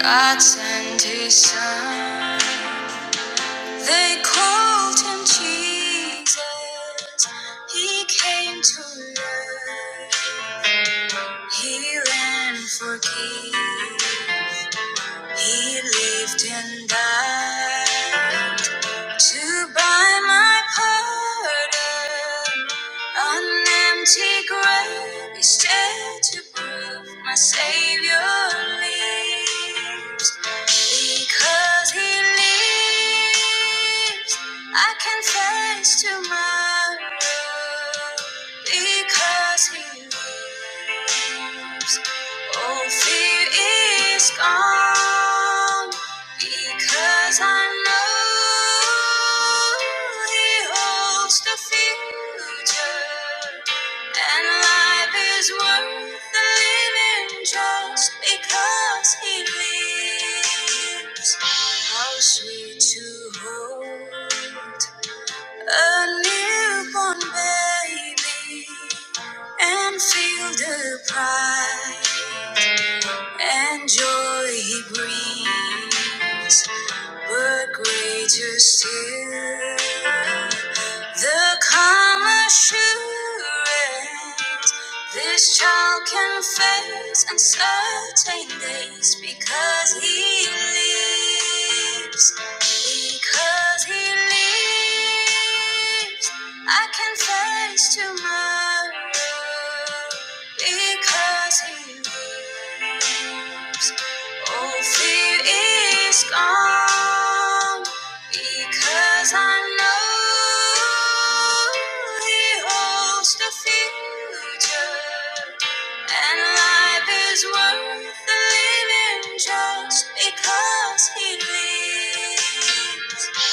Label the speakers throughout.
Speaker 1: God sent his son. They called him Jesus. He came to learn. Heal and forgive. He lived and died. to buy my pardon. An empty grave is there to prove my Savior lives. Because He lives, I can face tomorrow. Because He lives, all fear is gone. Because I know He holds the future, and life is worth the living just because He lives. How sweet to hold a newborn baby and feel the pride and joy he brings. But greater still, the calm assurance this child can face uncertain days because he lives. Because he lives, I can face tomorrow. Because he lives, all fear is gone. Because I know he holds the future. And life is worth living just because he lives.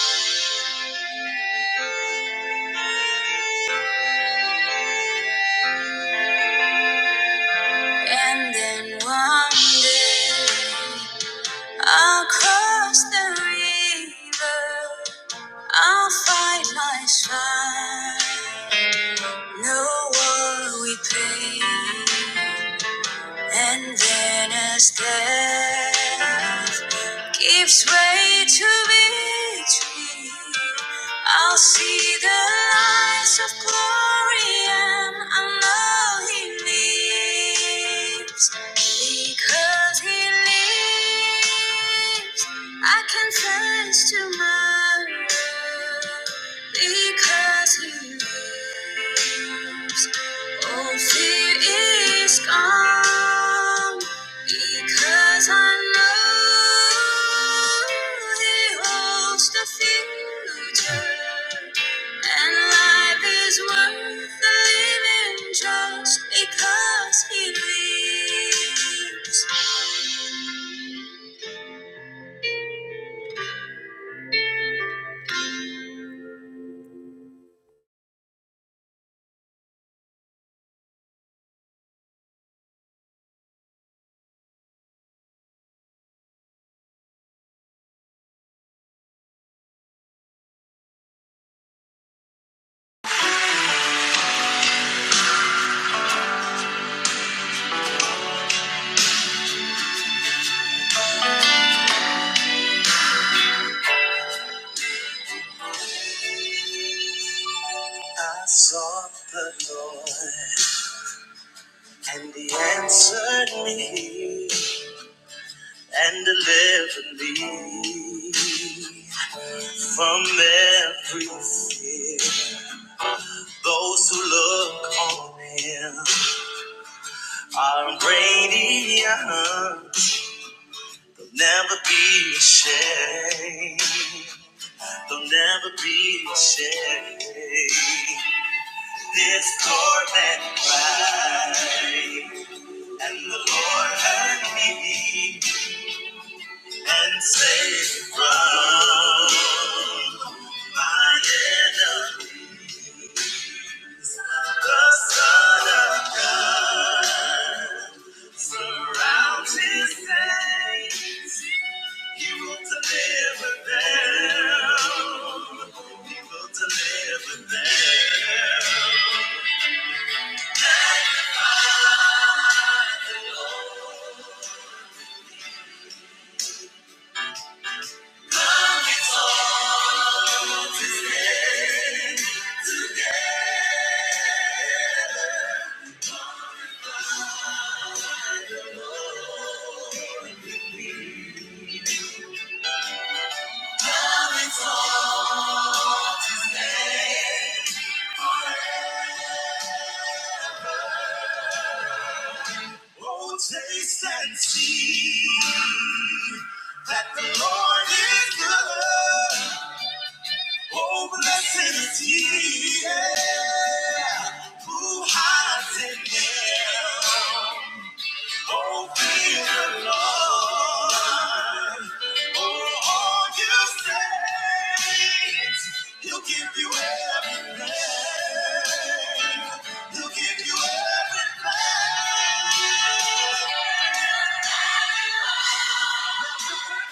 Speaker 1: And then one day I'll cross the river. I'll fight my fight. No war we pay. And then as death gives way to victory, I'll see the lights of glory and I know He lives. Because He lives, I can face tomorrow. Because He lives. Oh, fear is gone because I know He holds the future, and life is worth the living just because He lives. I sought the Lord, and He answered me and delivered me. from every fear. Those who look on him are radiant. They'll never be ashamed. They'll never be ashamed. This Lord that cried, and the Lord heard me and saved me from my enemy, the Son of God. Surround his saints. He will deliver them. He will deliver them. Oh, taste and see that the Lord is good. Oh, blessed is he yeah, who hides in him. Oh, fear the Lord. For all you saved, He'll give you everything. He'll give you everything.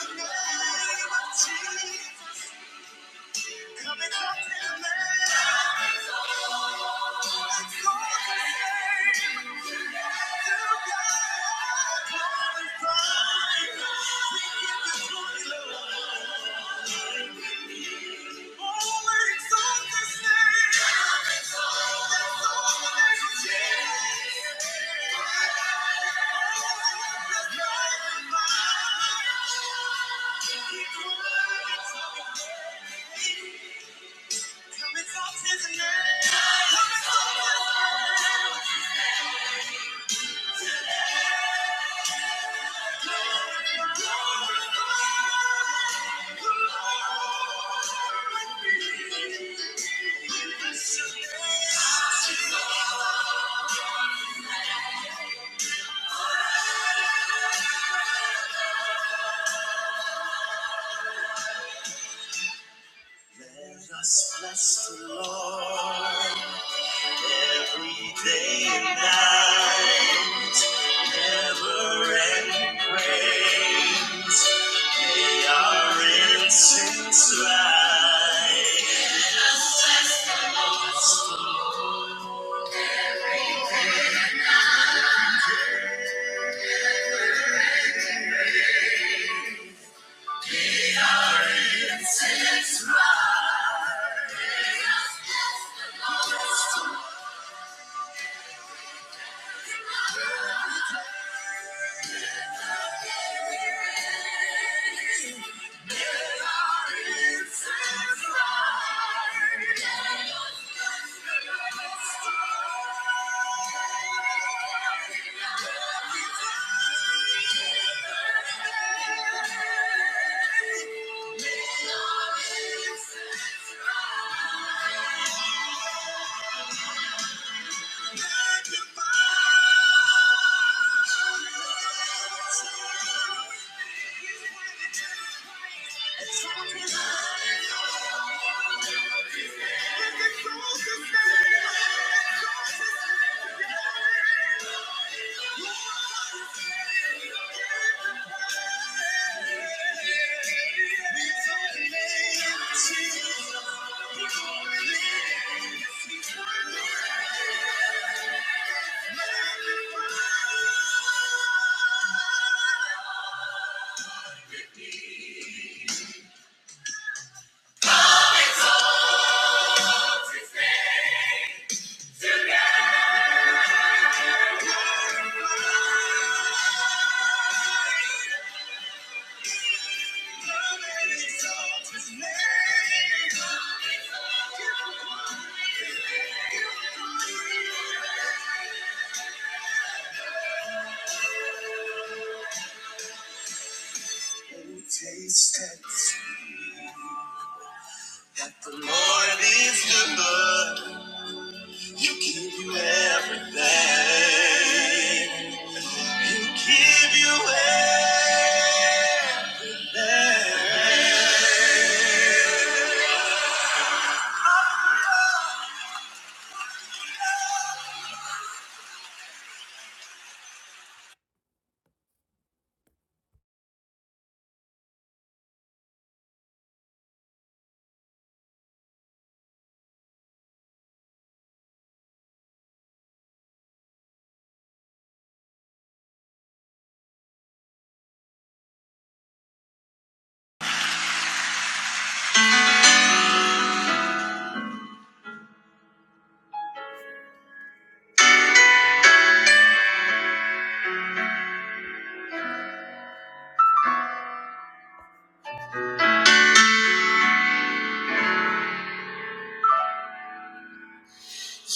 Speaker 1: The name of Jesus, coming up in the It's your name. Let us bless the Lord every day and night, never ending praise. They are incense light. Today. Taste test that the Lord is good. He'll give you everything. He'll give you everything.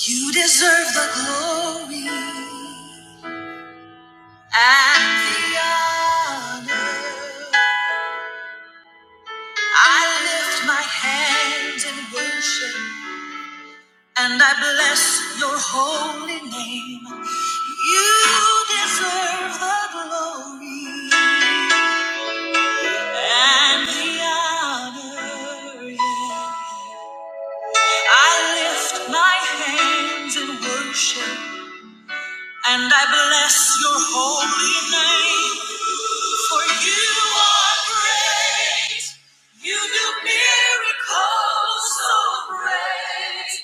Speaker 1: You deserve the glory and the honor. I lift my hands in worship. And I bless your holy name. You deserve the glory and the honor. yeah. I lift my hands in worship and I bless your holy name. For you are great. You do miracles so great.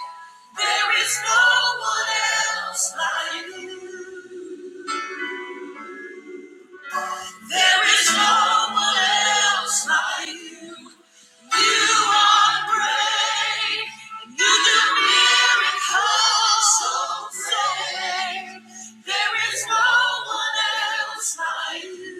Speaker 1: There is no one else like you. There is no one else like you. You are great. You do miracles so great. There is no one else like you.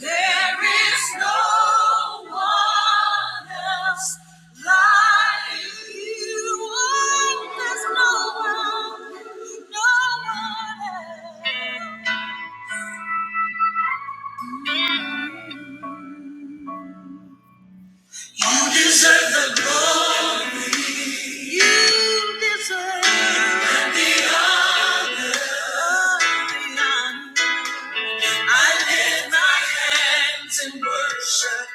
Speaker 1: There is no one else like you. Oh, there's no one, no one else. You deserve the glory. You deserve the honor. I lift my hands in worship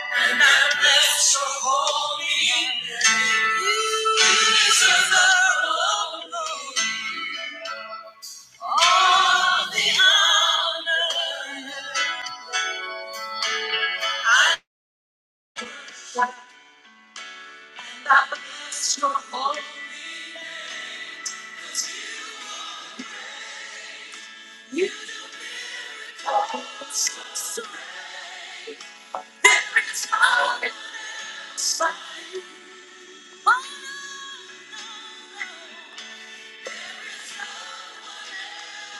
Speaker 1: and I bless your holy name. You deserve all the honor. I bless your holy name. You deserve it all. It's fine.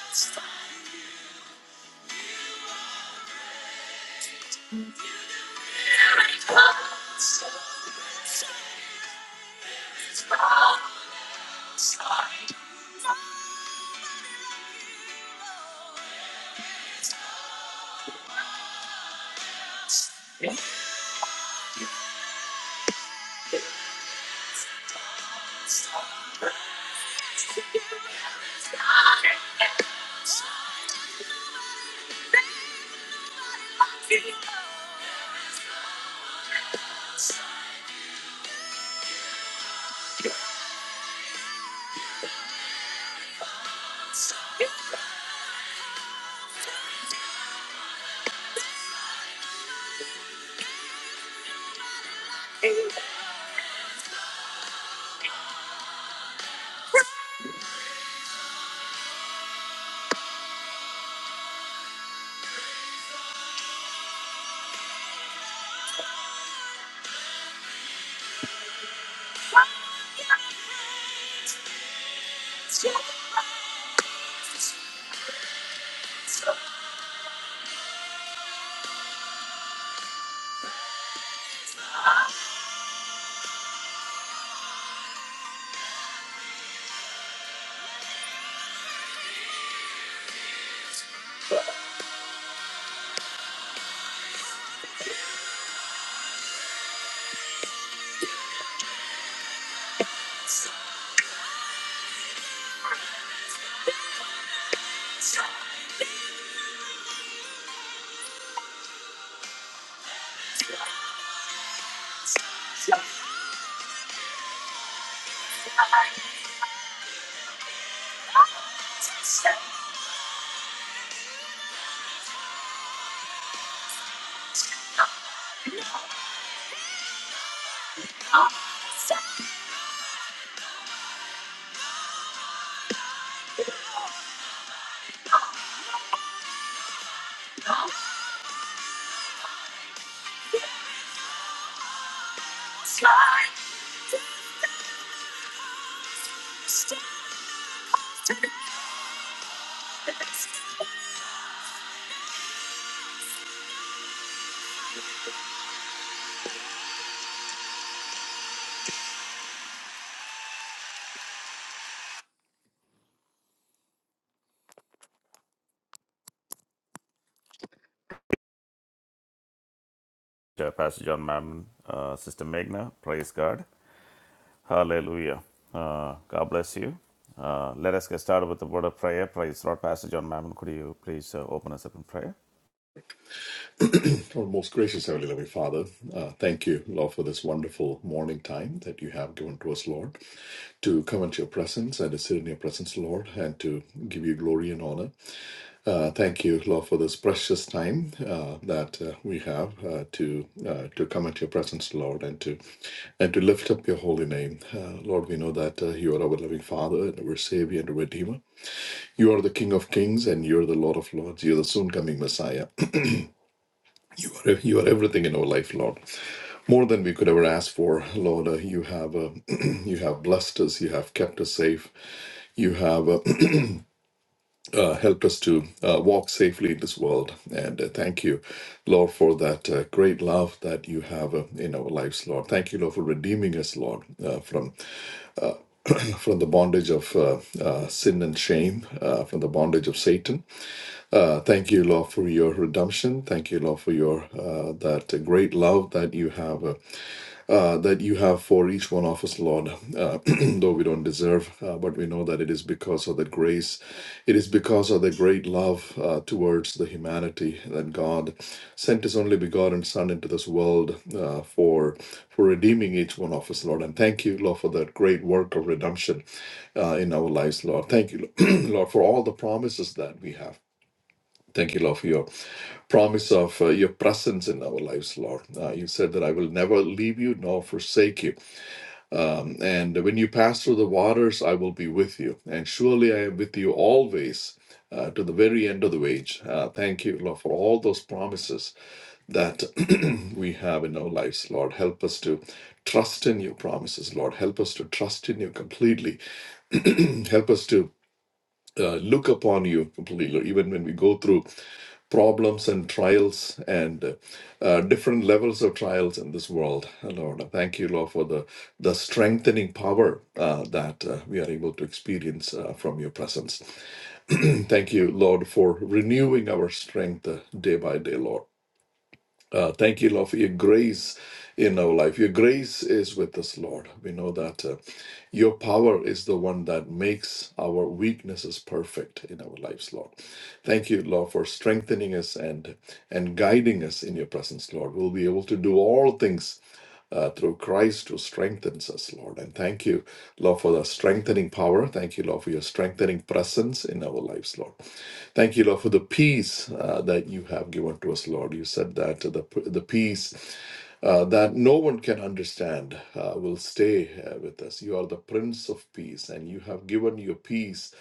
Speaker 1: It's fine. It's fine. Uh, Pastor John Mammon, uh, Sister Meghna, praise God. Hallelujah. Uh, God bless you. Uh, let us get started with the word of prayer. Praise the Lord. Pastor John Mammon, could you please uh, open us up in prayer?
Speaker 2: Our most gracious Heavenly Loving Father, uh, thank you, Lord, for this wonderful morning time that you have given to us, Lord, to come into your presence and to sit in your presence, Lord, and to give you glory and honor. Uh, thank you, Lord, for this precious time uh, that uh, we have uh, to uh, to come into your presence, Lord, and to and to lift up your holy name, uh, Lord. We know that uh, you are our loving Father and our Savior and our Redeemer. You are the King of Kings and you are the Lord of Lords. You are the soon coming Messiah. You are everything in our life, Lord. More than we could ever ask for, Lord. Uh, you have uh, you have blessed us. You have kept us safe. You have uh, uh, helped us to uh, walk safely in this world. And uh, thank you, Lord, for that uh, great love that you have uh, in our lives, Lord. Thank you, Lord, for redeeming us, Lord, uh, from from the bondage of uh, uh, sin and shame, uh, from the bondage of Satan. Uh, thank you, Lord, for your redemption. Thank you, Lord, for your uh, that great love that you have. uh, uh, that you have for each one of us, Lord, uh, though we don't deserve, uh, but we know that it is because of the grace. It is because of the great love uh, towards the humanity that God sent His only begotten Son into this world uh, for for redeeming each one of us, Lord. And thank you, Lord, for that great work of redemption uh, in our lives, Lord. Thank you, Lord, for all the promises that we have. Thank you, Lord, for your promise of uh, your presence in our lives, Lord. Uh, you said that I will never leave you nor forsake you. Um, and when you pass through the waters, I will be with you. And surely I am with you always uh, to the very end of the age. Uh, thank you, Lord, for all those promises that we have in our lives. Lord, help us to trust in your promises. Lord, help us to trust in you completely. Help us to uh, look upon you completely, even when we go through problems and trials and uh, uh, different levels of trials in this world, uh, Lord. Thank you, Lord, for the, the strengthening power uh, that uh, we are able to experience uh, from your presence. Thank you, Lord, for renewing our strength uh, day by day, Lord. Uh, thank you, Lord, for your grace in our life. Your grace is with us, Lord. We know that uh, your power is the one that makes our weaknesses perfect in our lives, Lord. Thank you, Lord, for strengthening us and and guiding us in your presence, Lord. We'll be able to do all things uh, through Christ who strengthens us, Lord. And thank you, Lord, for the strengthening power. Thank you, Lord, for your strengthening presence in our lives, Lord. Thank you, Lord, for the peace uh, that you have given to us, Lord. You said that the, the peace uh, that no one can understand uh, will stay uh, with us. You are the Prince of Peace, and you have given your peace,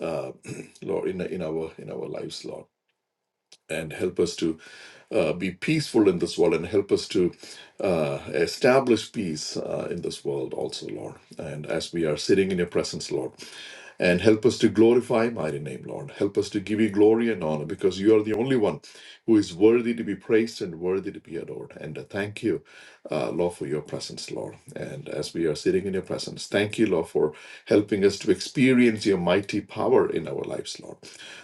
Speaker 2: uh, Lord, in, in our in our lives, Lord and help us to uh, be peaceful in this world and help us to uh, establish peace uh, in this world also, Lord. And as we are sitting in your presence, Lord, and help us to glorify your mighty name, Lord. Help us to give you glory and honor because you are the only one who is worthy to be praised and worthy to be adored. and. Thank you, uh, Lord, for your presence, Lord. And as we are sitting in your presence, thank you, Lord, for helping us to experience your mighty power in our lives, Lord.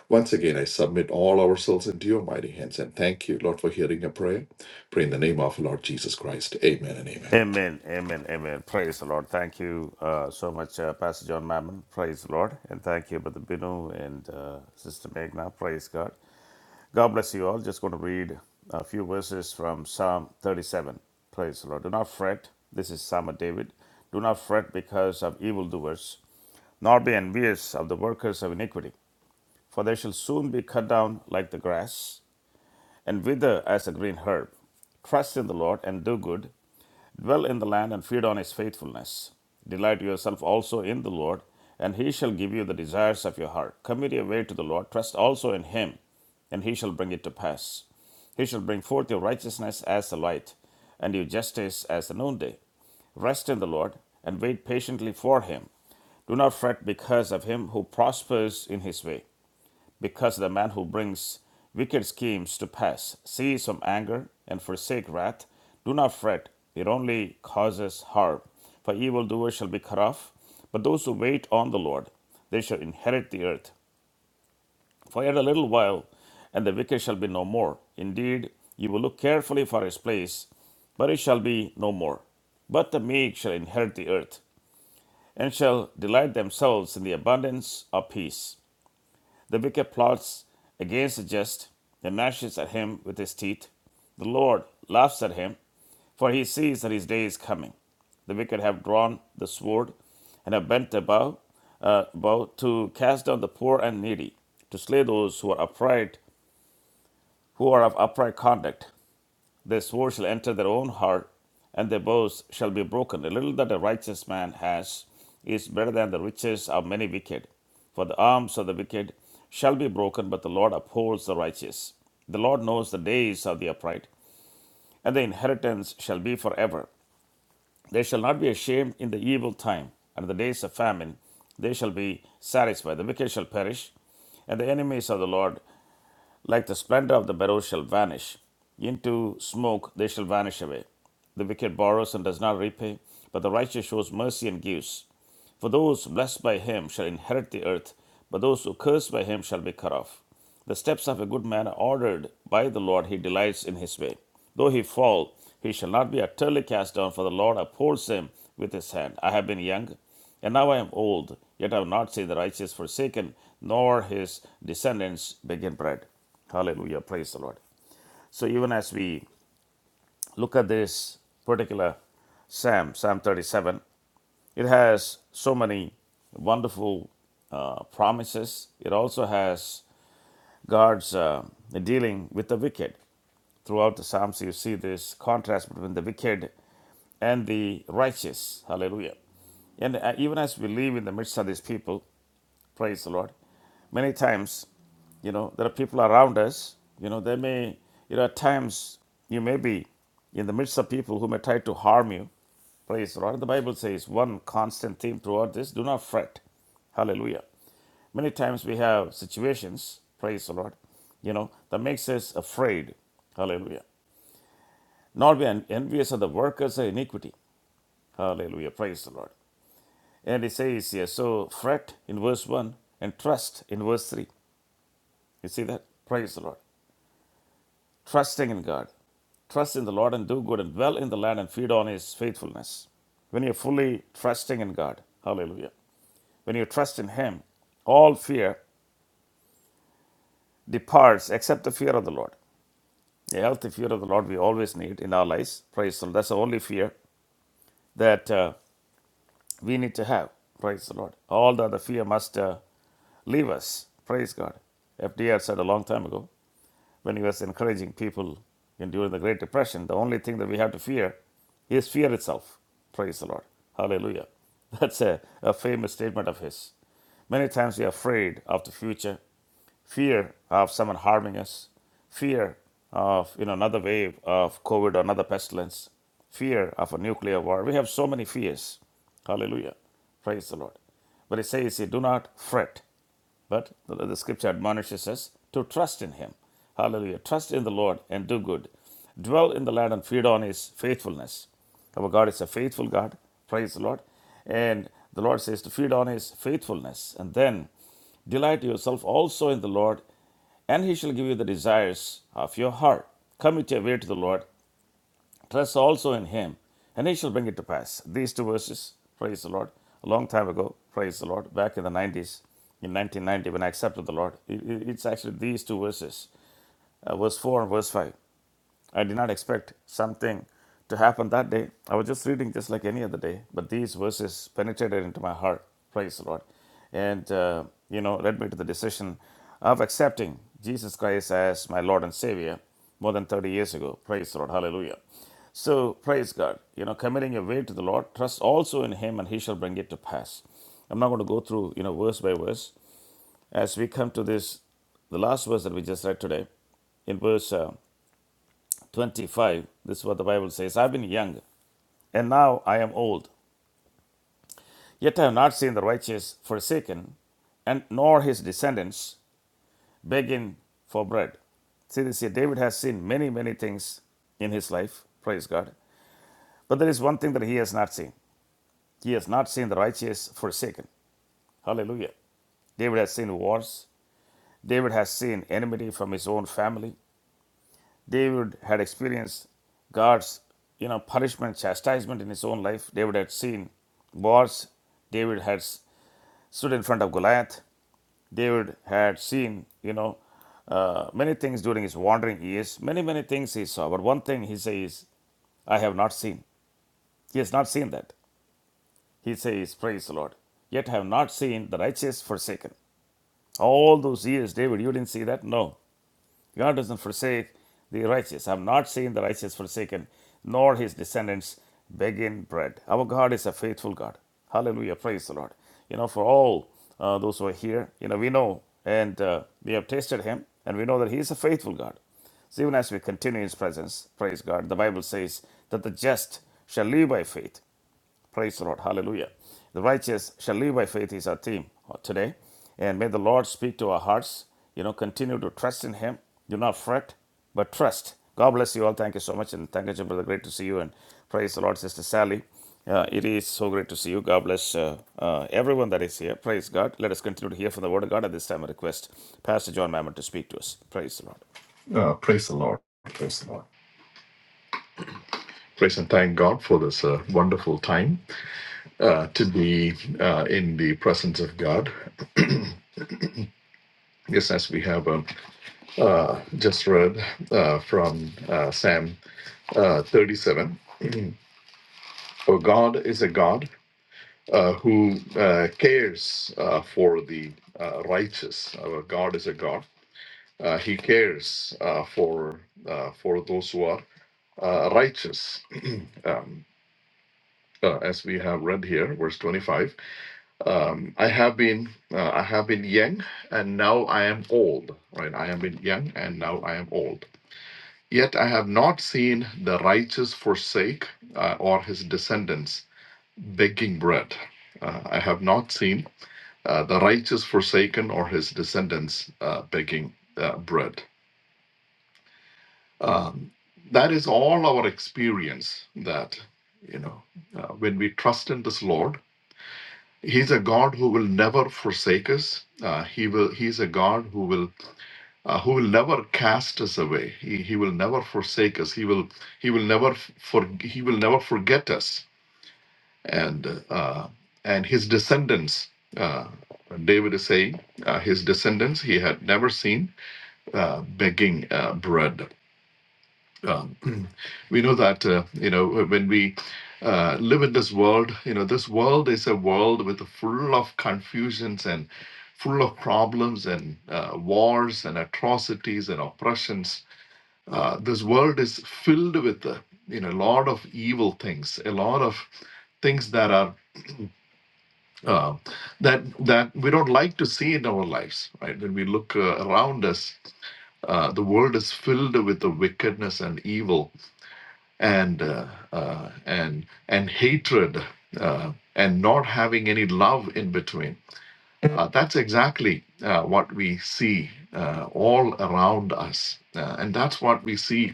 Speaker 2: Once again, I submit all ourselves into your mighty hands and thank you, Lord, for hearing a prayer. Pray in the name of Lord Jesus Christ. Amen and amen.
Speaker 1: Amen, amen, amen. Praise the Lord. Thank you uh, so much, uh, Pastor John Mammon. Praise the Lord. And thank you, Brother Binu and uh, Sister Meghna. Praise God. God bless you all. Just going to read a few verses from Psalm 37. Praise the Lord. Do not fret. This is Psalm of David. Do not fret because of evildoers, nor be envious of the workers of iniquity, for they shall soon be cut down like the grass and wither as a green herb. Trust in the Lord and do good. Dwell in the land and feed on his faithfulness. Delight yourself also in the Lord, and he shall give you the desires of your heart. Commit your way to the Lord. Trust also in him, and he shall bring it to pass. He shall bring forth your righteousness as the light, and your justice as the noonday. Rest in the Lord, and wait patiently for him. Do not fret because of him who prospers in his way, because of the man who brings wicked schemes to pass. Cease from anger and forsake wrath. Do not fret, it only causes harm. For evildoers shall be cut off, but those who wait on the Lord, they shall inherit the earth. For yet a little while, and the wicked shall be no more. Indeed, you will look carefully for his place, but it shall be no more. But the meek shall inherit the earth, and shall delight themselves in the abundance of peace. The wicked plots against the just, and gnashes at him with his teeth. The Lord laughs at him, for he sees that his day is coming. The wicked have drawn the sword, and have bent the bow, uh, bow to cast down the poor and needy, to slay those who are upright who are of upright conduct. Their sword shall enter their own heart, and their bows shall be broken. The little that a righteous man has is better than the riches of many wicked. For the arms of the wicked shall be broken, but the Lord upholds the righteous. The Lord knows the days of the upright, and the inheritance shall be forever. They shall not be ashamed in the evil time, and in the days of famine they shall be satisfied. The wicked shall perish, and the enemies of the Lord like the splendor of the barrow shall vanish. Into smoke they shall vanish away. The wicked borrows and does not repay, but the righteous shows mercy and gives. For those blessed by him shall inherit the earth, but those who curse by him shall be cut off. The steps of a good man are ordered by the Lord, he delights in his way. Though he fall, he shall not be utterly cast down, for the Lord upholds him with his hand. I have been young, and now I am old, yet I have not seen the righteous forsaken, nor his descendants begging bread. Hallelujah. Praise the Lord. So even as we look at this particular Psalm, Psalm 37. It has so many wonderful uh, promises. It also has God's uh, dealing with the wicked. Throughout the Psalms, you see this contrast between the wicked and the righteous. Hallelujah. And uh, even as we live in the midst of these people, praise the Lord, many times, you know, there are people around us, you know, they may, you know, at times you may be in the midst of people who may try to harm you. Praise the Lord. The Bible says one constant theme throughout this do not fret. Hallelujah. Many times we have situations, praise the Lord, you know, that makes us afraid. Hallelujah. Nor be envious of the workers of iniquity. Hallelujah. Praise the Lord. And it says here, so fret in verse 1 and trust in verse 3. You see that? Praise the Lord. Trusting in God. Trust in the Lord and do good and dwell in the land and feed on his faithfulness. When you're fully trusting in God, hallelujah. When you trust in him, all fear departs except the fear of the Lord. The healthy fear of the Lord we always need in our lives. Praise the Lord. That's the only fear that uh, we need to have. Praise the Lord. All the other fear must uh, leave us. Praise God. FDR said a long time ago when he was encouraging people in, during the Great Depression, the only thing that we have to fear is fear itself. Praise the Lord. Hallelujah. That's a, a famous statement of his. Many times we are afraid of the future fear of someone harming us, fear of you know another wave of COVID or another pestilence, fear of a nuclear war. We have so many fears. Hallelujah. Praise the Lord. But it says do not fret. But the, scripture admonishes us to trust in Him. Hallelujah. Trust in the Lord and do good. Dwell in the land and feed on His faithfulness. Our God is a faithful God. Praise the Lord. And the Lord says to feed on His faithfulness. And then delight yourself also in the Lord, and He shall give you the desires of your heart. Commit your way to the Lord, Trust also in Him, and He shall bring it to pass. These two verses, praise the Lord, a long time ago, praise the Lord, back in the 90s, in 1990, when I accepted the Lord, it's actually these two verses, uh, verse 4 and verse 5. I did not expect something to happen that day. I was just reading just like any other day, but these verses penetrated into my heart. Praise the Lord. And, uh, you know, led me to the decision of accepting Jesus Christ as my Lord and Savior more than 30 years ago. Praise the Lord. Hallelujah. So, praise God. You know, committing your way to the Lord, trust also in Him, and He shall bring it to pass. I'm not going to go through, you know, verse by verse. As we come to this the last verse that we just read today in verse uh, 25, this is what the Bible says I've been young, and now I am old. Yet I have not seen the righteous forsaken, and nor his descendants begging for bread. See this here David has seen many, many things in his life, praise God. But there is one thing that he has not seen he has not seen the righteous forsaken. Hallelujah. David has seen wars, David has seen enmity from his own family, David had experienced God's you know punishment, chastisement in his own life. David had seen wars. David had stood in front of Goliath. David had seen you know uh, many things during his wandering years. Many many things he saw, but one thing he says, "I have not seen." He has not seen that. He says, "Praise the Lord." Yet have not seen the righteous forsaken. All those years, David, you didn't see that? No. God doesn't forsake the righteous. I've not seen the righteous forsaken, nor his descendants begging bread. Our God is a faithful God. Hallelujah. Praise the Lord. You know, for all uh, those who are here, you know, we know and uh, we have tasted him and we know that he is a faithful God. So even as we continue his presence, praise God, the Bible says that the just shall live by faith. Praise the Lord. Hallelujah. The righteous shall live by faith is our theme today. And may the Lord speak to our hearts. You know, continue to trust in Him. Do not fret, but trust. God bless you all. Thank you so much. And thank you, Jim, brother. Great to see you. And praise the Lord, Sister Sally. Uh, it is so great to see you. God bless uh, uh, everyone that is here. Praise God. Let us continue to hear from the Word of God at this time. I request Pastor John Mammon to speak to us. Praise the Lord.
Speaker 2: Uh, praise the Lord. Praise the Lord. Praise and thank God for this uh, wonderful time uh, to be uh, in the presence of God. Yes, as we have um, uh, just read uh, from uh, Sam uh, 37. For God is a God uh, who uh, cares uh, for the uh, righteous. Our God is a God. Uh, he cares uh, for uh, for those who are uh, righteous. um, uh, as we have read here, verse 25. Um, I have been uh, I have been young and now I am old. Right? I have been young and now I am old. Yet I have not seen the righteous forsake uh, or his descendants baking bread. Uh, I have not seen uh, the righteous forsaken or his descendants uh, baking uh, bread. Um, that is all our experience that, you know, uh, when we trust in this Lord, He's a God who will never forsake us. Uh, he will. He's a God who will, uh, who will never cast us away. He, he will never forsake us. He will. He will never for. He will never forget us and uh, and his descendants. Uh, David is saying uh, his descendants he had never seen uh, begging uh, bread. Um, we know that uh, you know when we uh, live in this world, you know this world is a world with full of confusions and full of problems and uh, wars and atrocities and oppressions. Uh, this world is filled with uh, you know a lot of evil things, a lot of things that are uh, that that we don't like to see in our lives right when we look uh, around us uh, the world is filled with the wickedness and evil and uh, uh, and and hatred uh, and not having any love in between uh, that's exactly uh, what we see uh, all around us uh, and that's what we see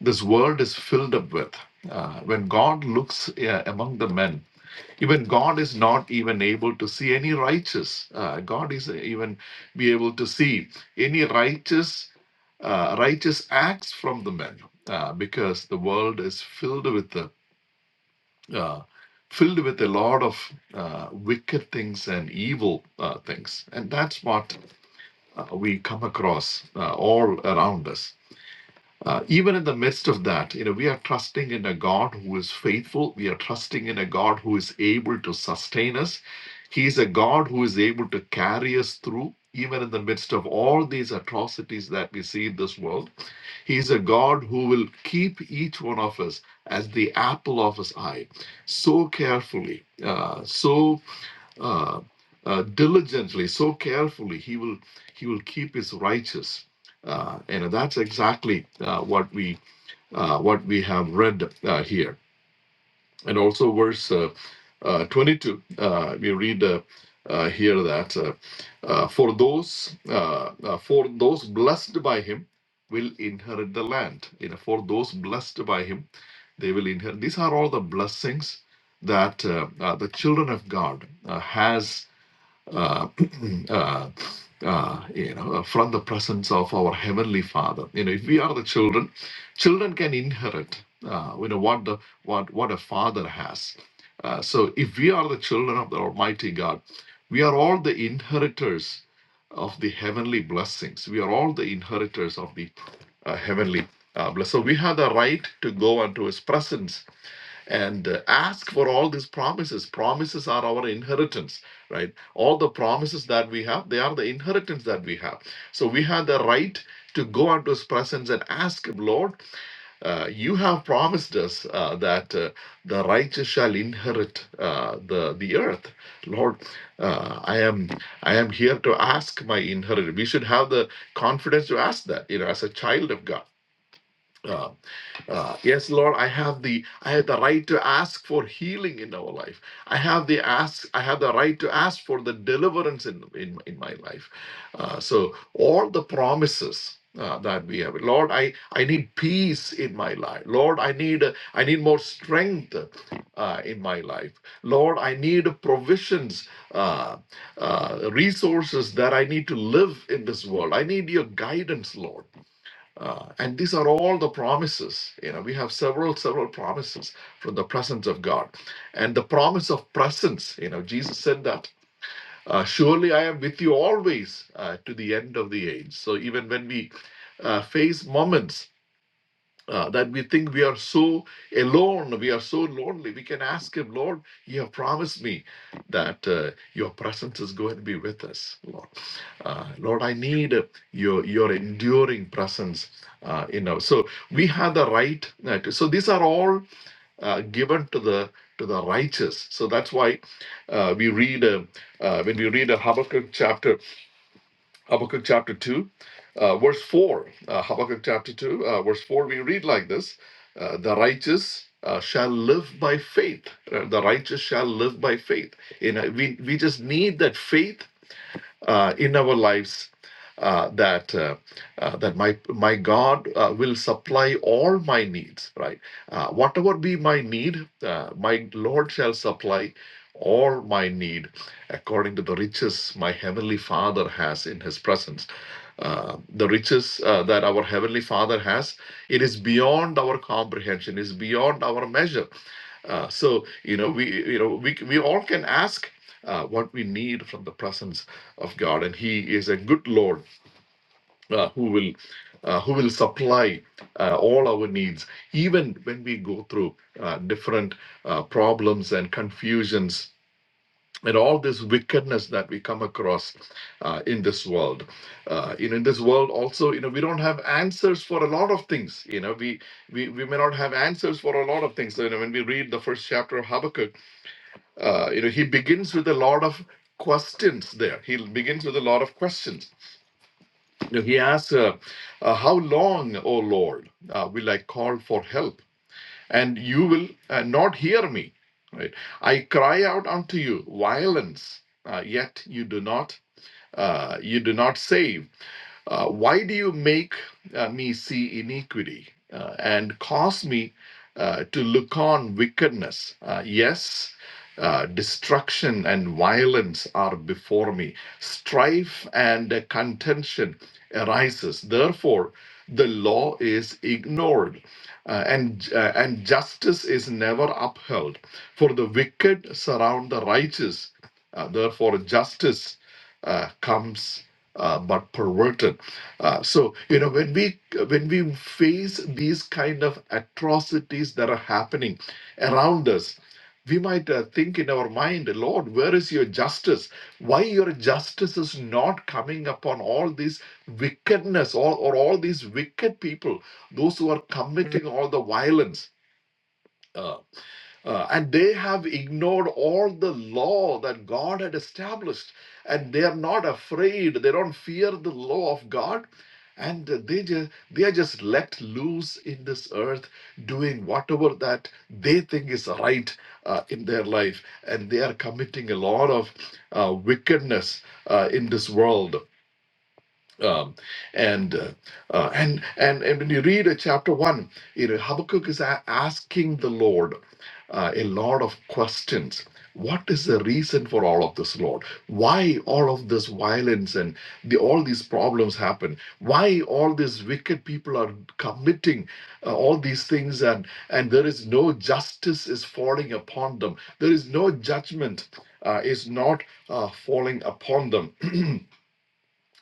Speaker 2: this world is filled up with uh, when god looks uh, among the men even God is not even able to see any righteous. Uh, God is even be able to see any righteous uh, righteous acts from the men, uh, because the world is filled with the uh, filled with a lot of uh, wicked things and evil uh, things, and that's what uh, we come across uh, all around us uh, even in the midst of that, you know, we are trusting in a God who is faithful. We are trusting in a God who is able to sustain us. He is a God who is able to carry us through, even in the midst of all these atrocities that we see in this world. He is a God who will keep each one of us as the apple of his eye so carefully, uh, so uh, uh, diligently, so carefully, he will he will keep his righteous. Uh, and that's exactly uh, what we uh, what we have read uh, here. And also verse uh, uh, 22, uh, we read uh, uh, here that uh, uh, for those uh, uh, for those blessed by him will inherit the land. You know, for those blessed by him, they will inherit. These are all the blessings that uh, uh, the children of God uh, has uh, uh, uh, you know, from the presence of our heavenly Father. You know, if we are the children, children can inherit. Uh, you know what the what what a father has. Uh, so, if we are the children of the Almighty God, we are all the inheritors of the heavenly blessings. We are all the inheritors of the uh, heavenly uh, blessing. So, we have the right to go unto His presence and uh, ask for all these promises promises are our inheritance right all the promises that we have they are the inheritance that we have so we have the right to go unto his presence and ask him lord uh, you have promised us uh, that uh, the righteous shall inherit uh, the the earth lord uh, i am i am here to ask my inheritance we should have the confidence to ask that you know as a child of god Uh, uh, yes, Lord, I have the I have the right to ask for healing in our life. I have the ask I have the right to ask for the deliverance in in, in my life. Uh, so all the promises uh, that we have, Lord, I I need peace in my life. Lord, I need uh, I need more strength uh, in my life. Lord, I need provisions, uh, uh, resources that I need to live in this world. I need your guidance, Lord. Uh, and these are all the promises. You know, we have several, several promises from the presence of God. And the promise of presence, you know, Jesus said that, uh, surely I am with you always uh, to the end of the age. So even when we uh, face moments uh, that we think we are so alone, we are so lonely. We can ask Him, Lord, you have promised me that uh, your presence is going to be with us, Lord. Uh, Lord, I need uh, your your enduring presence uh, in us. So we have the right. uh, to, so these are all uh, given to the to the righteous. So that's why uh, we read uh, uh, when we read Habakkuk chapter Habakkuk chapter 2, uh, verse 4. Uh, Habakkuk chapter 2, uh, verse 4, we read like this uh, The righteous uh, shall live by faith. Uh, the righteous shall live by faith. You know, we, we just need that faith uh, in our lives uh, that uh, uh, that my my God uh, will supply all my needs. Right, uh, whatever be my need, uh, my Lord shall supply all my need according to the riches my heavenly Father has in His presence uh, the riches uh, that our heavenly father has it is beyond our comprehension is beyond our measure uh, so you know we you know we, we all can ask uh, what we need from the presence of god and he is a good lord uh, who will uh, who will supply uh, all our needs even when we go through uh, different uh, problems and confusions and all this wickedness that we come across uh, in this world uh, you know, in this world also you know we don't have answers for a lot of things you know we we, we may not have answers for a lot of things So, you know when we read the first chapter of habakkuk uh, you know he begins with a lot of questions there he begins with a lot of questions you know, he asks uh, uh, how long o lord uh, will i call for help and you will uh, not hear me. Right? I cry out unto you, violence, uh, yet you do not, uh, you do not save. Uh, why do you make uh, me see iniquity uh, and cause me uh, to look on wickedness? Uh, yes, uh, destruction and violence are before me. Strife and uh, contention arises. Therefore, the law is ignored. uh, and uh, and justice is never upheld for the wicked surround the righteous uh, therefore justice uh, comes uh, but perverted uh, so you know when we when we face these kind of atrocities that are happening around us, we might uh, think in our mind, Lord, where is your justice? Why your justice is not coming upon all this wickedness, all or all these wicked people, those who are committing all the violence? Ah, uh, and they have ignored all the law that God had established, and they are not afraid. They don't fear the law of God, and they just they are just let loose in this earth, doing whatever that they think is right uh, in their life, and they are committing a lot of uh, wickedness uh, in this world um, and uh, uh, and and and when you read uh, chapter one, you know, Habakkuk is a- asking the Lord uh, a lot of questions. What is the reason for all of this, Lord? Why all of this violence and the, all these problems happen? Why all these wicked people are committing uh, all these things and and there is no justice is falling upon them. There is no judgment uh, is not uh, falling upon them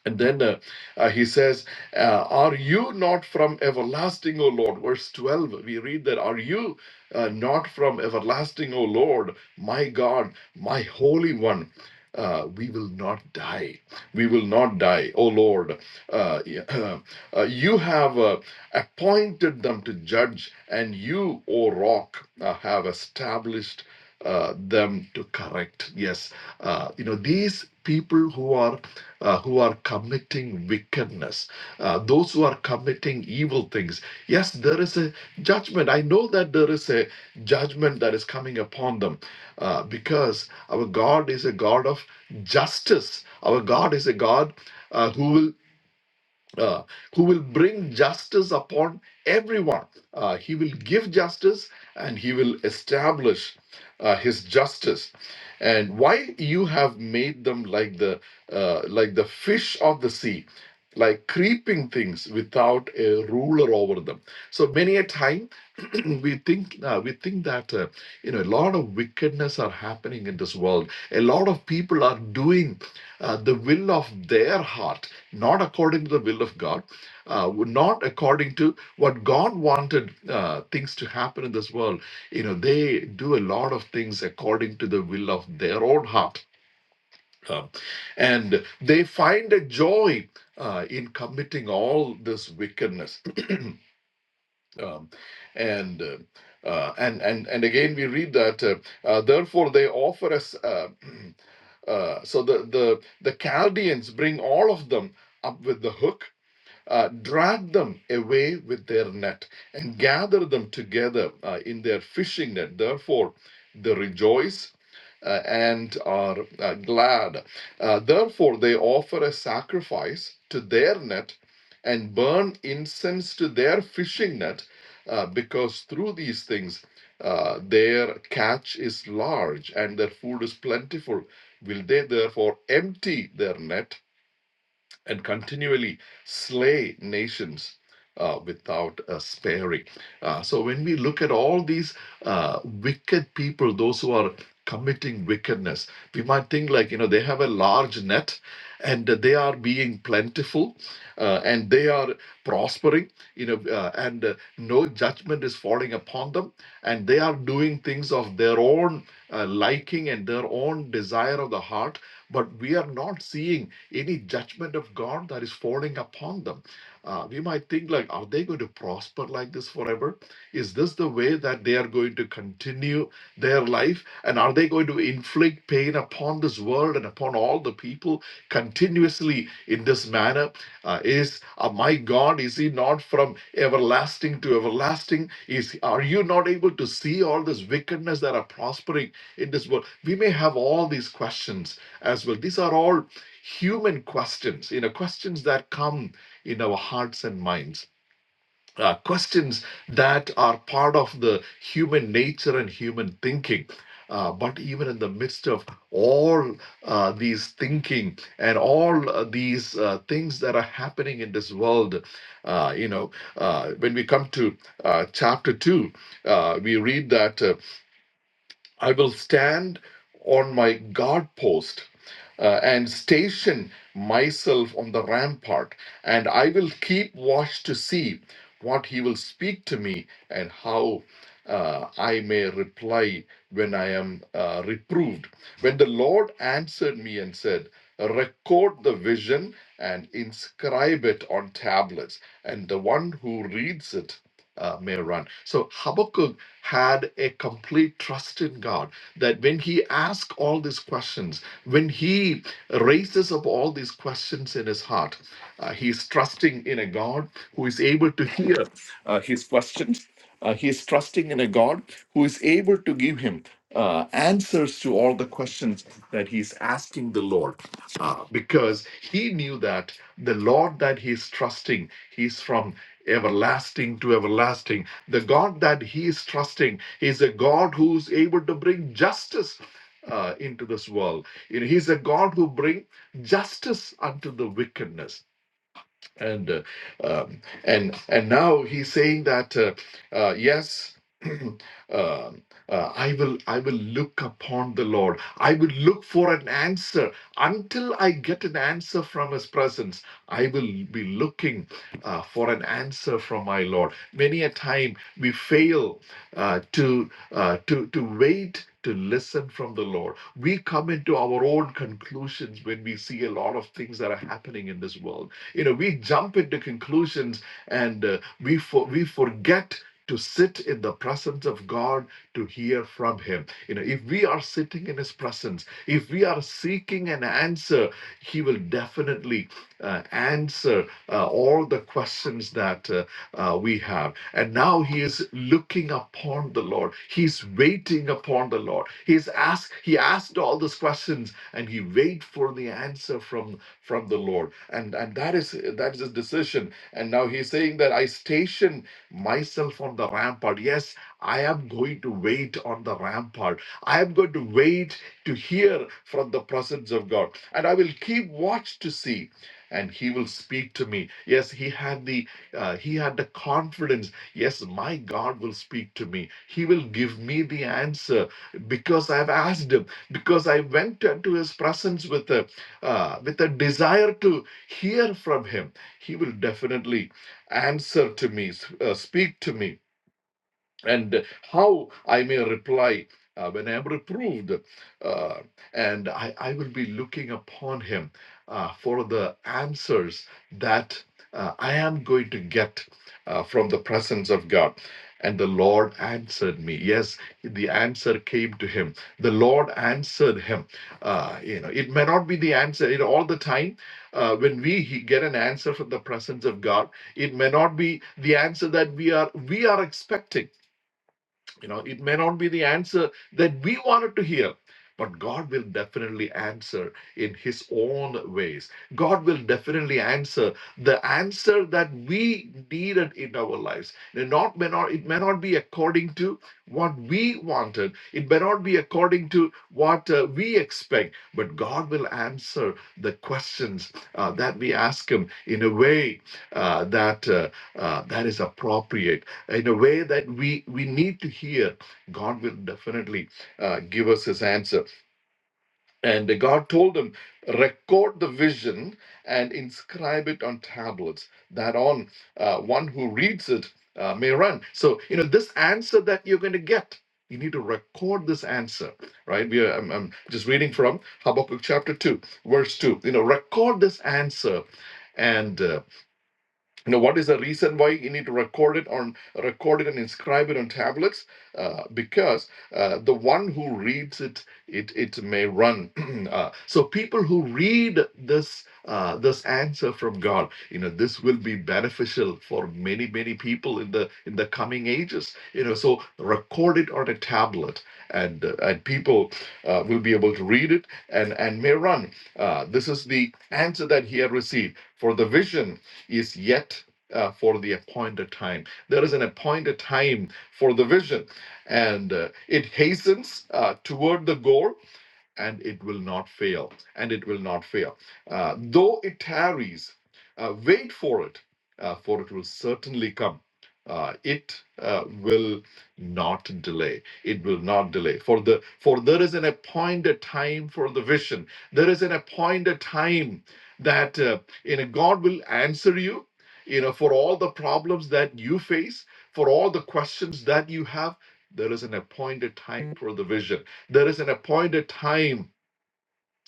Speaker 2: and then uh, uh, he says, uh, Are you not from everlasting, O Lord? Verse 12, we read that, Are you uh, not from everlasting, O Lord, my God, my Holy One? Uh, we will not die. We will not die, O Lord. Uh, yeah, uh, you have uh, appointed them to judge, and you, O Rock, uh, have established uh, them to correct. Yes, uh, you know, these people who are uh, who are committing wickedness, uh, those who are committing evil things. Yes, there is a judgment. I know that there is a judgment that is coming upon them uh, because our God is a God of justice. Our God is a God uh, who will uh, who will bring justice upon everyone. Uh, he will give justice and he will establish uh, his justice. And why you have made them like the uh, like the fish of the sea, like creeping things without a ruler over them. So many a time we think uh, we think that uh, you know a lot of wickedness are happening in this world. A lot of people are doing uh, the will of their heart, not according to the will of God, uh, not according to what God wanted uh, things to happen in this world. You know, they do a lot of things according to the will of their own heart. Um, and they find a joy uh, in committing all this wickedness um, and uh, uh, and and and again we read that uh, uh, therefore they offer us uh, uh, so the the the Chaldeans bring all of them up with the hook uh, drag them away with their net and gather them together uh, in their fishing net. Therefore, they rejoice uh, and are uh, glad. Uh, therefore, they offer a sacrifice to their net and burn incense to their fishing net, uh, because through these things uh, their catch is large and their food is plentiful. Will they therefore empty their net? and continually slay nations uh, without uh, sparing. Uh, so when we look at all these uh, wicked people, those who are committing wickedness, we might think like, you know, they have a large net and they are being plentiful uh, and they are prospering, you know, uh, and uh, no judgment is falling upon them. And they are doing things of their own uh, liking and their own desire of the heart. But we are not seeing any judgment of God that is falling upon them uh, we might think like, are they going to prosper like this forever? Is this the way that they are going to continue their life? And are they going to inflict pain upon this world and upon all the people continuously in this manner? Uh, is uh, my God, is he not from everlasting to everlasting? Is are you not able to see all this wickedness that are prospering in this world? We may have all these questions as well. These are all human questions, you know, questions that come in our hearts and minds. Uh, questions that are part of the human nature and human thinking. Uh, but even in the midst of all uh, these thinking and all uh, these uh, things that are happening in this world, uh, you know, uh, when we come to uh, chapter 2, uh, we read that. uh, I will stand on my guard post uh, and station myself on the rampart, and I will keep watch to see what he will speak to me and how uh, I may reply when I am uh, reproved. When the Lord answered me and said, Record the vision and inscribe it on tablets, and the one who reads it uh, may run. So Habakkuk had a complete trust in God that when he asks all these questions, when he raises up all these questions in his heart, uh, he's trusting in a God who is able to hear uh, his questions. Uh, he's trusting in a God who is able to give him uh, answers to all the questions that he's asking the Lord uh, because he knew that the Lord that he's trusting, he's from everlasting to everlasting. The God that he is trusting is a God who's able to bring justice uh, into this world. You know, he's a God who brings justice unto the wickedness. And uh, um, and and now he's saying that uh, uh, yes. Um, uh, I will I will look upon the Lord. I will look for an answer until I get an answer from His presence. I will be looking uh, for an answer from my Lord. Many a time we fail uh, to uh, to to wait to listen from the Lord. We come into our own conclusions when we see a lot of things that are happening in this world. You know, we jump into conclusions and uh, we for, we forget to sit in the presence of God to hear from Him. You know, if we are sitting in His presence, if we are seeking an answer, He will definitely uh, answer uh, all the questions that uh, uh, we have. And now He is looking upon the Lord. Lord. He's waiting upon the Lord. He's asked, he asked all those questions and he wait for the answer from, from the Lord. And, and that is that is his decision. And now he's saying that I station myself on the rampart. Yes, I am going to wait on the rampart. I am going to wait to hear from the presence of God. And I will keep watch to see. And he will speak to me. Yes, he had the uh, he had the confidence Yes, my God will speak to me. He will give me the answer because I've asked Him, because I went into His presence with a, uh, with a desire to hear from Him. He will definitely answer to me, s- uh, speak to me and how I may reply uh, when I am reproved. Uh, and I, I will be looking upon him uh, for the answers that uh, I am going to get uh, from the presence of God. And the Lord answered me. Yes, the answer came to him. The Lord answered him. Uh, you know, it may not be the answer you know, all the time. Uh, when we he- get an answer from the presence of God, it may not be the answer that we are we are expecting you know, it may not be the answer that we wanted to hear, but God will definitely answer in His own ways. God will definitely answer the answer that we needed in our lives. It not may not it may not be according to what we wanted. It may not be according to what uh, we expect, but God will answer the questions uh, that we ask Him in a way uh, that uh, uh, that is appropriate in a way that we we need to hear god will definitely uh, give us his answer and god told them record the vision and inscribe it on tablets that on uh, one who reads it uh, may run so you know this answer that you're going to get you need to record this answer right we are I'm, I'm just reading from habakkuk chapter 2 verse 2 you know record this answer and. uh, you know what is the reason why you need to record it on record it and inscribe it on tablets uh, because uh, the one who reads it it it may run uh, so people who read this uh, this answer from god you know this will be beneficial for many many people in the in the coming ages you know so record it on a tablet and uh, and people uh, will be able to read it and and may run uh, this is the answer that he had received for the vision is yet uh, for the appointed time. There is an appointed time for the vision, and uh, it hastens uh, toward the goal and it will not fail. And it will not fail. Uh, though it tarries, uh, wait for it, uh, for it will certainly come. Uh, it uh, will not delay. It will not delay. For the for there is an appointed time for the vision. There is an appointed time that uh, you know God will answer you. You know for all the problems that you face, for all the questions that you have. There is an appointed time for the vision there is an appointed time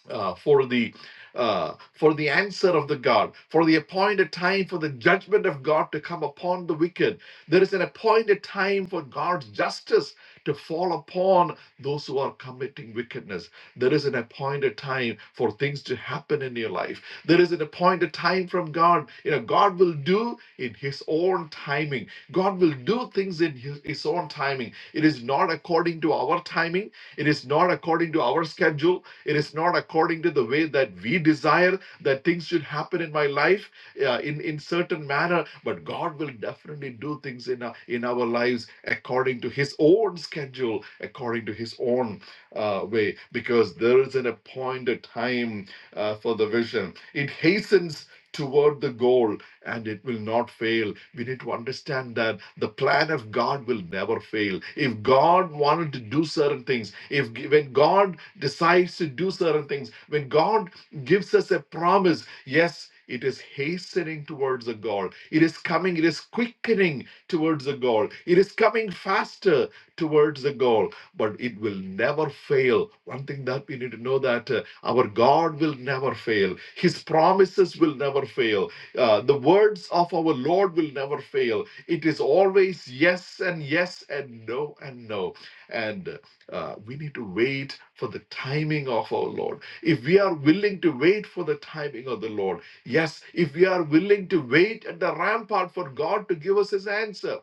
Speaker 2: uh, for the uh, for the answer of the God, for the appointed time for the judgment of God to come upon the wicked. There is an appointed time for God's justice to fall upon those who are committing wickedness. There is an appointed time for things to happen in your life. There is an appointed time from God. You know, God will do in His own timing. God will do things in His, his own timing. It is not according to our timing. It is not according to our schedule it is not according to the way that we desire that things should happen in my life uh, in, in certain manner, but God will definitely do things in, our in our lives according to His own schedule, according to His own uh, way, because there is an appointed time uh, for the vision. It hastens toward the goal and it will not fail. We need to understand that the plan of God will never fail. If God wanted to do certain things, if when God decides to do certain things, when God gives us a promise, yes, it is hastening towards the goal. It is coming, it is quickening towards the goal. It is coming faster towards the goal, but it will never fail. One thing that we need to know that uh, our God will never fail. His promises will never fail uh, the words of our Lord will never fail. It is always yes and yes and no and no. And uh, we need to wait for the timing of our Lord. If we are willing to wait for the timing of the Lord, yes, if we are willing to wait at the rampart for God to give us his answer,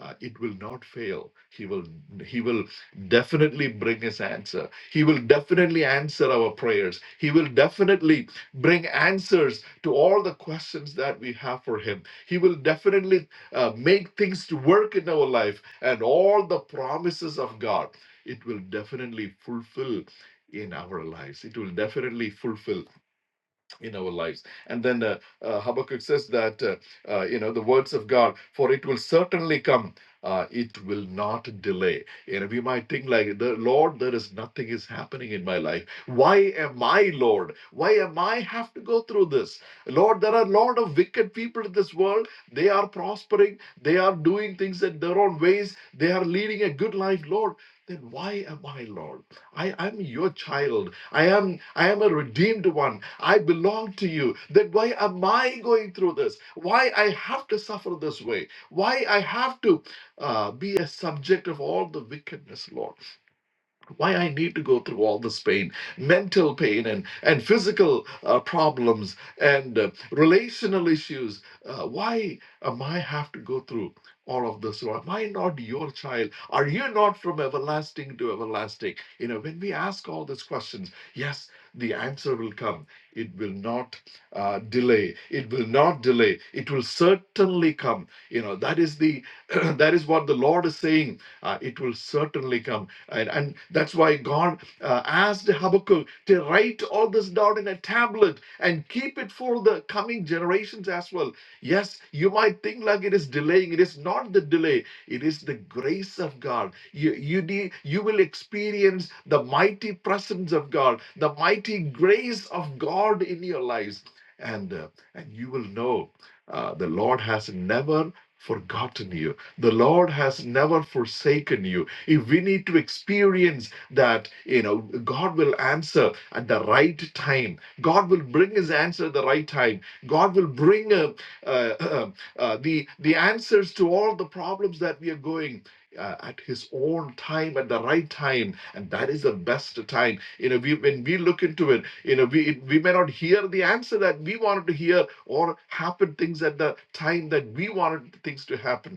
Speaker 2: uh, it will not fail he will he will definitely bring his answer he will definitely answer our prayers he will definitely bring answers to all the questions that we have for him he will definitely uh, make things to work in our life and all the promises of god it will definitely fulfill in our lives it will definitely fulfill in our lives. And then uh, uh, Habakkuk says that, uh, uh, you know, the words of God, for it will certainly come. Uh, it will not delay. You know, we might think like the Lord, there is nothing is happening in my life. Why am I Lord? Why am I have to go through this? Lord, there are a lot of wicked people in this world. They are prospering. They are doing things in their own ways. They are leading a good life, Lord. Then why am I Lord? I am your child. I am I am a redeemed one. I belong to you. Then why am I going through this? Why I have to suffer this way? Why I have to uh, be a subject of all the wickedness, Lord? why i need to go through all this pain mental pain and and physical uh, problems and uh, relational issues uh, why am i have to go through all of this Lord? am i not your child are you not from everlasting to everlasting you know when we ask all these questions yes the answer will come it will not uh, delay it will not delay it will certainly come you know that is the that is what the lord is saying uh, it will certainly come and, and that's why God uh, asked Habakkuk to write all this down in a tablet and keep it for the coming generations as well. Yes, you might think like it is delaying. It is not the delay, it is the grace of God. You, you, need, you will experience the mighty presence of God, the mighty grace of God in your lives. And, uh, and you will know uh, the Lord has never forgotten you. The Lord has never forsaken you. If we need to experience that, you know, God will answer at the right time. God will bring His answer at the right time. God will bring uh, uh, uh, uh, the the answers to all the problems that we are going uh, at his own time at the right time and that is the best time you know we when we look into it you know we it- we may not hear the answer that we wanted to hear or happen things at the time that we wanted things to happen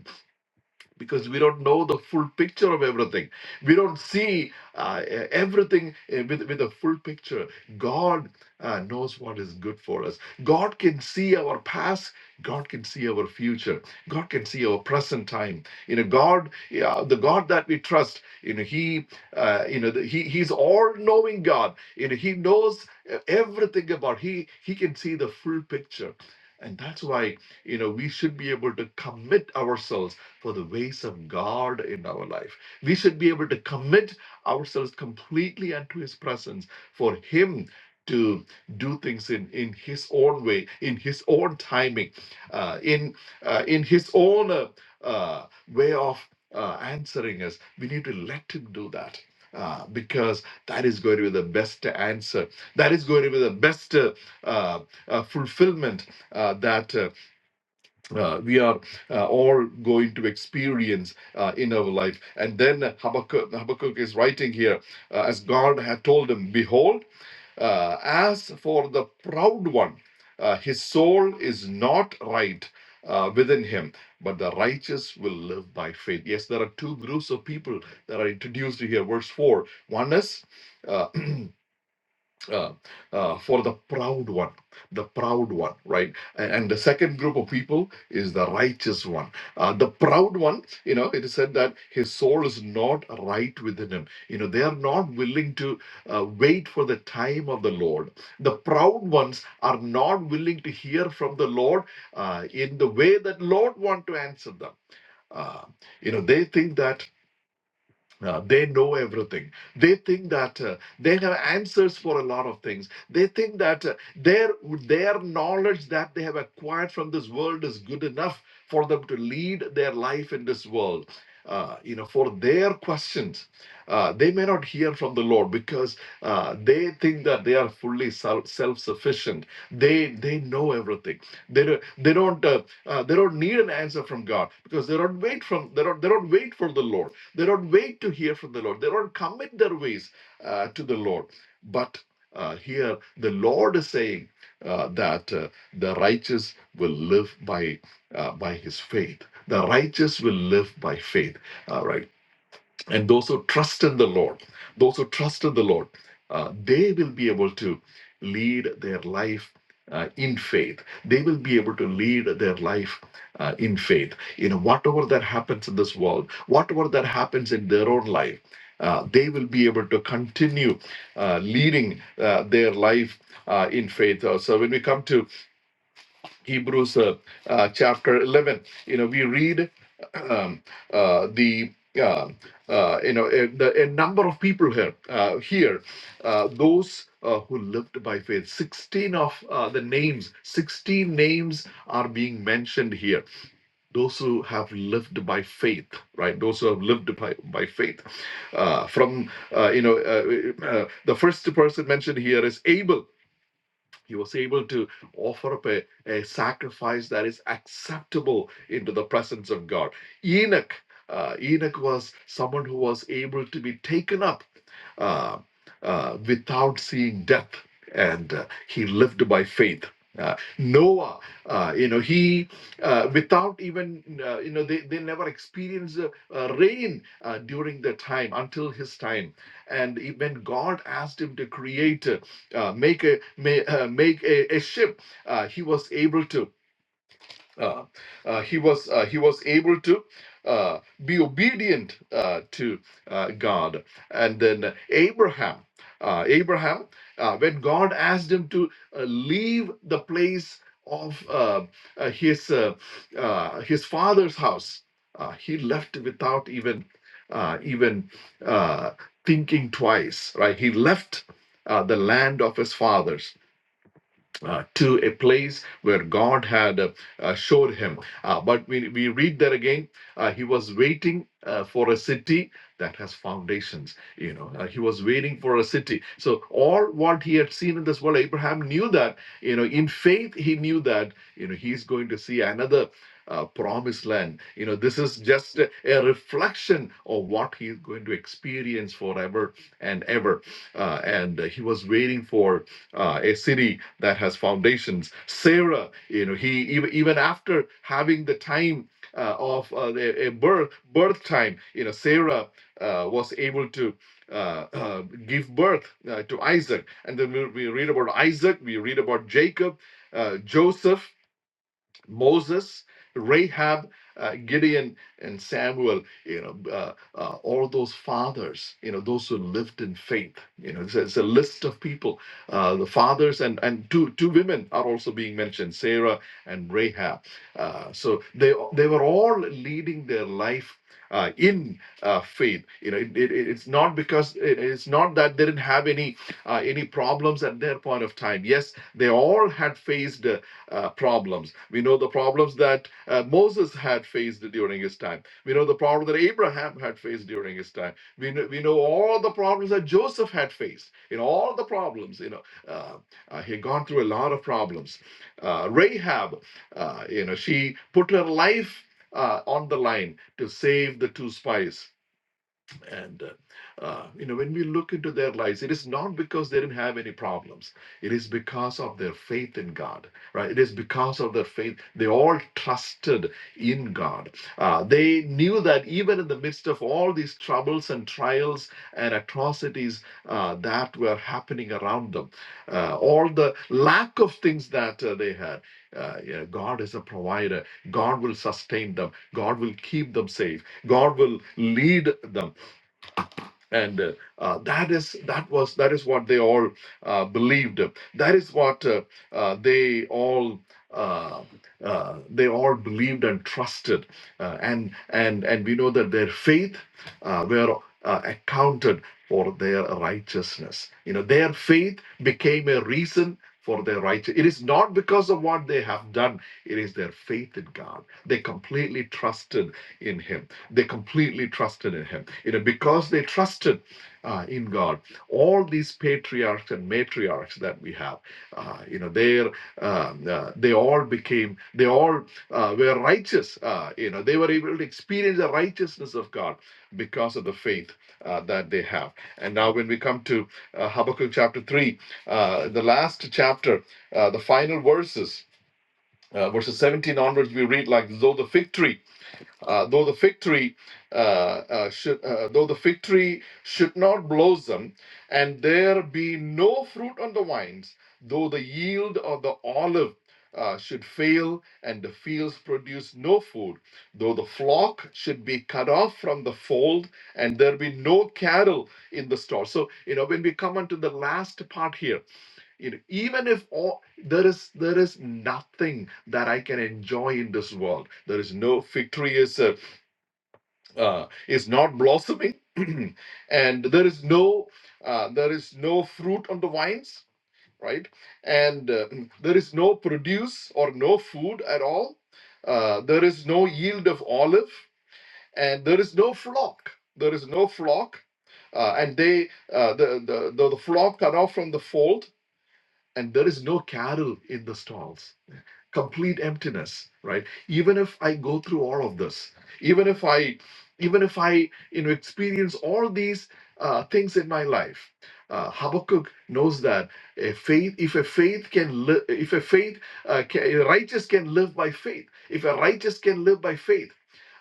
Speaker 2: because we don't know the full picture of everything. We don't see uh, e-, everything uh, with, with a full picture. God uh, knows what is good for us. God can see our past. God can see our future. God can see our present time. You know, God, yeah, the God that we trust, you know, He, uh, you know, the, He, He's all-knowing God. You know, He knows uh, everything about. He, He can see the full picture, and that's why you know we should be able to commit ourselves for the ways of God in our life. We should be able to commit ourselves completely unto His presence for Him to do things in, in His own way, in His own timing, uh, in, uh, in His own uh, uh, way of uh, answering us. We need to let Him do that. Uh, because that is going to be the best answer. That is going to be the best uh, uh, uh, fulfillment uh, that uh, uh, we are uh, all going to experience uh, in our life. And then Habakkuk, Habakkuk is writing here, uh, as God had told him, Behold, uh, as for the proud one, uh, his soul is not right uh, within him, but the righteous will live by faith. Yes, there are two groups of people that are introduced here. Verse 4 one is uh, uh, uh, for the proud one, the proud one, right? A- And, the second group of people is the righteous one. Uh, the proud one, you know, it is said that his soul is not right within him. You know, they are not willing to uh, wait for the time of the Lord. The proud ones are not willing to hear from the Lord uh, in the way that Lord want to answer them. Uh, you know, they think that. Uh, they know everything. They think that uh, they have answers for a lot of things. They think that uh, their their knowledge that they have acquired from this world is good enough for them to lead their life in this world. Uh, you know, for their questions, uh, they may not hear from the Lord because uh, they think that they are fully self sufficient. They they they know everything they don't they don't uh, uh, they don't need an answer from god because they don't wait from they don't they don't wait for the lord they don't wait to hear from the lord they don't commit their ways uh, to the lord but uh, here the lord is saying uh, that uh, the righteous will live by uh, by his faith the righteous will live by faith All right and those who trust in the Lord, those who trust in the Lord, uh, they will be able to lead their life uh, in faith. They will be able to lead their life uh, in faith. You know, whatever that happens in this world, whatever that happens in their own life, uh, they will be able to continue uh, leading uh, their life uh, in faith. Uh, so when we come to Hebrews uh, uh, chapter 11. You know, we read um, uh, the uh, uh, you know a, the, a number of people here uh, here uh, those uh, who lived by faith. 16 of uh, the names, 16 names are being mentioned here. Those who have lived by faith, right? Those who have lived by, by faith. Uh, from, uh, you know, uh, uh, the first person mentioned here is Abel he was able to offer up a, a sacrifice that is acceptable into the presence of God. Enoch, uh, Enoch was someone who was able to be taken up uh, uh, without seeing death, and uh, he lived by faith. Uh, Noah, uh, you know, he uh, without even uh, you know they, they never experienced uh, uh, rain uh, during their time until his time, and when God asked him to create, uh, uh, make a ma- uh, make a, a ship, uh, he was able to uh, uh, he was uh, he was able to uh, be obedient uh, to uh, God. And then Abraham, uh, Abraham, uh, when God asked him to uh, leave the place of uh, uh, his uh, uh, his father's house, uh, he left without even uh, even uh, thinking twice. Right, he left uh, the land of his fathers uh, to a place where God had uh, uh, showed him. Uh, but we, we read there again, uh, he was waiting uh, for a city that has foundations. You know, uh, he was waiting for a city. So all what he had seen in this world, Abraham knew that. You know, in faith he knew that. You know, he's going to see another uh, promised land. You know, this is just a, a reflection of what he's going to experience forever and ever. Uh, and uh, he was waiting for uh, a city that has foundations. Sarah, you know, he even, even after having the time uh, of uh, a, a birth birth time, you know, Sarah uh, was able to. Uh, uh, give birth uh, to Isaac, and then we, we read about Isaac. We read about Jacob, uh, Joseph. Moses, Rahab, uh, Gideon, and Samuel, you know, uh, uh, all those fathers, you know, those who lived in faith. You know, it's a, it's a list of people. Uh, the fathers and, and two, two women are also being mentioned, Sarah and Rahab. Uh, so they, they were all leading their life. Uh, in uh, faith, you know, it, it, it's not because it, it's not that they didn't have any uh, any problems at their point of time. Yes, they all had faced uh, uh, problems. We know the problems that uh, Moses had faced during his time. We know the problem that Abraham had faced during his time. We know, we know all the problems that Joseph had faced. You know, all the problems, you know, uh, uh, he had gone through a lot of problems. Uh, Rahab, uh, you know, she put her life uh, on the line to save the two spies. And, uh, uh, you know, when we look into their lives, it is not because they didn't have any problems. It is because of their faith in God, right? It is because of their faith. They all trusted in God. Uh, they knew that even in the midst of all these troubles and trials and atrocities uh, that were happening around them, uh, all the lack of things that uh, they had, uh, yeah, God is a provider. God will sustain them. God will keep them safe. God will lead them and uh, uh, that is that was that is what they all uh, believed that is what uh, uh, they all uh, uh, they all believed and trusted, uh, and and and we know that their faith uh, were uh, accounted for their righteousness. You know, their faith became a reason for their righteousness. It is not because of what they have done. It is their faith in God. They completely trusted in Him. They completely trusted in Him. You know, because they trusted uh, in God. All these patriarchs and matriarchs that we have, uh, you know, they um, uh, they all became, they all uh, were righteous. Uh, you know, they were able to experience the righteousness of God because of the faith uh, that they have. And now, when we come to uh, Habakkuk chapter three, uh, the last chapter, uh, the final verses. Uh, verses 17 onwards, we read like though the fig tree uh, though the fig tree uh, uh, should, uh, though the fig tree should not blossom, and there be no fruit on the vines, though the yield of the olive uh, should fail, and the fields produce no food, though the flock should be cut off from the fold, and there be no cattle in the store. So you know when we come unto the last part here, you know, even if all, there is there is nothing that I can enjoy in this world, there is no fig tree is Uh, uh, is not blossoming and there is no uh, there is no fruit on the vines right and uh, there is no produce or no food at all uh, there is no yield of olive and there is no flock there is no flock uh, and they uh, the, the the the flock cut off from the fold and there is no cattle in the stalls complete emptiness right even if i go through all of this even if i even if i you know experience all these uh, things in my life uh, habakkuk knows that a faith if a faith can live if a faith uh, ca- a righteous can live by faith if a righteous can live by faith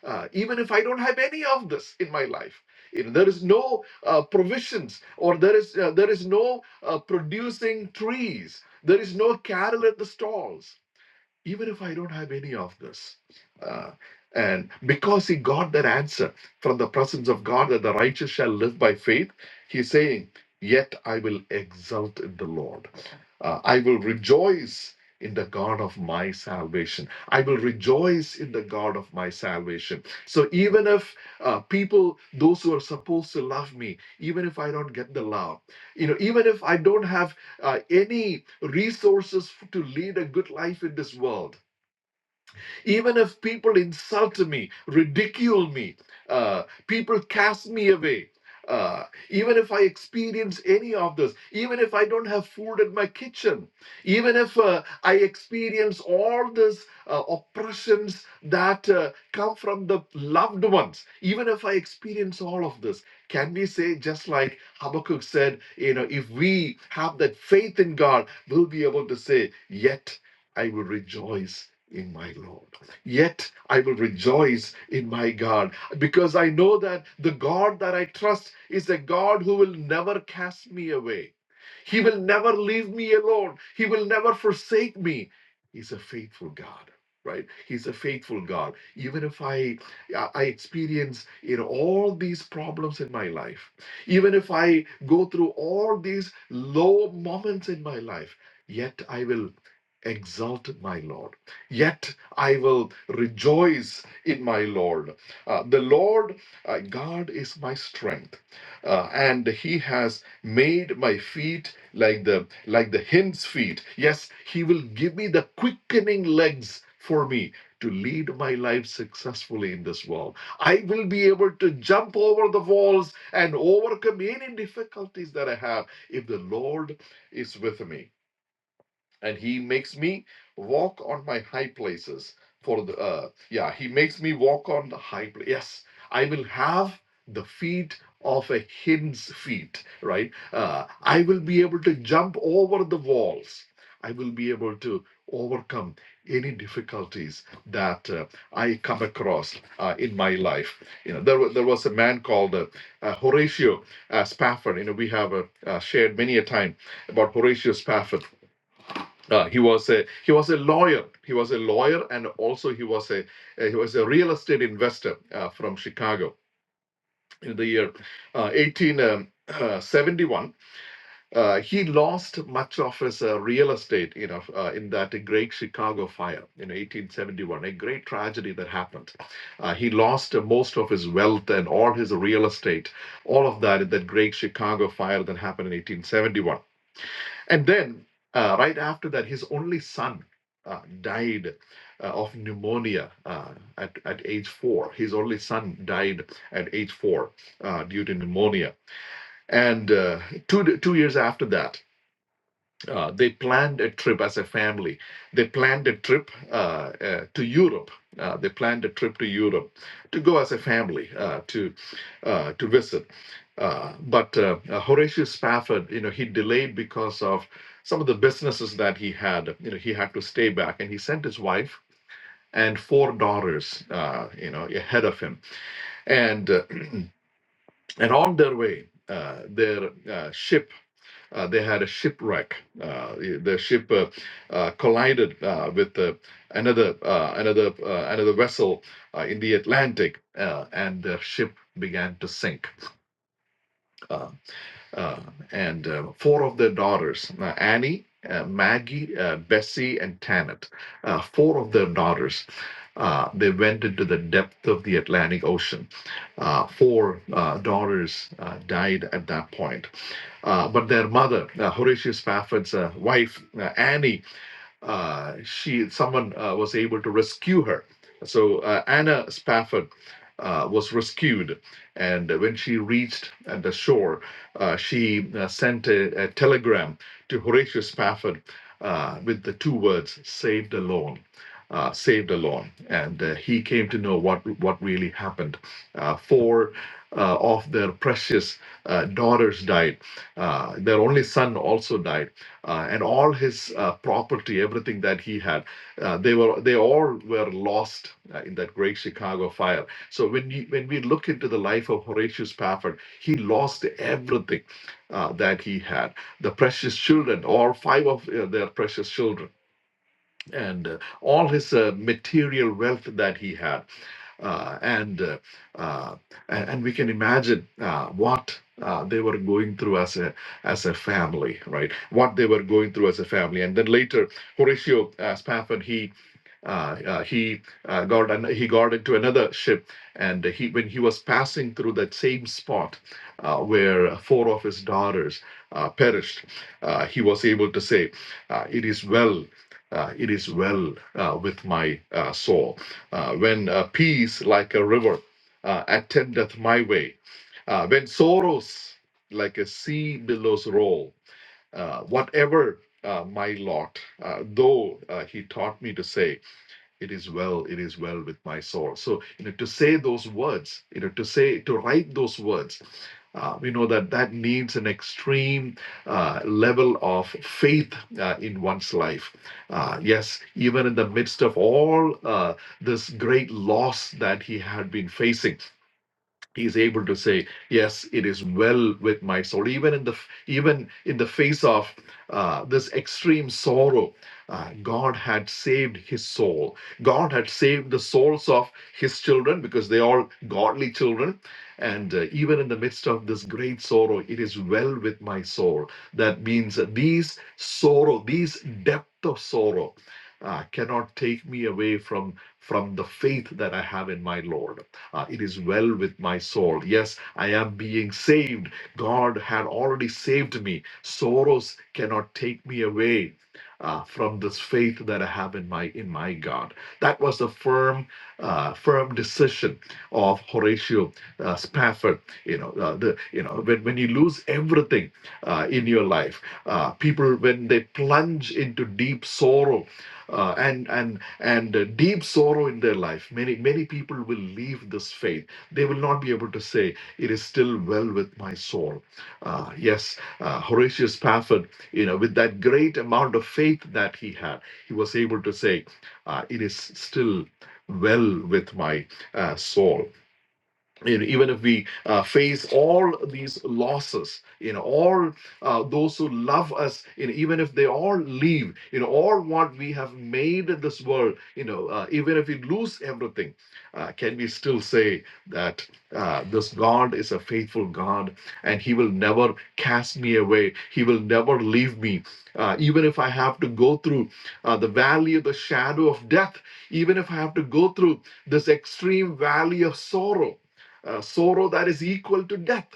Speaker 2: uh, even if i don't have any of this in my life if there is no uh, provisions or there is uh, there is no uh, producing trees there is no cattle at the stalls even if I don't have any of this. Uh, and because he got that answer from the presence of God that the righteous shall live by faith, he's saying, Yet I will exult in the Lord. Uh, I will rejoice in the God of my salvation. I will rejoice in the God of my salvation. So even if uh, people, those who are supposed to love me, even if I don't get the love, you know, even if I don't have uh, any resources to lead a good life in this world even if people insult me, ridicule me, uh, people cast me away, uh, even if I experience any of this, even if I don't have food in my kitchen, even if uh, I experience all these uh, oppressions that uh, come from the loved ones, even if I experience all of this, can we say, just like Habakkuk said, you know, if we have that faith in God, we'll be able to say, Yet I will rejoice in my Lord. Yet I will rejoice in my God because I know that the God that I trust is a God who will never cast me away. He will never leave me alone. He will never forsake me. He's a faithful God, right? He's a faithful God. Even if I uh, I experience you know all these problems in my life, even if I go through all these low moments in my life, yet I will exalt my Lord. Yet I will rejoice in my Lord. Uh, the Lord uh, God is my strength uh, and he has made my feet like the like the hind's feet yes he will give me the quickening legs for me to lead my life successfully in this world i will be able to jump over the walls and overcome any difficulties that i have if the lord is with me and he makes me walk on my high places for the uh, yeah he makes me walk on the high place yes i will have the feet of a hind's feet right uh, i will be able to jump over the walls i will be able to overcome any difficulties that uh, i come across uh, in my life you know there, wa- there was a man called uh, uh, horatio uh, spafford you know we have uh, uh, shared many a time about horatio spafford uh, he was a he was a lawyer. He was a lawyer, and also he was a uh, he was a real estate investor uh, from Chicago. In the year uh, 1871, uh, he lost much of his uh, real estate, you know, uh, in that great Chicago fire in 1871, a great tragedy that happened. Uh, he lost uh, most of his wealth and all his real estate, all of that in that great Chicago fire that happened in 1871 and then, uh, right after that, his only son uh, died uh, of pneumonia uh, at, at age four. His only son died at age four uh, due to pneumonia. And uh, two, two years after that, uh, they planned a trip as a family. They planned a trip uh, uh, to Europe. Uh, they planned a trip to Europe to go as a family uh, to uh, to visit. Uh, but uh, uh, Horatio Spafford, you know, he delayed because of some of the businesses that he had. You know, he had to stay back, and he sent his wife and four daughters, uh, you know, ahead of him. And uh, and on their way, uh, their uh, ship uh, they had a shipwreck. Uh, the ship uh, uh, collided uh, with uh, another uh, another uh, another vessel uh, in the Atlantic, uh, and the ship began to sink. Uh, uh, and uh, four of their daughters uh, Annie, uh, Maggie, uh, Bessie, and Tanit. Uh, four of their daughters. Uh, they went into the depth of the Atlantic Ocean. Uh, four uh, daughters uh, died at that point. Uh, but their mother, uh, Horatio Spafford's uh, wife, uh, Annie, uh, she someone uh, was able to rescue her. So uh, Anna Spafford uh, was rescued, and when she reached at the shore, uh, she uh, sent a, a telegram to Horatio Spafford uh, with the two words "saved alone." Uh, saved alone, and uh, he came to know what what really happened. Uh, four uh, of their precious uh, daughters died. Uh, their only son also died uh, and all his uh, property, everything that he had, uh, they were they all were lost uh, in that great Chicago fire. So when you, when we look into the life of Horatio Spafford, he lost everything uh, that he had. The precious children, all five of uh, their precious children and uh, all his uh, material wealth that he had. Uh, and, uh, uh, and and we can imagine uh, what uh, they were going through as a as a family, right? What they were going through as a family, and then later Horatio uh, Spafford he uh, uh, he uh, got an, he got into another ship, and he when he was passing through that same spot uh, where four of his daughters uh, perished, uh, he was able to say, uh, "It is well uh, it is well uh, with my uh, soul. Uh, when uh, peace like a river uh, attendeth my way, uh, when sorrows like a sea billows roll, uh, whatever uh, my lot, uh, though uh, he taught me to say, it is well it is well with my soul so you know to say those words you know to say to write those words uh, we know that that needs an extreme uh, level of faith uh, in one's life uh, yes even in the midst of all uh, this great loss that he had been facing he's able to say yes it is well with my soul even in the even in the face of uh, this extreme sorrow uh, god had saved his soul god had saved the souls of his children because they are godly children and uh, even in the midst of this great sorrow it is well with my soul that means that these sorrow these depth of sorrow uh, cannot take me away from from the faith that i have in my lord uh, it is well with my soul. Yes, I am being saved. God had already saved me. Sorrows cannot take me away. uh, from this faith that I have in my in my God, that was the firm, uh, firm decision of Horatio uh, Spafford. You know, uh, the you know when when you lose everything uh, in your life, uh, people when they plunge into deep sorrow uh, and and and uh, deep sorrow in their life. Many many people will leave this faith. They will not be able to say it is still well with my soul. Uh, yes, uh, Horatius Spafford, you know, with that great amount of faith that he had, he was able to say, uh, it is still well with my uh, soul you know, even if we uh, face all these losses, you know, all uh, those who love us, you know, even if they all leave, you know, all what we have made in this world, you know, uh, even if we lose everything, uh, can we still say that uh, this God is a faithful God and He will never cast me away? He will never leave me. Uh, even if I have to go through uh, the valley of the shadow of death, even if I have to go through this extreme valley of sorrow, uh, sorrow that is equal to death.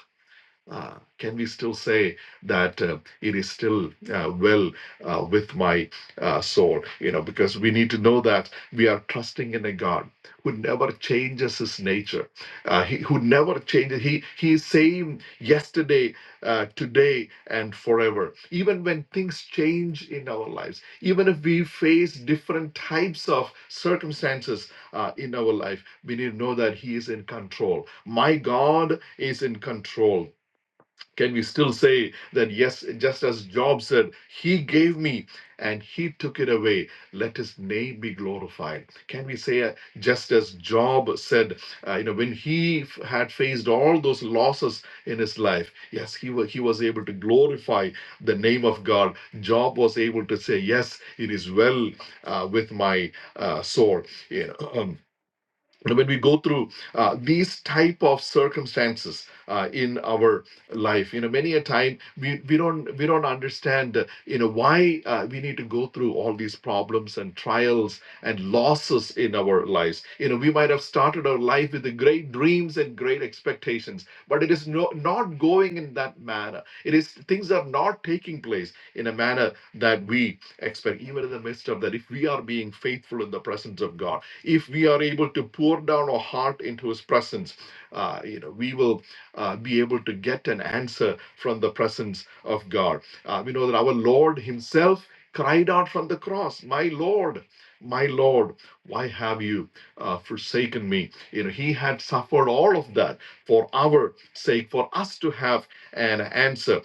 Speaker 2: Uh, can we still say that uh, it is still uh, well uh, with my uh, soul? You know, because we need to know that we are trusting in a God who never changes his nature, uh, he, who never changes. He, he is same yesterday, uh, today, and forever. Even when things change in our lives, even if we face different types of circumstances uh, in our life, we need to know that He is in control. My God is in control can we still say that, yes, just as Job said, He gave me and He took it away, let His name be glorified? Can we say, uh, just as Job said, uh, you know, when he f- had faced all those losses in his life, yes, he, wa- he was able to glorify the name of God. Job was able to say, Yes, it is well uh, with my uh, soul. You know, um, when we go through uh, these type of circumstances uh, in our life you know many a time we, we don't we don't understand uh, you know why uh, we need to go through all these problems and trials and losses in our lives you know we might have started our life with the great dreams and great expectations but it is no, not going in that manner it is things are not taking place in a manner that we expect even in the midst of that if we are being faithful in the presence of god if we are able to pour down our heart into his presence uh, you know we will uh, be able to get an answer from the presence of god uh, we know that our lord himself cried out from the cross my lord my lord why have you uh, forsaken me you know he had suffered all of that for our sake for us to have an answer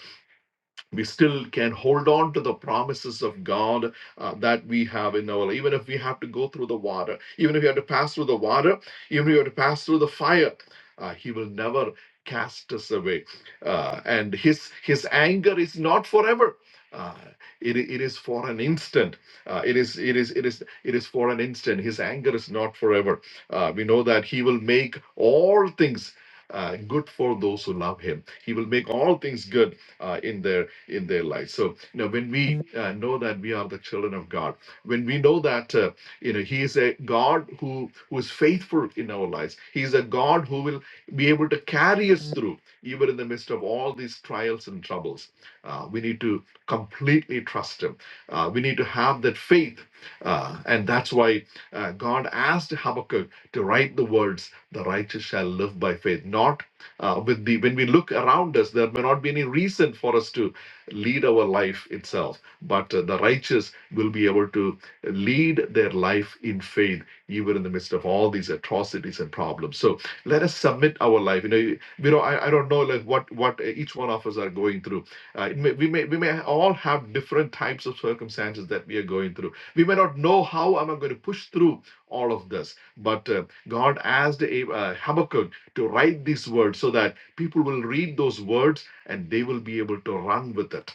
Speaker 2: we still can hold on to the promises of God uh, that we have in our life. Even if we have to go through the water, even if we have to pass through the water, even if we have to pass through the fire, uh, He will never cast us away. Uh, and His His anger is not forever. Uh, it, it is for an instant. Uh, it is it is it is it is for an instant. His anger is not forever. Uh, we know that He will make all things uh, good for those who love Him. He will make all things good uh, in their in their lives. So you know when we uh, know that we are the children of God, when we know that uh, you know He is a God who who is faithful in our lives. He is a God who will be able to carry us through even in the midst of all these trials and troubles. Uh, we need to completely trust Him. Uh, we need to have that faith, uh, and that's why uh, God asked Habakkuk to write the words, "The righteous shall live by faith," not uh, with the when we look around us there may not be any reason for us to lead our life itself but uh, the righteous will be able to lead their life in faith even in the midst of all these atrocities and problems so let us submit our life you know you you know i, I don't know like what what each each one of us are going through. Uh, it may, we may we may all have different types of circumstances that we are going through. We may not know how am I going to push through all of this, but uh, God asked uh, Habakkuk to write these words so that people will read those words and they will be able to run with it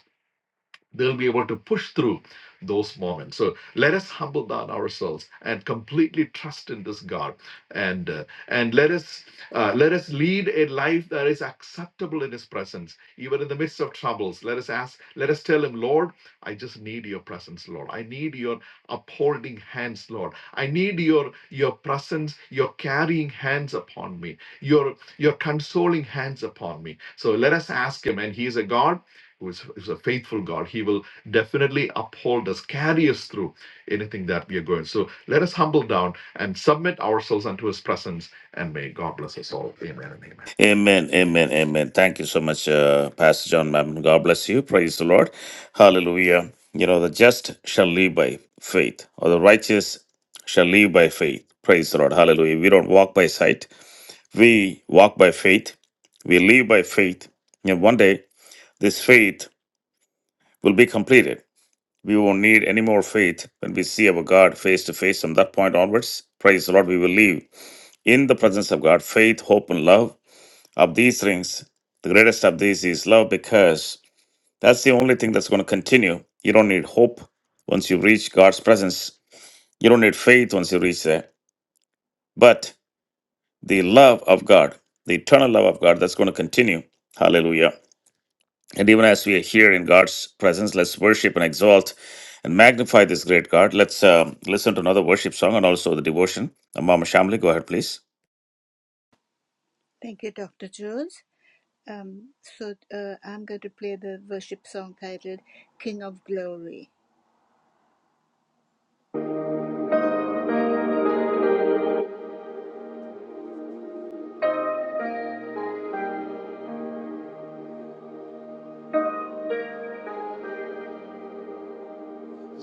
Speaker 2: they'll be able to push through those moments. So let us humble down ourselves and completely trust in this God, and uh, and let us uh, let us lead a life that is acceptable in His presence, even in the midst of troubles. Let us ask, let us tell Him, Lord, I just need Your presence, Lord. I need Your upholding hands, Lord. I need Your Your presence, Your carrying hands upon me, Your Your consoling hands upon me. So let us ask Him, and He is a God who is, is a faithful God. He will definitely uphold us, carry us through anything that we are going. So let us humble down and submit ourselves unto His presence, and may God bless us all. Amen and amen.
Speaker 1: Amen, amen, amen. Thank you so much, uh, Pastor John, ma'am. God bless you. Praise the Lord. Hallelujah. You know, the just shall live by faith, or the righteous shall live by faith. Praise the Lord. Hallelujah. We don't walk by sight, we walk by faith. We live by faith. And one day, this faith will be completed. We won't need any more faith when we see our God face to face from that point onwards. Praise the Lord. We will live in the presence of God, faith, hope, and love of these things, the greatest of these is love because that's the only thing that's going to continue. You don't need hope once you reach God's presence. You don't need faith once you reach there. But the love of God, the eternal love of God, that's going to continue. Hallelujah. And even as we are here in God's presence, let's worship and exalt and magnify this great God. Let's um, listen to another worship song and also the devotion. Uh, Mama Shamli, go ahead, please.
Speaker 3: Thank you, Dr. Jones. Um, so uh, I'm going to play the worship song titled King of Glory.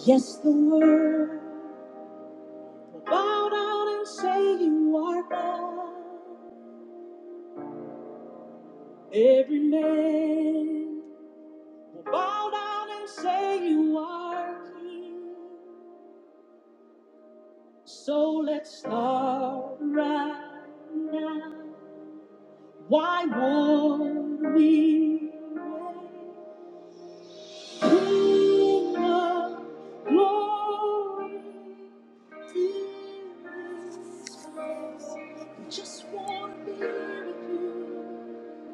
Speaker 3: Yes, the world will bow down and say you are God. Every man will bow down and say you are King. So let's start right now. Why would we wait? King of glory, this place. Just wanna be with you.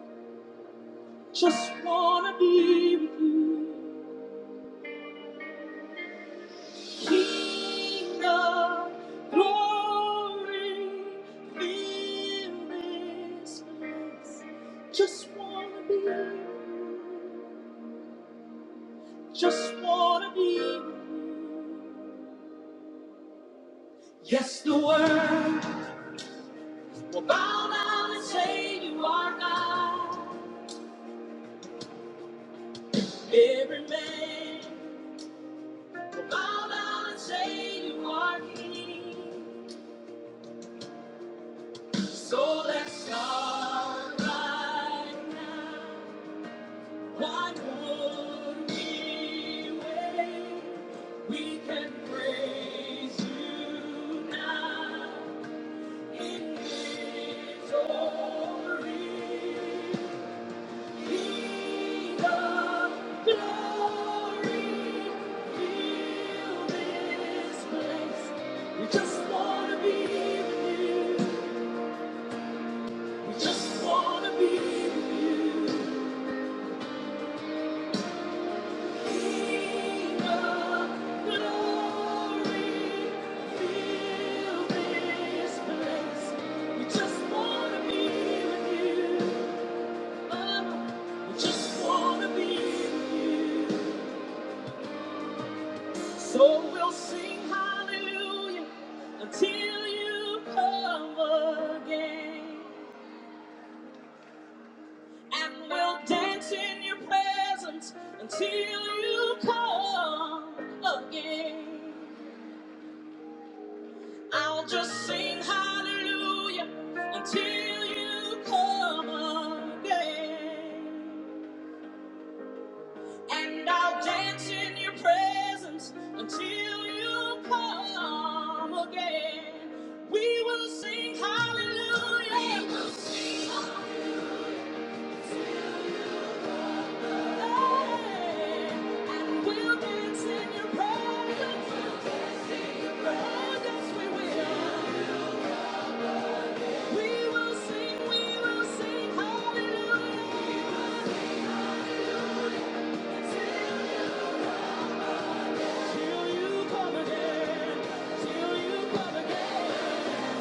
Speaker 3: Just wanna be with you. King of glory, fill this place. Just wanna be with you. Just wanna be with you. Yes, the world. We'll bow down and say you are God. Every man will bow down and say you are King. So let's start right now. Why would we wait? We can praise you now in victory. We just wanna be with you. We just wanna be with you. King of glory, fill this place. We just wanna be with you. we just wanna be with you. So we'll sing hallelujah until you come again. And we'll dance in your presence until you come again. I'll just sing hallelujah until you come again. And I'll dance in your presence until you come again. We will sing hallelujah. We will sing hallelujah. And we'll dance in your presence. We'll dance in your presence. Oh, yes, we will. We will sing, we will sing hallelujah. We will sing Till you come again, till you come again.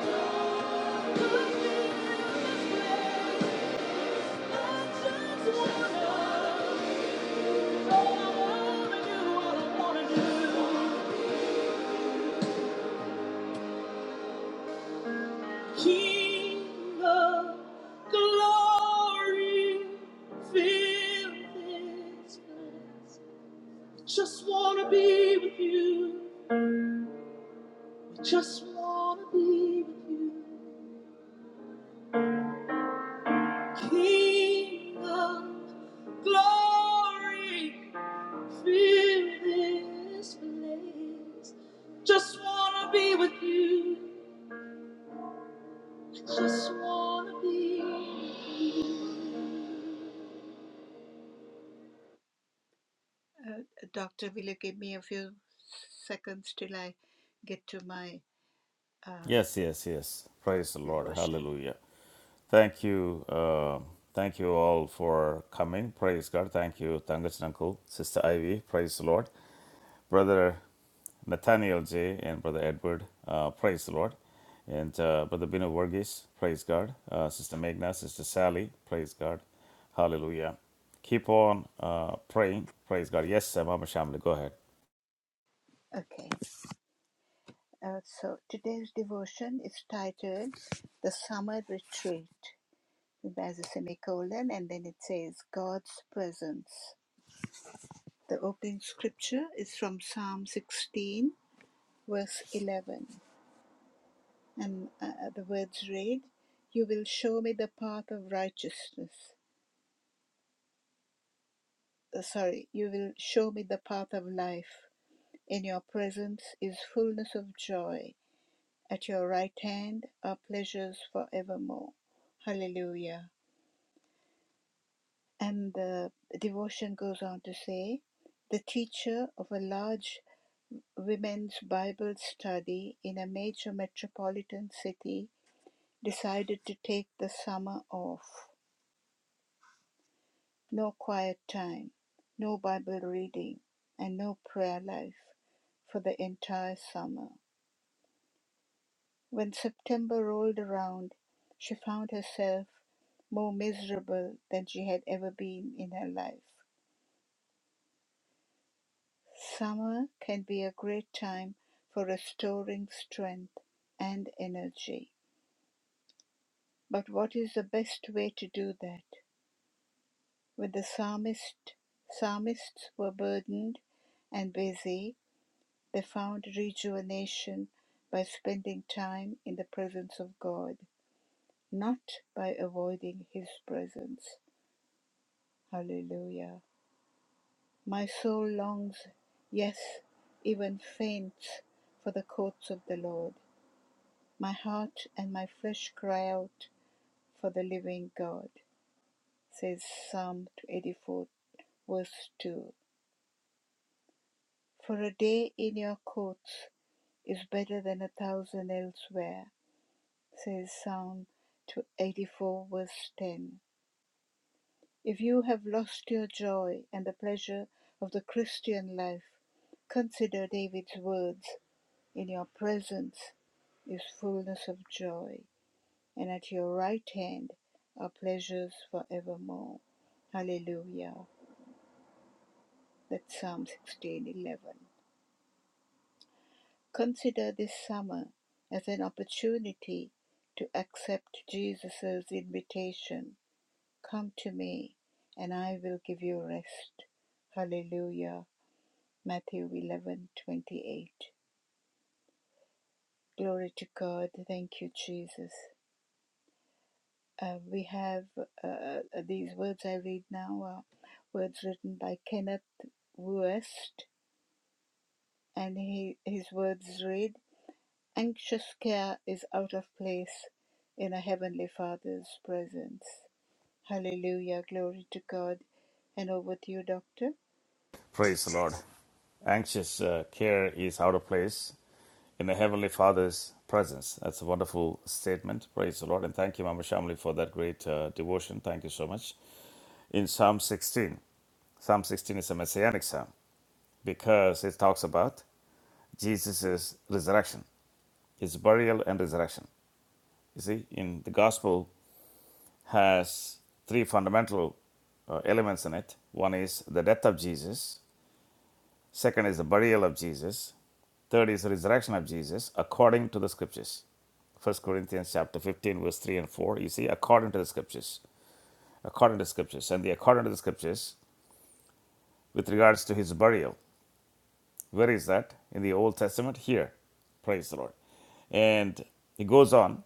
Speaker 3: King of glory, fill this place. Just wanna be with you. I Just wanna be with you. King of glory, Fill this place. Just wanna be with you. Just wanna be. with you. Uh, doctor, will you give me a few seconds till I get to my uh,
Speaker 1: Yes, yes, yes. Praise the Lord.
Speaker 3: devotion?
Speaker 1: Hallelujah. Thank you. Uh, thank you all for coming. Praise God. Thank you, Tangachan Uncle, Sister Ivy. Praise the Lord. Brother Nathaniel J. and Brother Edward. Uh, praise the Lord. And uh, Brother Bino Vergis. Praise God. Uh, Sister Meghna, Sister Sally. Praise God. Hallelujah. Keep on uh, praying. Praise God. Yes, Mama Shamli, go ahead.
Speaker 3: Okay. Uh, so today's devotion is titled "The Summer Retreat." There's a semicolon, and then it says God's presence. The opening scripture is from Psalm 16, verse 11. And uh, the words read, You will show me the path of righteousness. Uh, sorry, you will show me the path of life. In your presence is fullness of joy. At your right hand are pleasures forevermore. Hallelujah. And the devotion goes on to say, the teacher of a large women's Bible study in a major metropolitan city decided to take the summer off. no quiet time, no Bible reading, and no prayer life for the entire summer. When September rolled around, she found herself more miserable than she had ever been in her life. Summer can be a great time for restoring strength and energy. But what is the best way to do that? When the psalmist, psalmists were burdened and busy, They found rejuvenation by spending time in the presence of God, not by avoiding His presence. Hallelujah. My soul longs, yes, even faints, for the courts of the Lord. My heart and my flesh cry out for the living God, says Psalm 84, verse 2. For a day in your courts is better than a thousand elsewhere. says Psalm to 84, verse 10. If you have lost your joy and the pleasure of the Christian life, consider David's words In your presence is fullness of joy, and at your right hand are pleasures forevermore. Hallelujah. That's Psalm 16:11. Consider this summer as an opportunity to accept Jesus' invitation Come to me, and I will give you rest. Hallelujah. Matthew 11:28. Glory to God. Thank you, Jesus. Uh, we have uh, uh, these words I read now are words written by Kenneth West, and he, his words read Anxious care is out of place in a Heavenly Father's presence. Hallelujah. Glory to God. And over to you, Doctor.
Speaker 1: Praise the Lord. Anxious uh, care is out of place. in the Heavenly Father's presence. That's a wonderful statement. Praise the Lord. And thank you, Mama Shamli, for that great uh, devotion. Thank you so much. In Psalm 16, Psalm 16 is a messianic psalm because it talks about Jesus' resurrection, his burial and resurrection. You see, in the gospel has three fundamental uh, elements in it. One is the death of Jesus, second is the burial of Jesus, third is the resurrection of Jesus according to the scriptures. First Corinthians chapter 15, verse 3 and 4, you see, according to the scriptures, according to the scriptures, and the according to the scriptures with regards to his burial. Where is that? In the Old Testament? Here. Praise the Lord. And he goes on,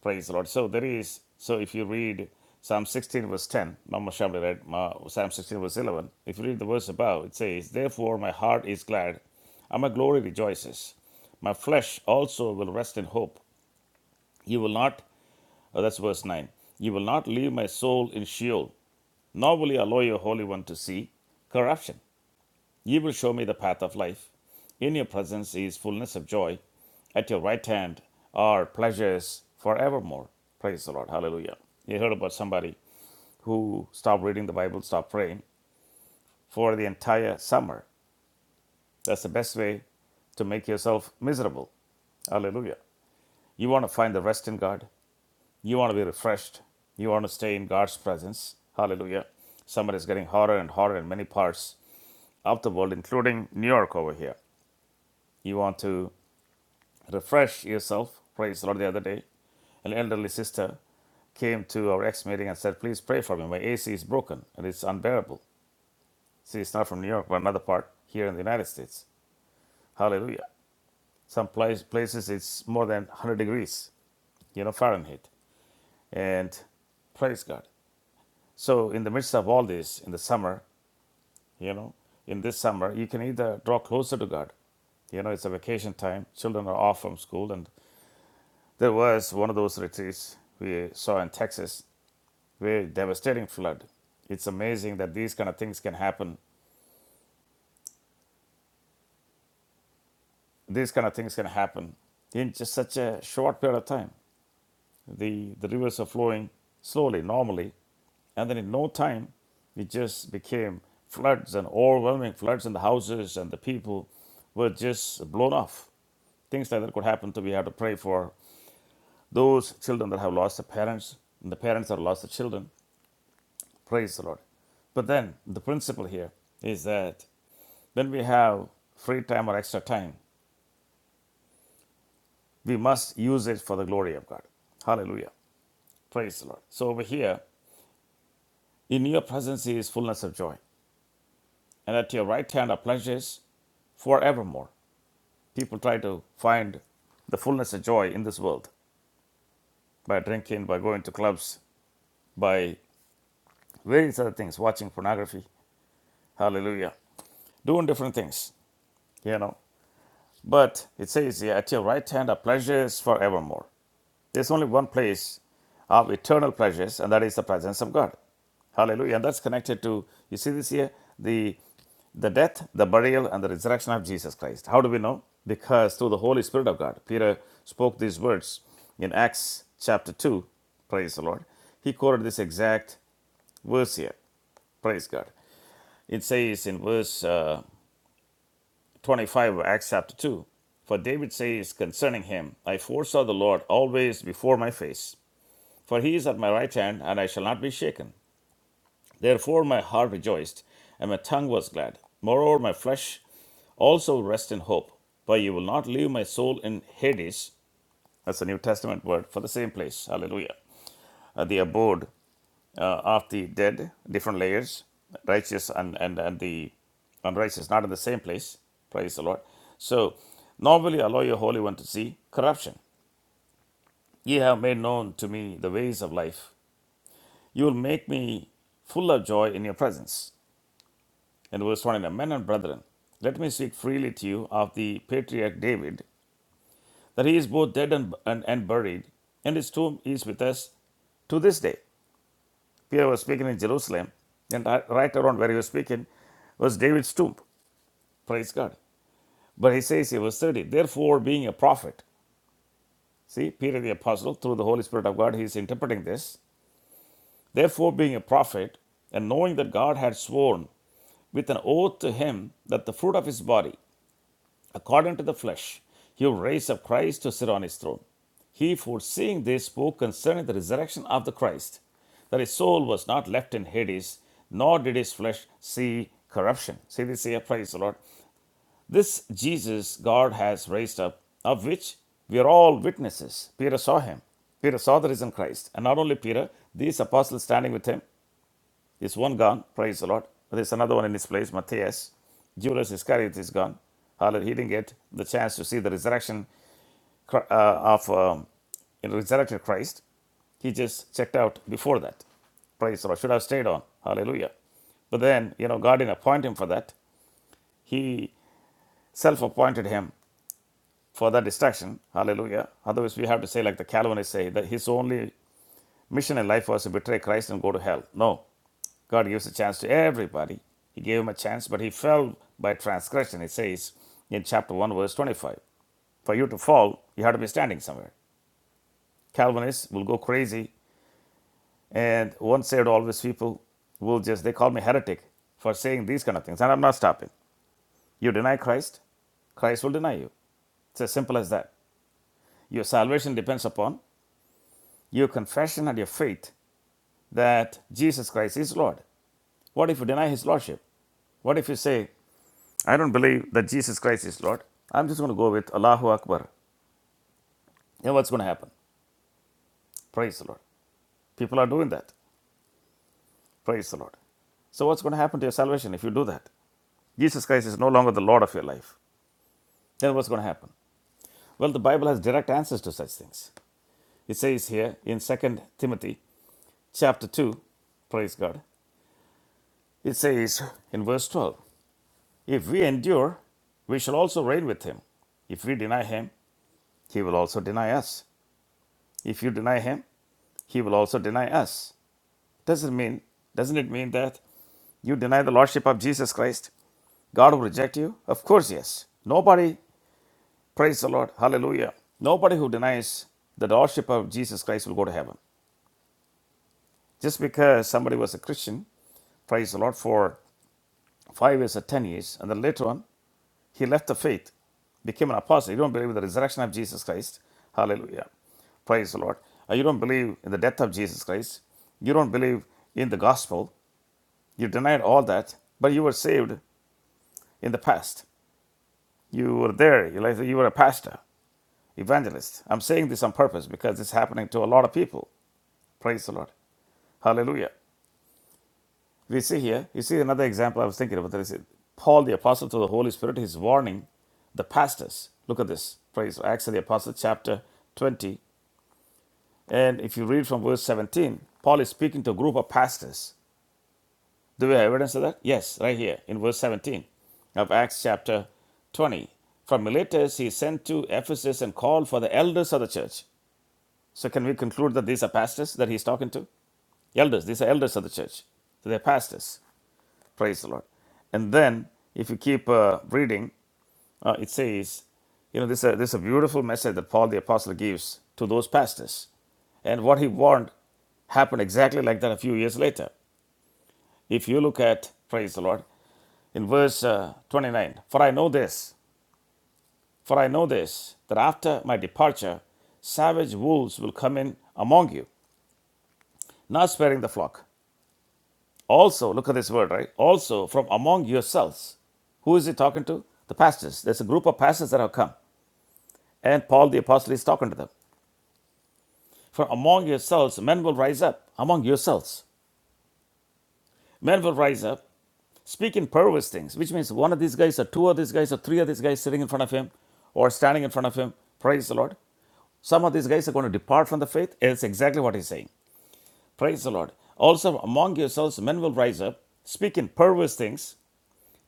Speaker 1: praise the Lord. So there is, so if you read Psalm 16, verse 10, Mama Shamli read Psalm 16, verse 11, if you read the verse above, it says, Therefore my heart is glad, and my glory rejoices. My flesh also will rest in hope. You will not Uh, that's verse 9. You will not leave my soul in Sheol, nor will you allow your Holy One to see corruption. You will show me the path of life. In your presence is fullness of joy. At your right hand are pleasures forevermore. Praise the Lord. Hallelujah. You heard about somebody who stopped reading the Bible, stopped praying for the entire summer. That's the best way to make yourself miserable. Hallelujah. You want to find the rest in God? You want to be refreshed. You want to stay in God's presence. Hallelujah. Summer is getting hotter and hotter in many parts of the world, including New York over here. You want to refresh yourself. Praise the Lord. The other day, an elderly sister came to our ex meeting and said, Please pray for me. My AC is broken and it's unbearable. See, it's not from New York, but another part here in the United States. Hallelujah. Some place, places it's more than 100 degrees, you know, Fahrenheit. And Praise God. So, in the midst of all this, in the summer, you know in this summer you can either draw closer to god you know it's a vacation time children are off from school and there was one of those retreats we saw in texas where devastating flood it's amazing that these kind of things can happen these kind of things can happen in just such a short period of time the the rivers are flowing slowly normally and then in no time it just became floods and overwhelming floods and the houses and the people were just blown off things like that could happen so we have to pray for Those children that have lost their parents, and the parents that have lost their children, praise the Lord. But then the principle here is that when we have free time or extra time, we must use it for the glory of God. Hallelujah. Praise the Lord. So over here, in your presence is fullness of joy, and at your right hand are pleasures forevermore. People try to find the fullness of joy in this world by drinking, by going to clubs, by various other things, watching pornography. Hallelujah. Doing different things, you know. But it says, yeah, At your right hand are pleasures forevermore. There's only one place of eternal pleasures, and that is the presence of God. Hallelujah. And that's connected to, you see this here, the, the death, the burial, and the resurrection of Jesus Christ. How do we know? Because through the Holy Spirit of God, Peter spoke these words in Acts chapter 2. Praise the Lord. He quoted this exact verse here. Praise God. It says in verse. Uh, 25 of Acts chapter 2. For David says concerning him, I foresaw the Lord always before my face, for he is at my right hand, and I shall not be shaken. Therefore my heart rejoiced, and my tongue was glad. Moreover, my flesh also rests in hope, for you will not leave my soul in Hades. That's a New Testament word for the same place. Hallelujah. Uh, the abode uh, of the dead, different layers, righteous and, and, and the unrighteous, not in the same place. Praise the Lord. So, nor will you allow your Holy One to see corruption. Ye have made known to me the ways of life. You will make me full of joy in your presence. And verse 29 Men and brethren, let me speak freely to you of the patriarch David, that he is both dead and, and, and buried, and his tomb is with us to this day. Peter was speaking in Jerusalem, and right right around where he was speaking was David's tomb. Praise God. But he says he was 30. Therefore, being a prophet, see, Peter the Apostle, through the Holy Spirit of God, he is interpreting this. Therefore, being a prophet, and knowing that God had sworn with an oath to him that the fruit of his body, according to the flesh, he would raise up Christ to sit on his throne. He, foreseeing this, spoke concerning the resurrection of the Christ, that his soul was not left in Hades, nor did his flesh see corruption. See this here, praise the Lord. This Jesus God has raised up, of which we are all witnesses. Peter saw him. Peter saw the risen Christ. And not only Peter, these apostles standing with him. Is one gone, praise the Lord. But there's another one in his place, Matthias. Judas Iscariot is gone. Hallelujah. He didn't get the chance to see the resurrection uh, of um, in resurrected Christ. He just checked out before that. Praise the Lord. Should have stayed on. Hallelujah. But then, you know, God didn't appoint him for that. He self appointed him for that distraction. Hallelujah. Otherwise, we have to say, like the Calvinists say, that his only mission in life was to betray Christ and go to hell. No. God gives a chance to everybody. He gave him a chance, but he fell by transgression, it says in chapter 1, verse 25. For you to fall, you have to be standing somewhere. Calvinists will go crazy And once saved, always people will just, they call me heretic for saying these kind of things. And I'm not stopping. You deny Christ, Christ will deny you. It's as simple as that. Your salvation depends upon your confession and your faith that Jesus Christ is Lord. What if you deny his lordship? What if you say, I don't believe that Jesus Christ is Lord? I'm just going to go with Allahu Akbar. You know what's going to happen? Praise the Lord. People are doing that. Praise the Lord. So, what's going to happen to your salvation if you do that? Jesus Christ is no longer the Lord of your life. Then what's going to happen? Well, the Bible has direct answers to such things. It says here in Second Timothy chapter 2, praise God, it says in verse 12, If we endure, we shall also reign with him. If we deny him, he will also deny us. If you deny him, he will also deny us. Doesn't mean, doesn't it mean that you deny the Lordship of Jesus Christ, God will reject you? Of course, yes. Nobody, praise the Lord, hallelujah. Nobody who denies the Lordship of Jesus Christ will go to heaven. Just because somebody was a Christian praise the Lord, for five years or ten years. And then later on, he left the faith, became an apostle. You don't believe in the resurrection of Jesus Christ. Hallelujah. Praise the Lord. Uh, You don't believe in the death of Jesus Christ. You don't believe in the gospel. You denied all that, but you were saved in the past. You were there. You like you were a pastor, evangelist. I'm saying this on purpose because it's happening to a lot of people. Praise the Lord. Hallelujah. We see here, you see another example I was thinking about. There is Paul, the apostle to the Holy Spirit, he's warning the pastors. Look at this. Praise Acts of the Apostle, chapter 20. And if you read from verse 17, Paul is speaking to a group of pastors. Do we have evidence of that? Yes, right here in verse 17 of Acts chapter 20. From Miletus, he sent to Ephesus and called for the elders of the church. So, can we conclude that these are pastors that he's talking to? Elders, these are elders of the church. So, they're pastors. Praise the Lord. And then, if you keep uh, reading, uh, it says, you know, this is, a, this is a beautiful message that Paul the Apostle gives to those pastors. And what he warned happened exactly like that a few years later. If you look at, praise the Lord, in verse uh, 29, for I know this, for I know this, that after my departure, savage wolves will come in among you, not sparing the flock. Also, look at this word, right? Also, from among yourselves. Who is he talking to? The pastors. There's a group of pastors that have come. And Paul the apostle is talking to them. From among yourselves, men will rise up. Among yourselves. Men will rise up, speaking perverse things, which means one of these guys, or two of these guys, or three of these guys sitting in front of him, or standing in front of him. Praise the Lord. Some of these guys are going to depart from the faith. It's exactly what he's saying. Praise the Lord. Also, among yourselves, men will rise up, speaking perverse things,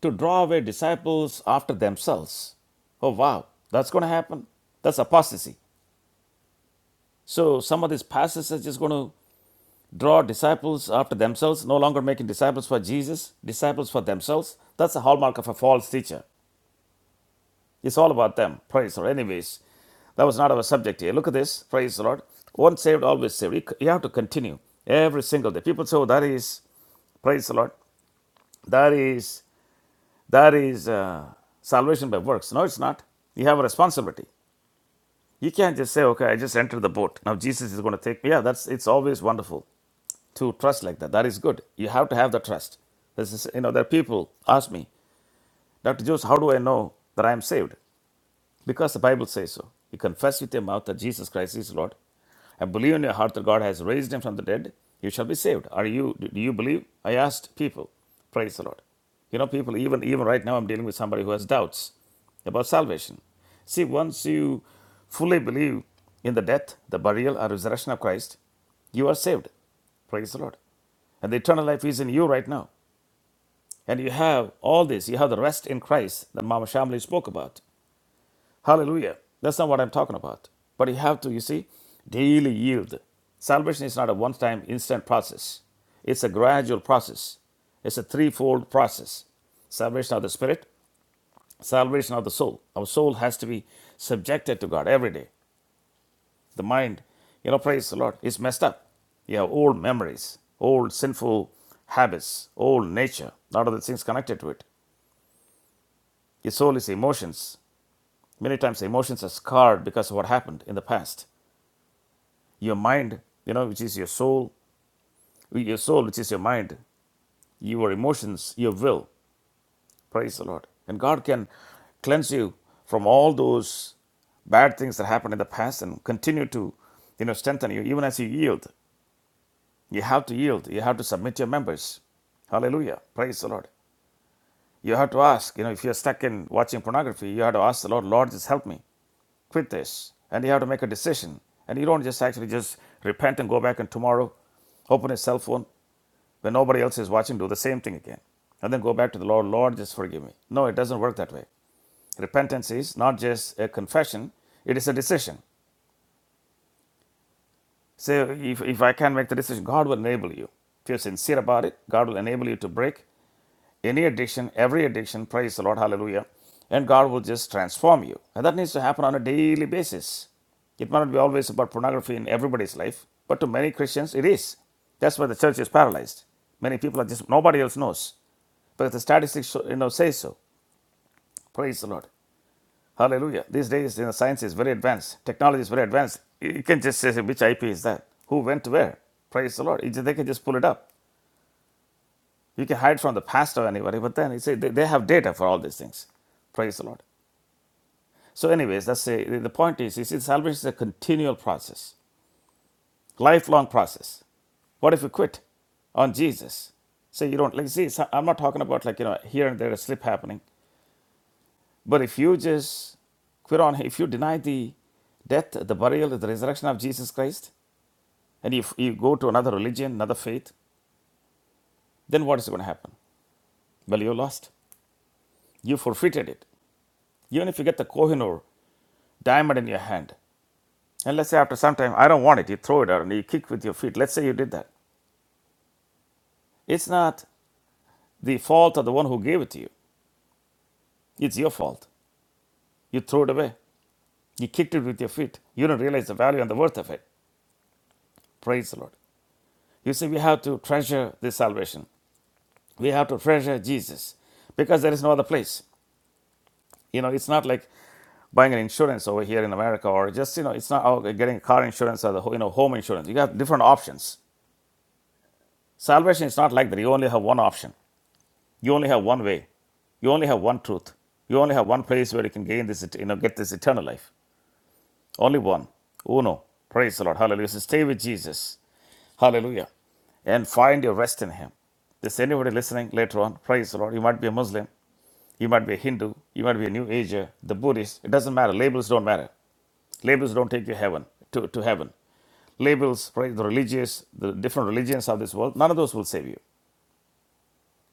Speaker 1: to draw away disciples after themselves. Oh, wow, that's going to happen. That's apostasy. So, some of these pastors are just going to draw disciples after themselves, no longer making disciples for Jesus, disciples for themselves. That's a hallmark of a false teacher. It's all about them. Praise the Lord. Anyways, that was not our subject here. Look at this. Praise the Lord. Once saved, always saved. You you have to continue every single day. People say, oh, that is, praise the Lord, that is, that is uh, salvation by works. No, it's not. You have a responsibility. You can't just say, okay, I just entered the boat. Now Jesus is going to take me. Yeah, that's it's always wonderful to trust like that. That is good. You have to have the trust. This is, you know, there are people ask me, Dr. Jones, how do I know that I am saved? Because the Bible says so. You confess with your mouth that Jesus Christ is Lord and believe in your heart that God has raised him from the dead, you shall be saved. Are you do you believe? I asked people. Praise the Lord. You know, people, even even right now I'm dealing with somebody who has doubts about salvation. See, once you fully believe in the death, the burial, and resurrection of Christ, you are saved. Praise the Lord. And the eternal life is in you right now. And you have all this. You have the rest in Christ that Mama Shamli spoke about. Hallelujah. That's not what I'm talking about. But you have to, you see, daily yield. Salvation is not a one time instant process, it's a gradual process. It's a threefold process salvation of the spirit, salvation of the soul. Our soul has to be subjected to God every day. The mind, you know, praise the Lord, is messed up. You have old memories, old sinful habits, old nature, a lot of the things connected to it. Your soul is emotions. Many times emotions are scarred because of what happened in the past. your mind, you know, which is your soul, your soul, which is your mind, your emotions, your will. Praise the Lord. And God can cleanse you from all those bad things that happened in the past and continue to, you know, strengthen you even as you yield. You have to yield. You have to submit your members. Hallelujah. Praise the Lord. You have to ask, you know, if you're stuck in watching pornography, you have to ask the Lord, Lord, just help me quit this. And you have to make a decision. And you don't just actually just repent and go back and tomorrow open a cell phone when nobody else is watching, do the same thing again. And then go back to the Lord, Lord, just forgive me. No, it doesn't work that way. Repentance is not just a confession, it is a decision. Say, if, if I can make the decision, God will enable you. If you're sincere about it, God will enable you to break any addiction, every addiction. Praise the Lord, hallelujah. And God will just transform you. And that needs to happen on a daily basis. It might not be always about pornography in everybody's life, but to many Christians, it is. That's why the church is paralyzed. Many people are just, nobody else knows. But the statistics you know say so. Praise the Lord. Hallelujah. These days, you know, science is very advanced. Technology is very advanced. You can just say which IP is that, who went where. Praise the Lord. They can just pull it up. You can hide from the past or anybody, but then you say they have data for all these things. Praise the Lord. So, anyways, that's a, the the point is, is salvation is a continual process, lifelong process. What if you quit on Jesus? Say you don't like. See, so- I'm not talking about like you know here and there a slip happening. But if you just quit on, if you deny the death, the burial, the resurrection of Jesus Christ, and if you go to another religion, another faith, then what is going to happen? Well, you lost. You forfeited it. Even if you get the Kohinoor diamond in your hand, and let's say after some time, I don't want it, you throw it out and you kick with your feet. Let's say you did that. It's not the fault of the one who gave it to you, it's your fault. You threw it away. You kicked it with your feet. You don't realize the value and the worth of it. Praise the Lord. You see, we have to treasure this salvation. we have to treasure Jesus because there is no other place. You know, it's not like buying an insurance over here in America or just, you know, it's not oh, getting car insurance or the, you know, home insurance. You have different options. Salvation is not like that. You only have one option. You only have one way. You only have one truth. You only have one place where you can gain this, you know, get this eternal life. Only one. Uno. Praise the Lord. Hallelujah. So stay with Jesus. Hallelujah. And find your rest in Him. This anybody listening later on, praise the Lord. You might be a Muslim. You might be a Hindu, you might be a New Ager, the Buddhist. It doesn't matter. Labels don't matter. Labels don't take you heaven to, to heaven. Labels, praise the religious, the different religions of this world, none of those will save you.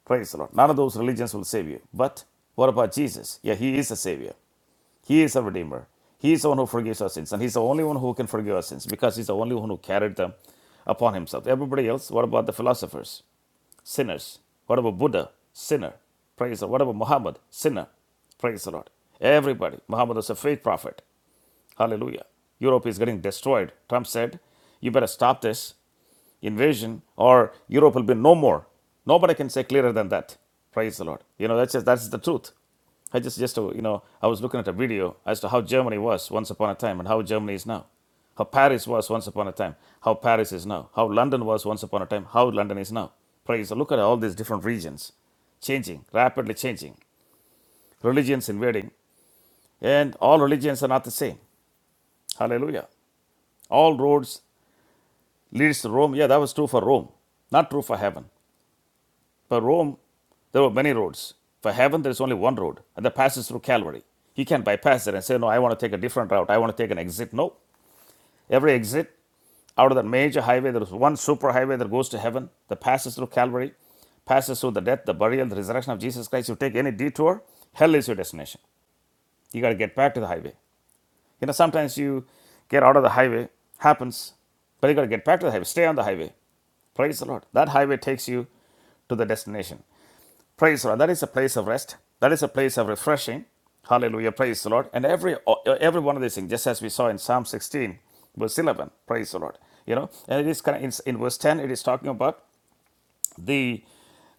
Speaker 1: Praise the Lord. None of those religions will save you. But what about Jesus? Yeah, he is a savior. He is a redeemer. He is the one who forgives our sins, and he's the only one who can forgive our sins because he's the only one who carried them upon himself. Everybody else, what about the philosophers? Sinners. What about Buddha? Sinner. Praise the Lord. What about Muhammad? Sinner. Praise the Lord. Everybody. Muhammad was a fake prophet. Hallelujah. Europe is getting destroyed. Trump said, You better stop this invasion or Europe will be no more. Nobody can say clearer than that. Praise the Lord. You know, that's just, that's the truth. I just, just, uh, you know, I was looking at a video as to how Germany was once upon a time and how Germany is now. How Paris was once upon a time, how Paris is now. How London was once upon a time, how London is now. Praise the Lord. Look at all these different regions changing, rapidly changing, religions invading, and all religions are not the same. Hallelujah. All roads leads to Rome. Yeah, that was true for Rome, not true for heaven. For Rome, there were many roads. For heaven, there is only one road, and that passes through Calvary. He can bypass it and say, No, I want to take a different route. I want to take an exit. No. Every exit out of that major highway, there is one super highway that goes to heaven, that passes through Calvary, passes through the death, the burial, the resurrection of Jesus Christ. You take any detour, hell is your destination. You got to get back to the highway. You know, sometimes you get out of the highway, happens, but you got to get back to the highway, stay on the highway. Praise the Lord. That highway takes you to the destination. Praise the Lord. That is a place of rest. That is a place of refreshing. Hallelujah. Praise the Lord. And every every one of these things, just as we saw in Psalm 16, verse 11. Praise the Lord. You know, and it is kind of in, in verse 10. It is talking about the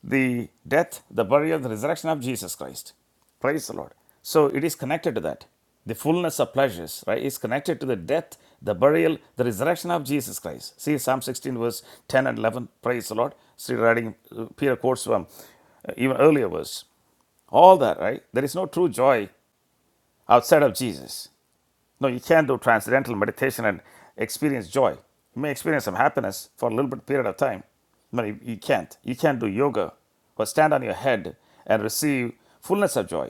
Speaker 1: the death, the burial, the resurrection of Jesus Christ. Praise the Lord. So it is connected to that. The fullness of pleasures, right, is connected to the death, the burial, the resurrection of Jesus Christ. See Psalm 16, verse 10 and 11. Praise the Lord. See, writing, uh, Peter quotes from uh, even earlier verse all that, right? There is no true joy outside of Jesus. No, you can't do transcendental meditation and experience joy. You may experience some happiness for a little bit period of time, but you, you can't. You can't do yoga or stand on your head and receive fullness of joy.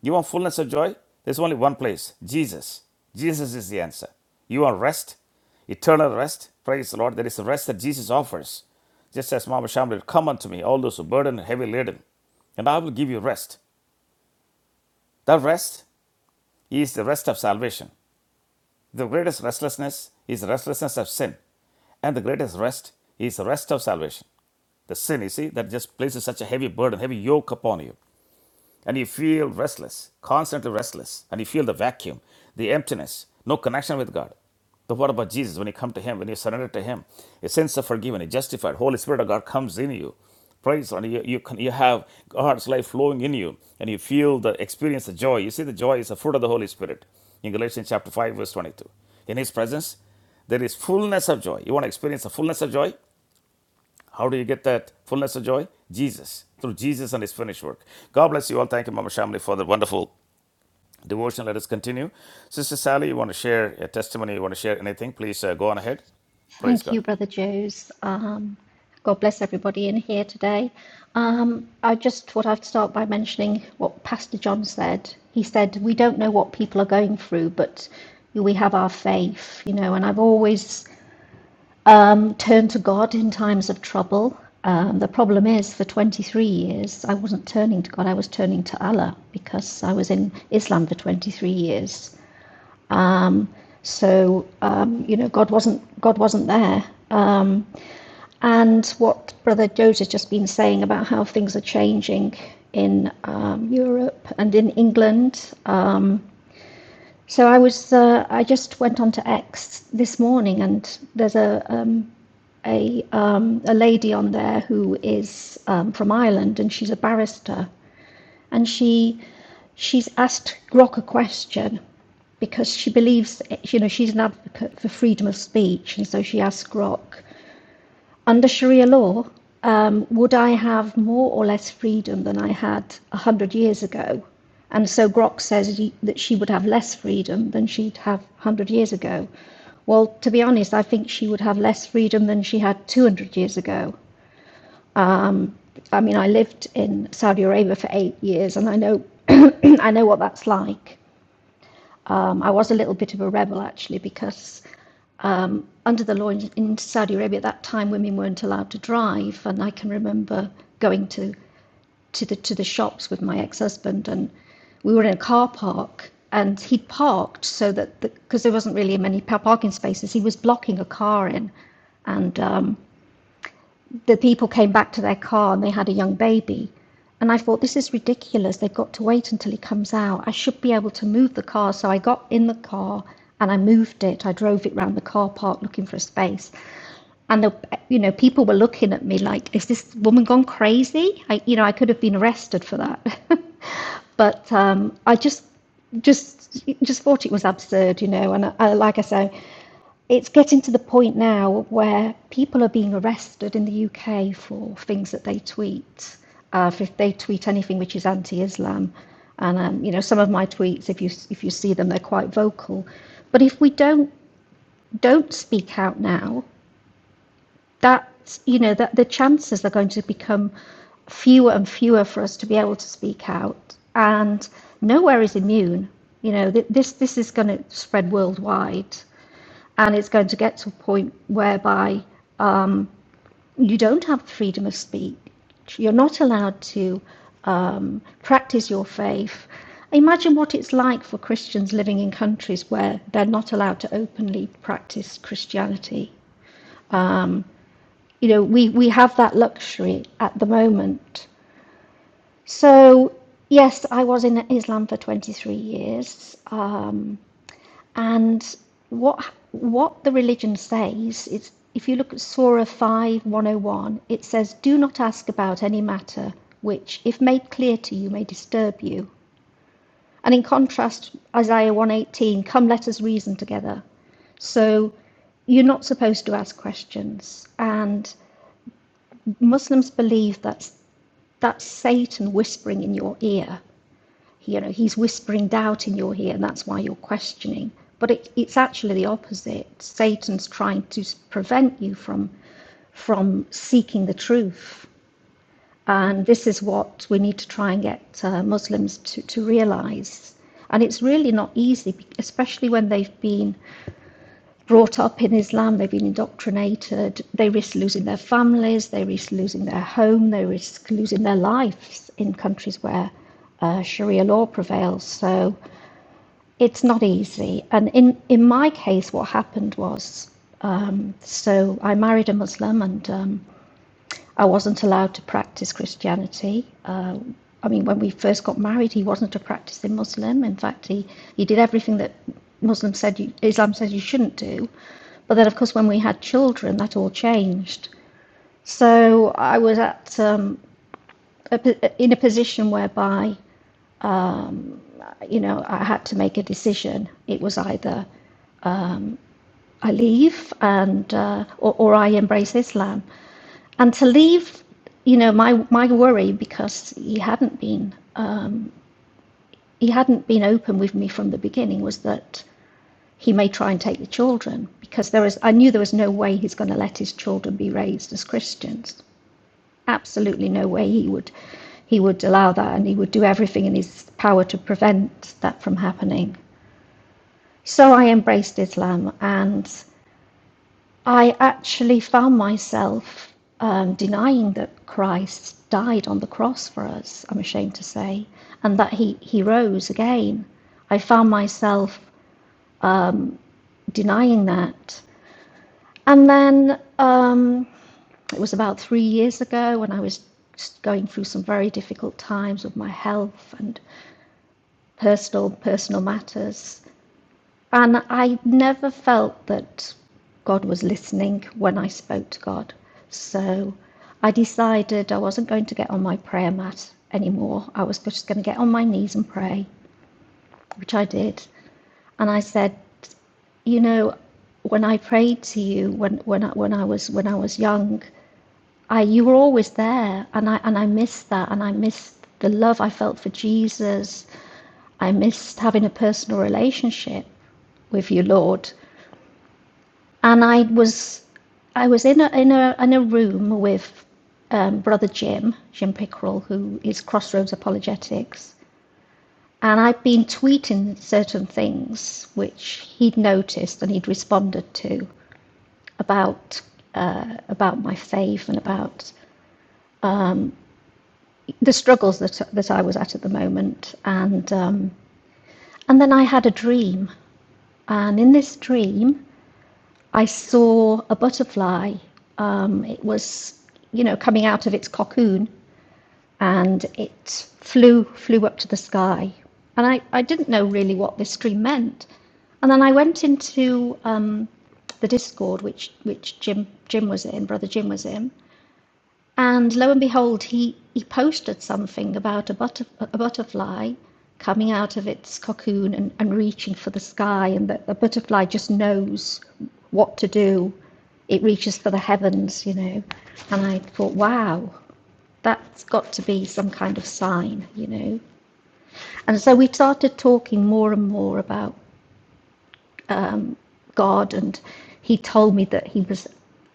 Speaker 1: You want fullness of joy? There's only one place Jesus. Jesus is the answer. You want rest? Eternal rest? Praise the Lord. There is a rest that Jesus offers. Just as Mama Shamlet, come unto me, all those who burden and heavy laden, and I will give you rest. That rest is the rest of salvation. The greatest restlessness is the restlessness of sin, and the greatest rest is the rest of salvation. The sin, you see, that just places such a heavy burden, heavy yoke upon you and you feel restless, constantly restless, and you feel the vacuum, the emptiness, no connection with God. But what about Jesus? When you come to Him, when you surrender to Him, a sense of forgiveness, justified, Holy Spirit of God comes in you. Praise and you, you, can, you have God's life flowing in you, and you feel the experience, of joy. You see, the joy is the fruit of the Holy Spirit in Galatians chapter 5, verse 22. In His presence, there is fullness of joy. You want to experience the fullness of joy? How do you get that fullness of joy? Jesus, through Jesus and his finished work. God bless you all. Thank you, Mama Shamli, for the wonderful devotion. Let us continue. Sister Sally, you want to share a testimony? You want to share anything? Please uh, go on ahead. Praise
Speaker 4: Thank you,
Speaker 1: God.
Speaker 4: Brother Joes. Um, God bless everybody in here today. Um, I just thought I'd start by mentioning what Pastor John said. He said, We don't know what people are going through, but we have our faith, you know, and I've always um, turned to God in times of trouble. Um, the problem is, for 23 years, I wasn't turning to God, I was turning to Allah because I was in Islam for 23 years. Um, so, um, you know, God wasn't, God wasn't there Um, and what Brother Joe's has just been saying about how things are changing in um, Europe and in England. Um, so I was uh, I just went on to X this morning, and there's a um, a um, a lady on there who is um, from Ireland, and she's a barrister, and she she's asked Grok a question because she believes you know she's an advocate for freedom of speech, and so she asked Grok under Sharia law, um, would I have more or less freedom than I had 100 years ago? And so Grok says that she would have less freedom than she'd have 100 years ago. Well, to be honest, I think she would have less freedom than she had 200 years ago. I mean, I lived in Saudi Arabia for eight years, and I know, I know what that's like. Um, I was a little bit of a rebel actually, because under the law in Saudi Arabia at that time, women weren't allowed to drive, and I can remember going to to the to the shops with my ex-husband, and we were in a car park, and he'd parked so that because the, there wasn't really many parking spaces, he was blocking a car in, and um, the people came back to their car and they had a young baby. And I thought, this is ridiculous. They've got to wait until he comes out. I should be able to move the car. So I got in the car and I moved it. I drove it round the car park looking for a space and the, you know people were looking at me like is this woman gone crazy i you know i could have been arrested for that but um, i just just just thought it was absurd you know and I, I, like i say it's getting to the point now where people are being arrested in the uk for things that they tweet uh, if they tweet anything which is anti-islam and um, you know some of my tweets if you if you see them they're quite vocal but if we don't don't speak out now that you know that the chances are going to become fewer and fewer for us to be able to speak out, and nowhere is immune. You know, th- this this is going to spread worldwide, and it's going to get to a point whereby you don't have the freedom of speech. You're not allowed to um, practice your faith. Imagine what it's like for Christians living in countries where they're not allowed to openly practice Christianity. You know, we, we have that luxury at the moment. So, yes, I was in Islam for 23 years. Um, and what what the religion says is if you look at Surah 5:101, it says, Do not ask about any matter which, if made clear to you, may disturb you. And in contrast, Isaiah 118, Come, let us reason together. So, you're not supposed to ask questions. And Muslims believe that's that's Satan whispering in your ear. you know, he's whispering doubt in your ear, and that's why you're questioning. But it, it's actually the opposite. Satan's trying to prevent you from from seeking the truth. And this is what we need to try and get uh, Muslims to, to realize. And it's really not easy, especially when they've been brought up in Islam, they've been indoctrinated, they risk losing their families, they risk losing their home, they risk losing their lives in countries where uh, Sharia law prevails. So it's not easy. And in, in my case, what happened was um, so I married a Muslim and um, I wasn't allowed to practice Christianity. Uh, I mean, when we first got married, he wasn't a practicing Muslim. In fact, he, he did everything that Muslim said you, Islam says you shouldn't do. But then, of course, when we had children, that all changed. So I was at um, a, in a position whereby, you know, I had to make a decision. It was either I leave and uh, or, or I embrace Islam. And to leave, you know, my my worry because he hadn't been uh, he hadn't been open with me from the beginning was that he may try and take the children because there was I knew there was no way he's going to let his children be raised as Christians. Absolutely no way he would he would allow that and he would do everything in his power to prevent that from happening. So I embraced Islam and I actually found myself um, denying that Christ died on the cross for us, I'm ashamed to say, and that he, he rose again. I found myself denying that. And then um, it was about three years ago when I was going through some very difficult times with my health and personal personal matters And I never felt that God was listening when I spoke to God. So I decided I wasn't going to get on my prayer mat anymore. I was just going to get on my knees and pray, which I did. And I said, you know, when I prayed to you when when I, when I was when I was young, I you were always there, and I and I missed that, and I missed the love I felt for Jesus. I missed having a personal relationship with you, Lord. and I was I was in a in a in a room with um, brother Jim Jim Pickrell, who is Crossroads Apologetics, and I'd been tweeting certain things which he'd noticed and he'd responded to about uh, about my faith and about the struggles that that I was at at the moment, and um, and then I had a dream, and in this dream I saw a butterfly. Um, it was you know coming out of its cocoon and it flew flew up to the sky. And I, I didn't know really what this stream meant. And then I went into um, the Discord, which which Jim Jim was in, brother Jim was in, and lo and behold, he he posted something about a, butter, a butterfly coming out of its cocoon and, and reaching for the sky, and that the butterfly just knows what to do. It reaches for the heavens, you know. And I thought, wow, that's got to be some kind of sign, you know. And so we started talking more and more about God, and he told me that he was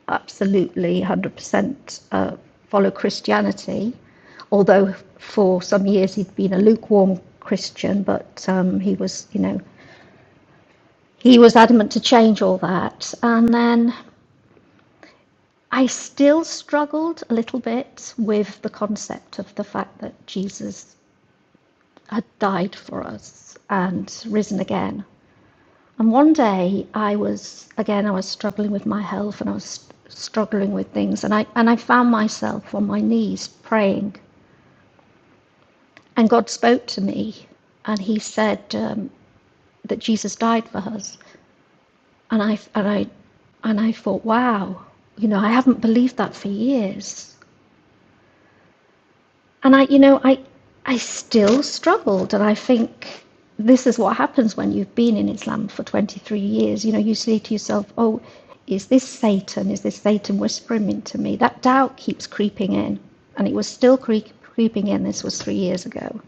Speaker 4: absolutely 100% uh, follow Christianity, although for some years he'd been a lukewarm Christian, but um, he was, you know, he was adamant to change all that. And then I still struggled a little bit with the concept of the fact that Jesus had died for us and risen again. And one day I was, again, I was struggling with my health and I was st- struggling with things. And I, and I found myself on my knees praying. And God spoke to me and He said um, that Jesus died for us. And I, and, I, and I thought, wow, you know, I haven't believed that for years. And I, you know, I, I still struggled. And I think this is what happens when you've been in Islam for 23 years. You know, you say to yourself, oh, is this Satan? Is this Satan whispering into me? That doubt keeps creeping in. And it was still creep, creeping in. This was three years ago.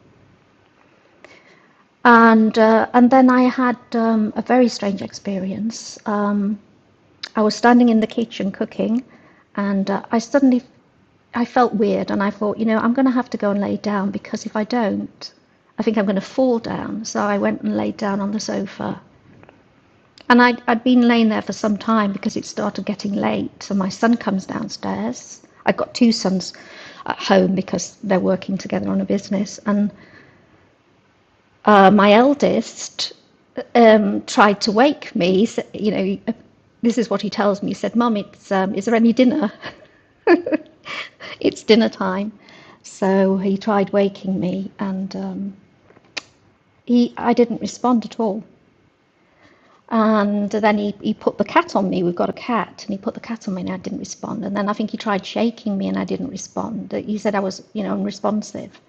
Speaker 4: And, uh, and then I had um, a very strange experience. Um, I was standing in the kitchen cooking, and uh, I suddenly I felt weird and I thought, you know, I'm going to have to go and lay down because if I don't, I think I'm going to fall down. So I went and laid down on the sofa. And I'd, I'd been laying there for some time because it started getting late. So my son comes downstairs. I've got two sons at home because they're working together on a business. And uh, my eldest um, tried to wake me. You know, this is what he tells me. He said, Mum, it's, um, is there any dinner? it's dinner time. So he tried waking me, and um, he, I didn't respond at all. And then he, he put the cat on me. We've got a cat, and he put the cat on me, and I didn't respond. And then I think he tried shaking me, and I didn't respond. He said I was, you know, unresponsive,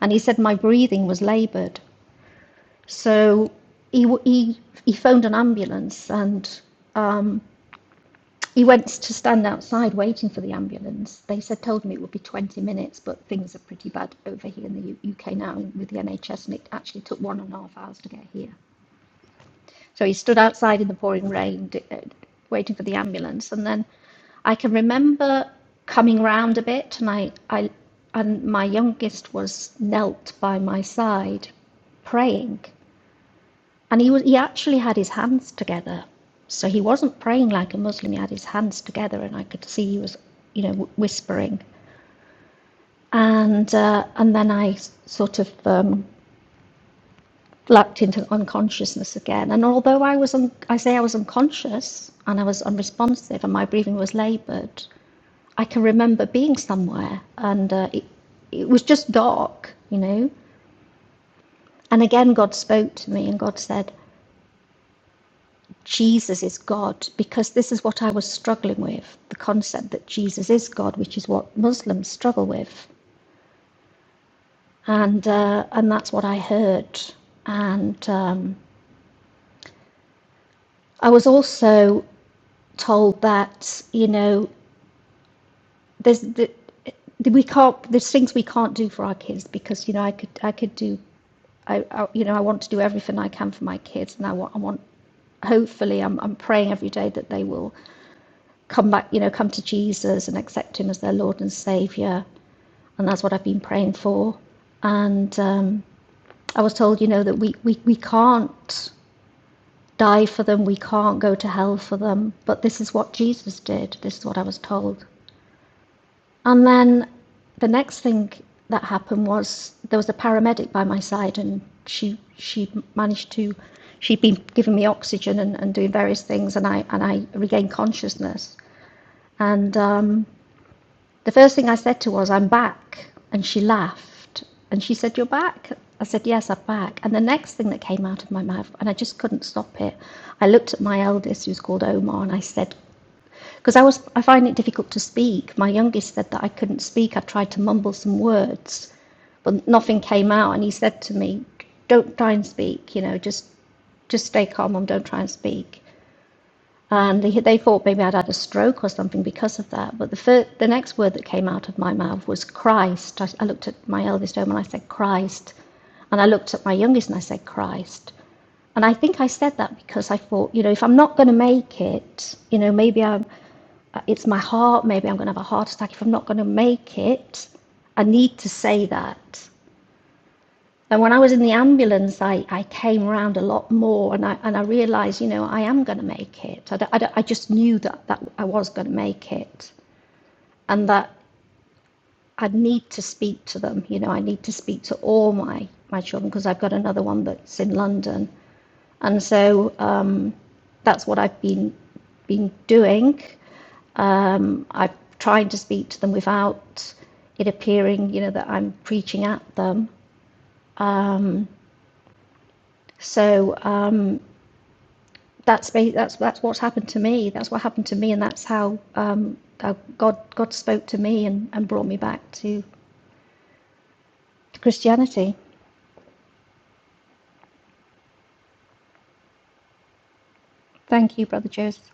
Speaker 4: and he said my breathing was laboured. So he he he phoned an ambulance, and um, He went to stand outside waiting for the ambulance. They said told him it would be 20 minutes, but things are pretty bad over here in the UK now with the NHS, and it actually took one and a half hours to get here. So he stood outside in the pouring rain, d- uh, waiting for the ambulance, and then I can remember coming round a bit, and I, I, and my youngest was knelt by my side, praying, and he was he actually had his hands together. So he wasn't praying like a Muslim. He had his hands together, and I could see he was, you know, wh- whispering. And uh, and then I sort of um, lapsed into unconsciousness again. And although I was, un- I say I was unconscious and I was unresponsive, and my breathing was laboured, I can remember being somewhere, and uh, it, it was just dark, you know. And again, God spoke to me, and God said, Jesus is God, because this is what I was struggling with the concept that Jesus is God, which is what Muslims struggle with. And, uh, and that's what I heard. And um, I was also told that, you know, there's the, we can't, there's things we can't do for our kids because, you know, I could, I could do, I, I, you know, I want to do everything I can for my kids and I want, I want hopefully I'm, I'm praying every day that they will come back you know come to jesus and accept him as their lord and savior and that's what I've been praying for. And um, I was told, you know, that we, we, we can't die for them, we can't go to hell for them, but this is what Jesus did. This is what I was told. And then the next thing that happened was there was a paramedic by my side, and she she managed to she'd been giving me oxygen and, and doing various things, and I and I regained consciousness. And um, The first thing I said to her was, I'm back. And she laughed and she said, You're back? I said, Yes, I'm back. And the next thing that came out of my mouth, and I just couldn't stop it, I looked at my eldest, who's called Omar, and I said, because I was, I find it difficult to speak. My youngest said that I couldn't speak. I tried to mumble some words, but nothing came out. And he said to me, "Don't try and speak. You know, just, just stay calm Mum. don't try and speak." and they, they thought maybe I'd had a stroke or something because of that. But the fir- the next word that came out of my mouth was Christ. I, I looked at my eldest home and I said Christ, and I looked at my youngest and I said Christ. And I think I said that because I thought, you know, if I'm not going to make it, you know, maybe I'm, uh, it's my heart, maybe I'm going to have a heart attack. If I'm not going to make it, I need to say that. And when I was in the ambulance, I, I came around a lot more and I, and I realised, you know, I am going to make it. I I I just knew that, that I was going to make it and that I need to speak to them. You know, I need to speak to all my, my children because I've got another one that's in London. And so um, that's what I've been, been doing. Um, I've tried to speak to them without it appearing, you know, that I'm preaching at them. Um, so um, that's that's that's what's happened to me. That's what happened to me, and that's how um, how God God spoke to me and, and brought me back to Christianity. Thank you, Brother Joseph.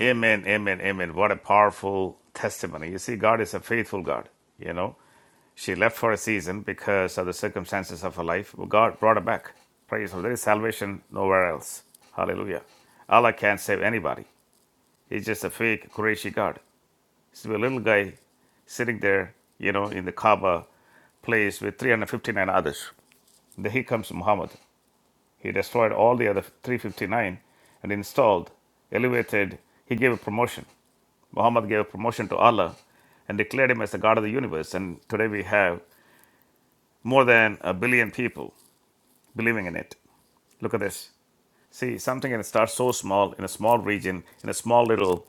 Speaker 1: Amen, amen, amen. What a powerful testimony. You see, God is a faithful God. You know, she left for a season because of the circumstances of her life, but God brought her back. Praise God. There is salvation nowhere else. Hallelujah. Allah can't save anybody. He's just a fake Quraishi God. So a little guy sitting there, you know, in the Kaaba place with 359 others. Then he comes Muhammad. He destroyed all the other 359 and installed, elevated. He gave a promotion. Muhammad gave a promotion to Allah and declared him as the God of the universe. And today we have more than a billion people believing in it. Look at this. See, something can start so small in a small region, in a small little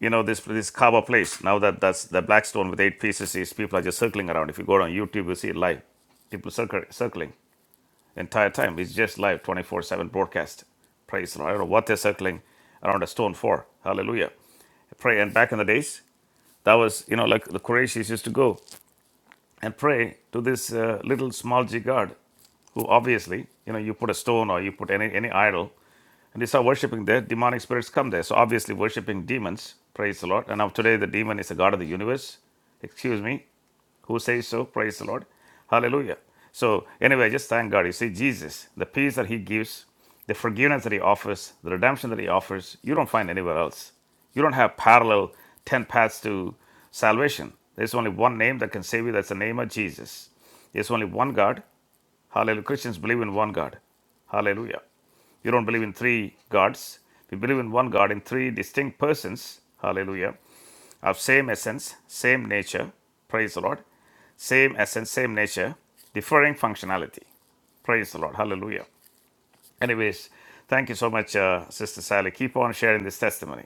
Speaker 1: you know this this Kaba place. Now that that's the black stone with eight pieces is people are just circling around. If you go on YouTube, you see it live. People circle, circling entire time. It's just live, twenty four seven broadcast. Praise the Lord. I don't know what they're circling around a stone for. Hallelujah. Pray and back in the days. That was, you know, like the Qurayshis used to go and pray to this uh, little small jigard who obviously, you know, you put a stone or you put any, any idol and they saw worshiping there, demonic spirits come there. So obviously, worshiping demons, praise the Lord. And now today, the demon is the God of the universe. Excuse me, who says so? Praise the Lord. Hallelujah. So, anyway, just thank God. Jesus, the peace that He gives, the forgiveness that He offers, the redemption that He offers, you don't find anywhere else. You don't have parallel 10 paths to salvation. There's only one name that can save you, that's the name of Jesus. There's only one God. Hallelujah. Christians believe in one God. Hallelujah. You don't believe in three gods. We believe in one God in three distinct persons. Hallelujah. Of same essence, same nature. Praise the Lord. Same essence, same nature, differing functionality. Praise the Lord. Hallelujah. Anyways, thank you so much, uh, Sister Sally. Keep on sharing this testimony.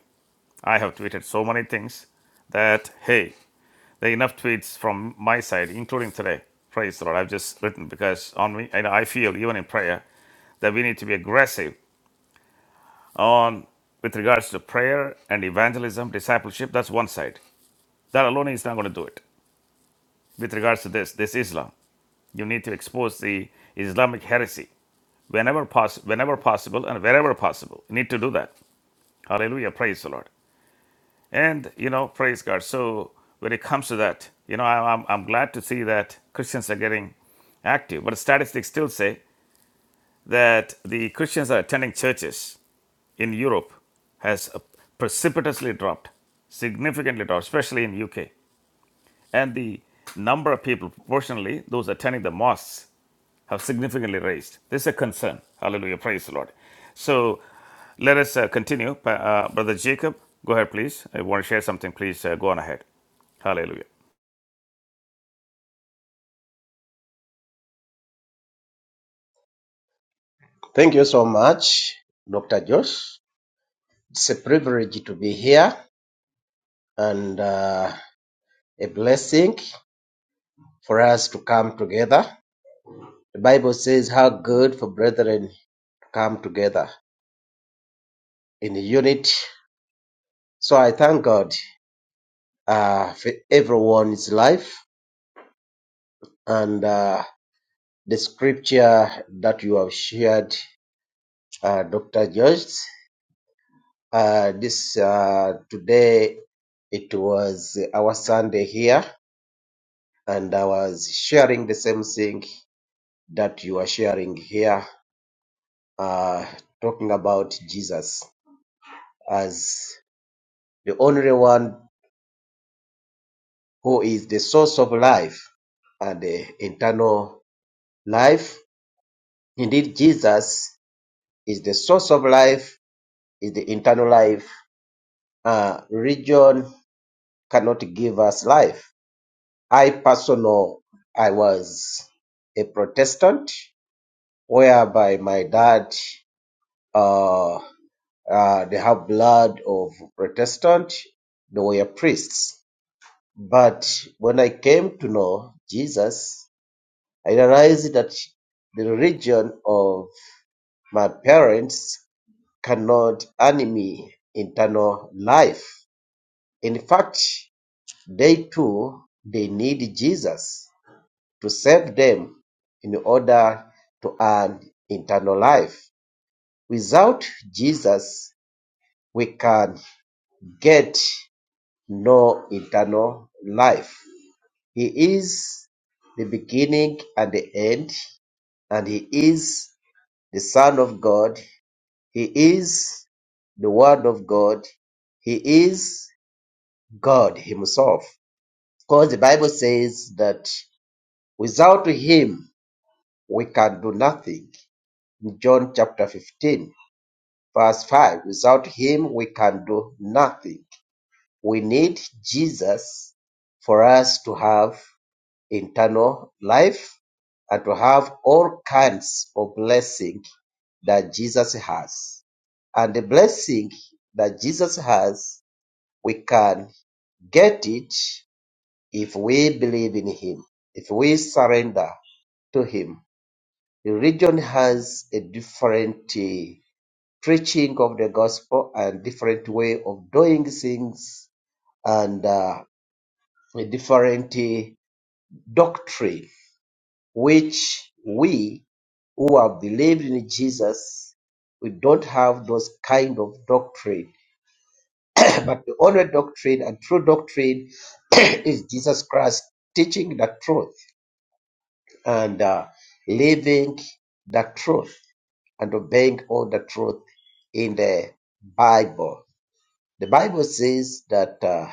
Speaker 1: I have tweeted so many things that, hey, there are enough tweets from my side, including today. Praise the Lord. I've just written because on me, and I feel even in prayer that we need to be aggressive on with regards to prayer and evangelism, discipleship, that's one side. That alone is not going to do it. With regards to this, this Islam, you need to expose the Islamic heresy whenever, poss- whenever possible and wherever possible. You need to do that. Hallelujah. Praise the Lord. And, you know, praise God. So when it comes to that, you know, I, I'm, I'm glad to see that Christians are getting active. But statistics still say that the Christians are attending churches in Europe has uh, precipitously dropped, significantly dropped, especially in UK. And the number of people, proportionally, those attending the mosques have significantly raised. This is a concern. Hallelujah. Praise the Lord. So let us uh, continue. Uh, Brother Jacob, go ahead, please. I want to share something. Please uh, go on ahead. Hallelujah.
Speaker 5: Thank you so much, Dr. Josh. It's a privilege to be here and uh, a blessing for us to come together. The Bible says, How good for brethren to come together in unity. So I thank God uh, for everyone's life and uh, the scripture that you have shared, uh, Dr. Josh. Uh, this uh, today it was our Sunday here and I was sharing the same thing that you are sharing here, uh, talking about Jesus as the only one who is the source of life and the internal life. Indeed, Jesus is the source of life, is the internal life. Uh, religion cannot give us life. I personal, I was a Protestant, whereby my dad uh, Uh, they have blood of Protestant. They were priests. But when I came to know Jesus, I realized that the religion of my parents cannot enemy internal life. In fact, they too, they need Jesus to save them in order to earn internal life. Without Jesus, we can get no eternal life. He is the beginning and the end, and He is the Son of God. He is the Word of God. He is God Himself. Because the Bible says that without Him we can do nothing. In John chapter 15, verse 5, without Him we can do nothing. We need Jesus for us to have Internal life and to have all kinds of blessing that Jesus has. And the blessing that Jesus has, we can get it if we believe in Him, if we surrender to Him. The region has a different eh, preaching of the gospel and different way of doing things and uh, a different eh, doctrine which we who have believed in Jesus, we don't have those kind of doctrine. but the only doctrine and true doctrine is Jesus Christ teaching the truth and uh, living the truth and obeying all the truth in the Bible. The Bible says that uh,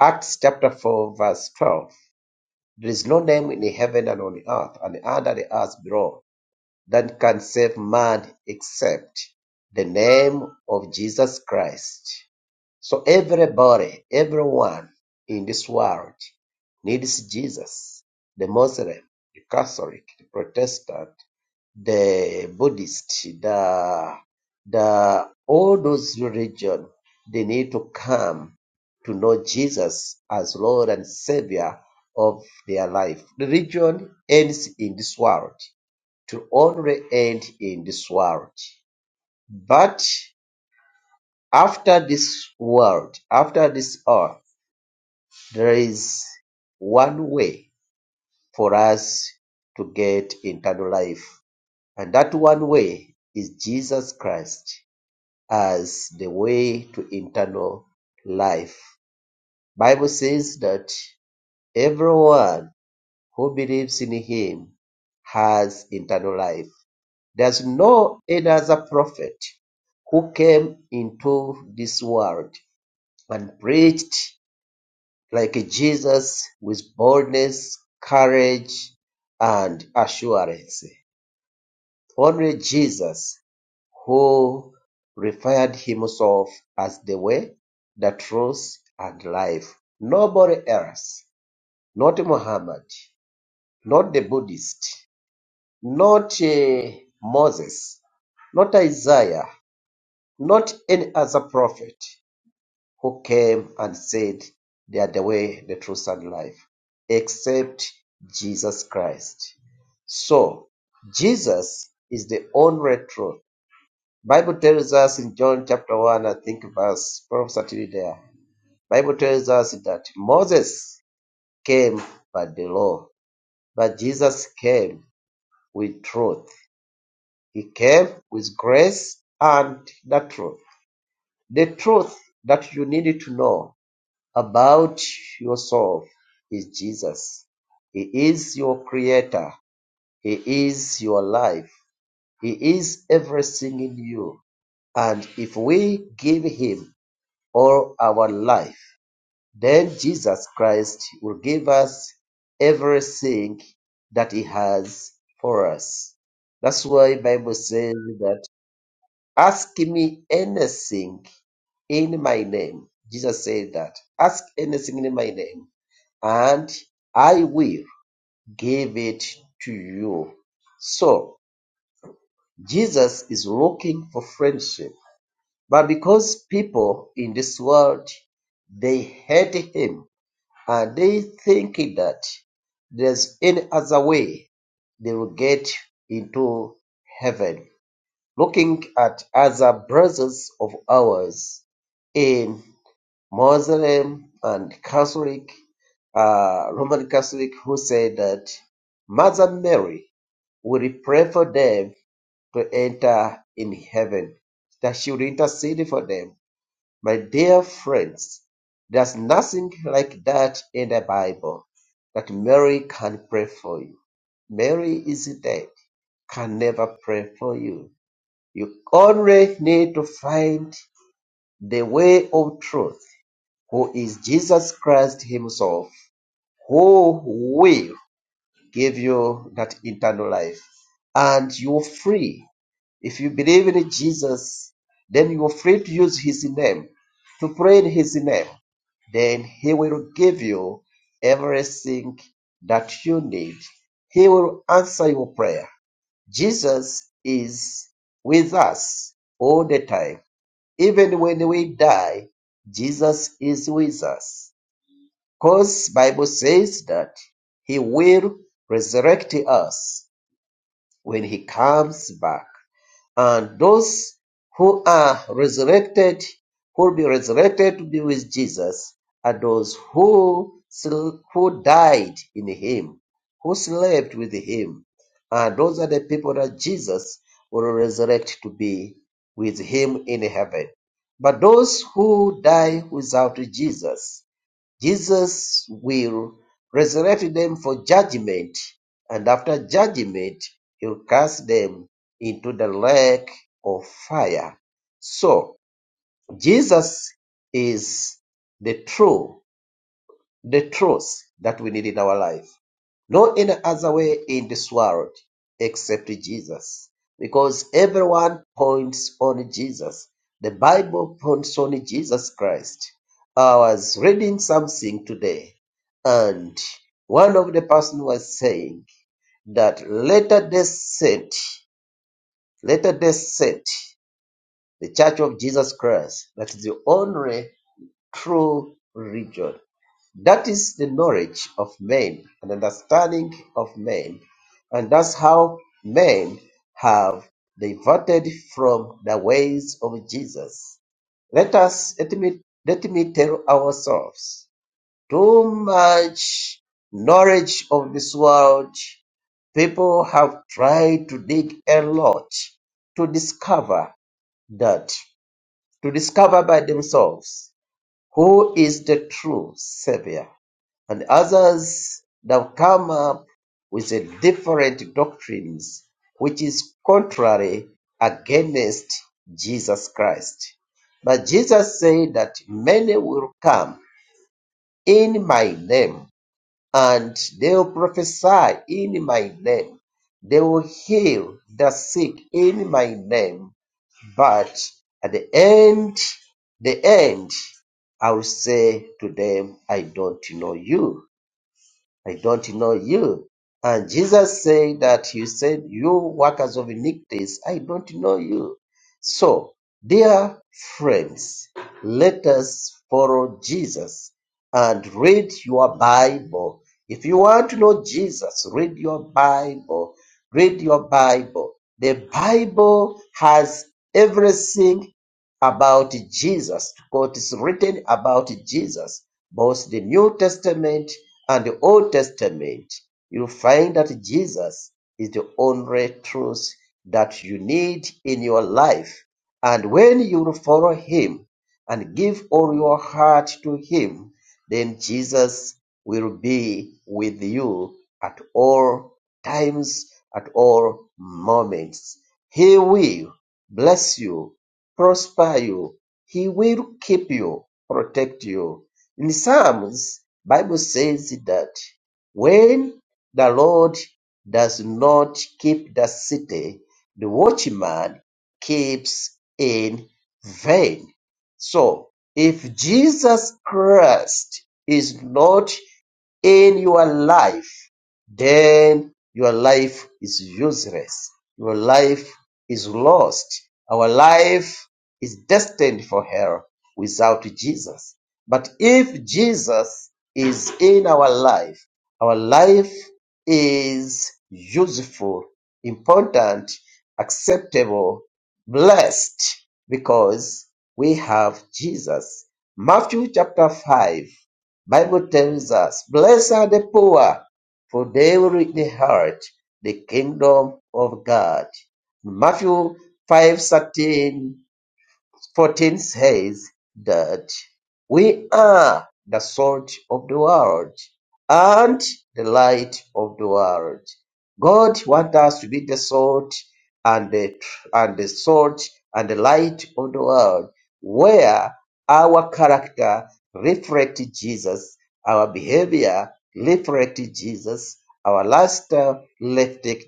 Speaker 5: Acts chapter 4, verse 12 there is no name in heaven and on earth and under the earth below that can save man except the name of Jesus Christ. So everybody, everyone in this world needs Jesus. The Muslim, the Catholic, the Protestant, the Buddhist, the the all those religion they need to come to know Jesus as Lord and Savior of their life. Religion ends in this world to only end in this world. But after this world, after this earth, there is one way for us to get eternal life. And that one way is Jesus Christ as the way to eternal life. Bible says that everyone who believes in him has eternal life. There's no any other prophet who came into this world and preached like Jesus with boldness, courage, and assurance. Only Jesus who referred himself as the way, the truth, and life. Nobody else, not Muhammad, not the Buddhist, not eh, Moses, not Isaiah, not any other prophet who came and said they are the way, the truth, and life, except Jesus Christ. So Jesus is the only truth. Bible tells us in John chapter one, I think verse probably certainly there. Bible tells us that Moses came by the law, but Jesus came with truth. He came with grace and the truth. The truth that you need to know About yourself is Jesus. He is your creator. He is your life. He is everything in you. And if we give him all our life, then Jesus Christ will give us everything that he has for us. That's why the Bible says that ask me anything in my name. Jesus said that. Ask anything in my name and I will give it to you. So Jesus is looking for friendship. But because people in this world they hate him and they think that there's any other way they will get into heaven. Looking at other brothers of ours, in. Muslim and Catholic, uh, Roman Catholic, who said that Mother Mary will pray for them to enter in heaven, that she will intercede for them. My dear friends, there's nothing like that in the Bible that Mary can pray for you. Mary is dead, can never pray for you. You only need to find the way of truth who is Jesus Christ Himself, who will give you that eternal life. And you're free. If you believe in Jesus, then you're free to use His name, to pray in His name. Then He will give you everything that you need. He will answer your prayer. Jesus is with us all the time. Even when we die, Jesus is with us. 'Cause Bible says that he will resurrect us when he comes back. And those who are resurrected, who will be resurrected to be with Jesus, are those who sl- who died in him, who slept with him. And those are the people that Jesus will resurrect to be with him in heaven. But those who die without Jesus, Jesus will resurrect them for judgment, and after judgment, he'll cast them into the lake of fire. So, Jesus is the true, the truth that we need in our life. No any other way in this world except Jesus. Because everyone points on Jesus. The Bible points on Jesus Christ. I was reading something today, and one of the person was saying that later day saint, later day saint, the Church of Jesus Christ, that is the only true religion that is the knowledge of men and understanding of men, and that's how men have diverted from the ways of Jesus. Let us let me let me tell ourselves too much knowledge of this world. People have tried to dig a lot to discover that, to discover by themselves who is the true Savior and others have come up with a different doctrines which is contrary against Jesus Christ. But Jesus said that many will come in my name and they will prophesy in my name. They will heal the sick in my name. But at the end, the end, I will say to them, I don't know you. I don't know you. And Jesus said that you said, You workers of iniquities, I don't know you. So, dear friends, let us follow Jesus and read your Bible. If you want to know Jesus, read your Bible. Read your Bible. The Bible has everything about Jesus, what is written about Jesus, both the New Testament and the Old Testament, you find that Jesus is the only truth that you need in your life. And when you follow him and give all your heart to him, then Jesus will be with you at all times, at all moments. He will bless you prosper you. He will keep you, protect you. In Psalms, Bible says that when the Lord does not keep the city, the watchman keeps in vain. So if Jesus Christ is not in your life, then your life is useless. Your life is lost. Our life is destined for hell without Jesus. But if Jesus is in our life, our life is useful, important, acceptable, blessed because we have Jesus. Matthew chapter 5, Bible tells us, Blessed are the poor, for they will inherit the kingdom of God. Matthew 5:13 fourteen says that we are the salt of the world and the light of the world. God wants us to be the salt and the and the salt and the light of the world, where our character reflects Jesus, our behavior reflects Jesus, our lifestyle reflects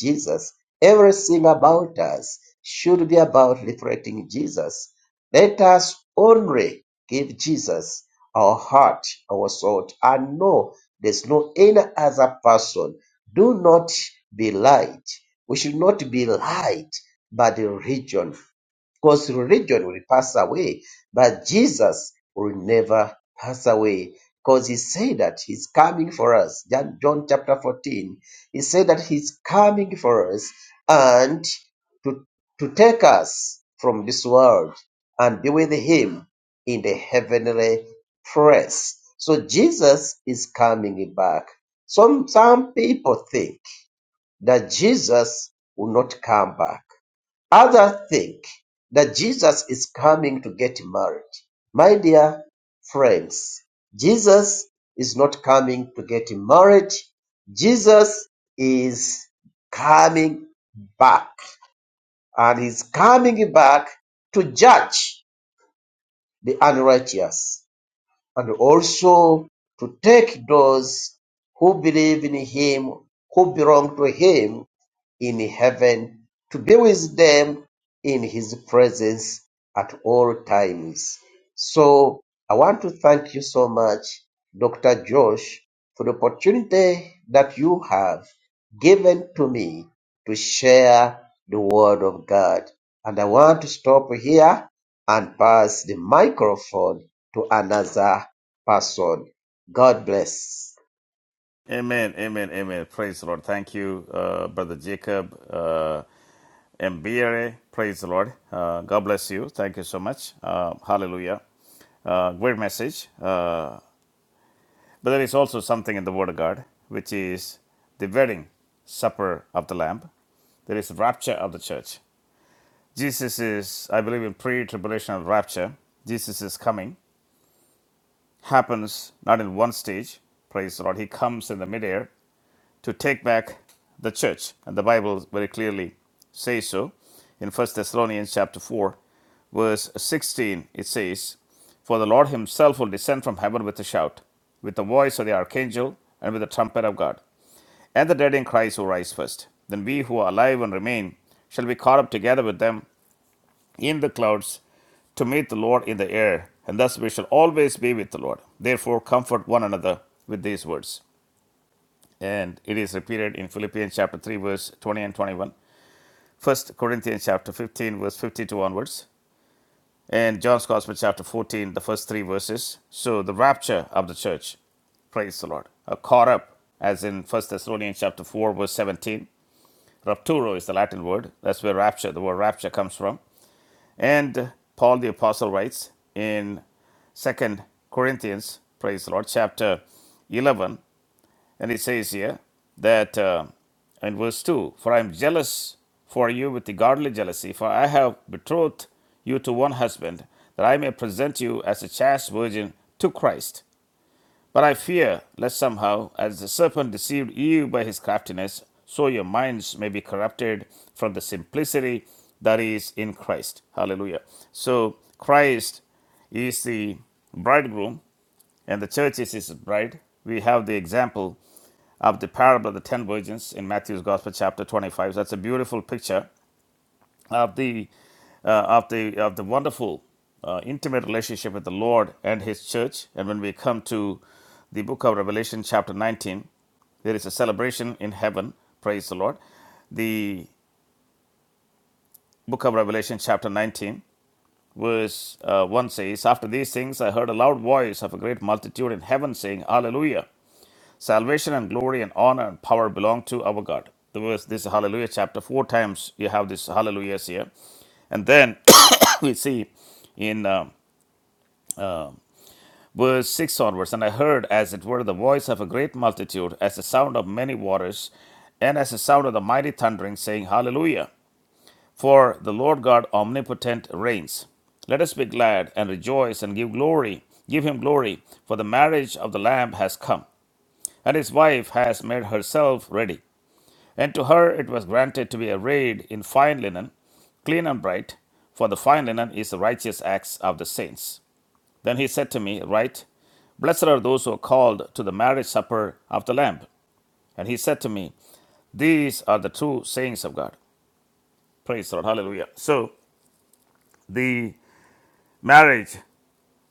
Speaker 5: Jesus. Everything about us should be about reflecting Jesus. Let us only give Jesus our heart, our soul, and no, there's no any other person. Do not be light. We should not be light, but the religion. Because religion will pass away, but Jesus will never pass away. Because he said that he's coming for us. John, John chapter 14. He said that he's coming for us and to, to take us from this world and be with him in the heavenly place. So Jesus is coming back. Some some people think that Jesus will not come back. Others think that Jesus is coming to get married. My dear friends, Jesus is not coming to get married. Jesus is coming back and he's coming back to judge the unrighteous and also to take those who believe in him, who belong to him in heaven to be with them in his presence at all times. So I want to thank you so much, Dr. Josh, for the opportunity that you have given to me to share the word of God. And I want to stop here and pass the microphone to another person. God bless.
Speaker 1: Amen, amen, amen. Praise the Lord. Thank you, uh, Brother Jacob uh, Mbiere. Praise the Lord. Uh, God bless you. Thank you so much. Uh, hallelujah. Uh, great message. Uh, but there is also something in the Word of God, which is the wedding supper of the Lamb. There is rapture of the church. Jesus is, I believe, in pre-tribulational rapture. Jesus is coming. Happens not in one stage. Praise the Lord. He comes in the midair to take back the church. And the Bible very clearly says so. In 1 Thessalonians chapter 4, verse 16, it says, For the Lord himself will descend from heaven with a shout, with the voice of the archangel, and with the trumpet of God. And the dead in Christ will rise first. Then we who are alive and remain shall be caught up together with them in the clouds to meet the Lord in the air, and thus we shall always be with the Lord. Therefore, comfort one another with these words and it is repeated in Philippians chapter 3, verse 20 and 21, 1 Corinthians chapter 15, verse 52 onwards, and John's Gospel chapter 14, the first three verses. So the rapture of the church, praise the Lord, are caught up, as in First Thessalonians chapter 4, verse 17. Rapturo is the Latin word. That's where rapture, the word rapture comes from. And Paul the Apostle writes in Second Corinthians, praise the Lord, chapter 11, And it says here that uh, in verse 2 For I am jealous for you with the godly jealousy, for I have betrothed you to one husband, that I may present you as a chaste virgin to Christ. But I fear lest somehow, as the serpent deceived you by his craftiness, so your minds may be corrupted from the simplicity that is in Christ. Hallelujah. So Christ is the bridegroom and the church is his bride. We have the example of the parable of the ten virgins in Matthew's Gospel, chapter 25. So that's a beautiful picture of the uh, of the of the wonderful uh, intimate relationship with the Lord and His church. And when we come to the book of Revelation, chapter 19, there is a celebration in heaven. Praise the Lord. The book of Revelation, chapter 19, verse uh, 1 says, After these things I heard a loud voice of a great multitude in heaven saying, Hallelujah. Salvation and glory and honor and power belong to our God. The verse, this hallelujah chapter, four times you have this hallelujahs here. And then we see in um, verse 6 onwards, and I heard as it were the voice of a great multitude, as the sound of many waters, and as the sound of the mighty thundering, saying, Hallelujah! For the Lord God omnipotent reigns. Let us be glad and rejoice and give glory, give him glory, for the marriage of the Lamb has come, and his wife has made herself ready. And to her it was granted to be arrayed in fine linen, clean and bright, for the fine linen is the righteous acts of the saints. Then he said to me, Write, Blessed are those who are called to the marriage supper of the Lamb. And he said to me, These are the true sayings of God. Praise the Lord. Hallelujah. So the marriage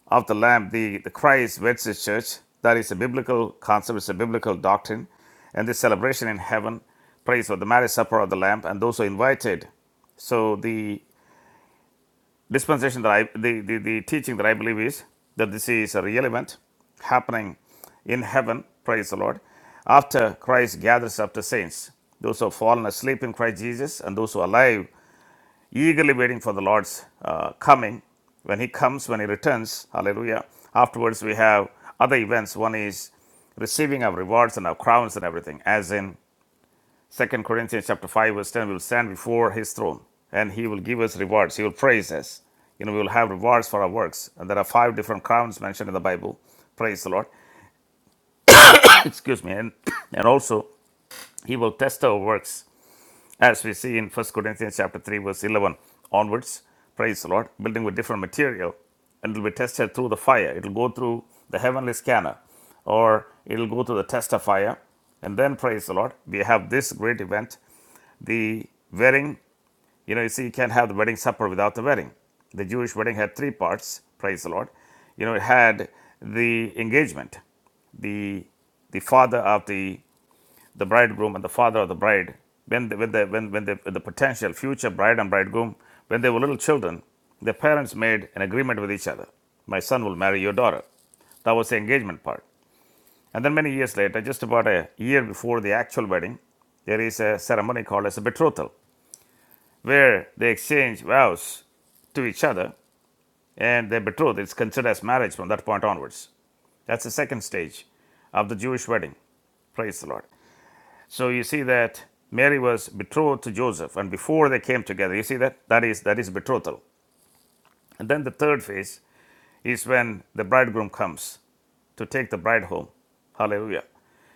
Speaker 1: of the Lamb, the, the Christ weds his church. That is a biblical concept, it's a biblical doctrine. And this celebration in heaven, praise for the marriage supper of the Lamb, and those who are invited so the dispensation that I, the, the, the teaching that I believe is that this is a real event happening in heaven, praise the Lord, after Christ gathers up the saints, those who have fallen asleep in Christ Jesus and those who are alive, eagerly waiting for the Lord's uh, coming. When He comes, when He returns, hallelujah. Afterwards, we have other events. One is receiving our rewards and our crowns and everything, as in Second Corinthians chapter 5, verse 10, we will stand before his throne and he will give us rewards. He will praise us. You know, we will have rewards for our works. And there are five different crowns mentioned in the Bible. Praise the Lord. Excuse me. And, and also, he will test our works as we see in First Corinthians chapter 3, verse 11 onwards. Praise the Lord. Building with different material and it will be tested through the fire. It will go through the heavenly scanner or it will go through the test of fire. And then, praise the Lord, we have this great event, the wearing You know, you see, you can't have the wedding supper without the wedding. The Jewish wedding had three parts, praise the Lord. You know, it had the engagement, the the father of the the bridegroom and the father of the bride. When the, when the when when the, the potential future bride and bridegroom, when they were little children, their parents made an agreement with each other. My son will marry your daughter. That was the engagement part. And then many years later, just about a year before the actual wedding, there is a ceremony called as a betrothal where they exchange vows to each other and they betroth. It's considered as marriage from that point onwards. That's the second stage of the Jewish wedding. Praise the Lord. So you see that Mary was betrothed to Joseph, and before they came together, you see that that is that is betrothal. And then the third phase is when the bridegroom comes to take the bride home. Hallelujah.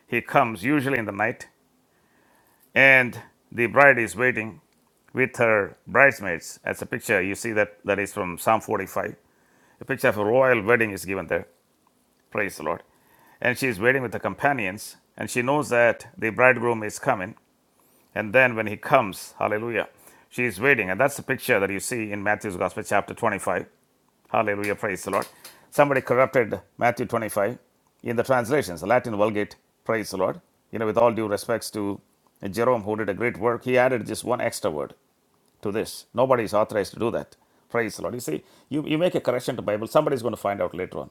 Speaker 1: He comes usually in the night, and the bride is waiting with her bridesmaids. That's a picture you see that that is from Psalm 45. The picture of a royal wedding is given there. Praise the Lord. And she is waiting with the companions, and she knows that the bridegroom is coming. And then when he comes, hallelujah, she is waiting. And that's the picture that you see in Matthew's Gospel, chapter 25. Hallelujah. Praise the Lord. Somebody corrupted Matthew 25 in the translations, the Latin Vulgate. Praise the Lord. You know, with all due respects to Jerome, who did a great work, he added just one extra word to this. Nobody is authorized to do that. Praise the Lord. You see, you, you make a correction to Bible, somebody's going to find out later on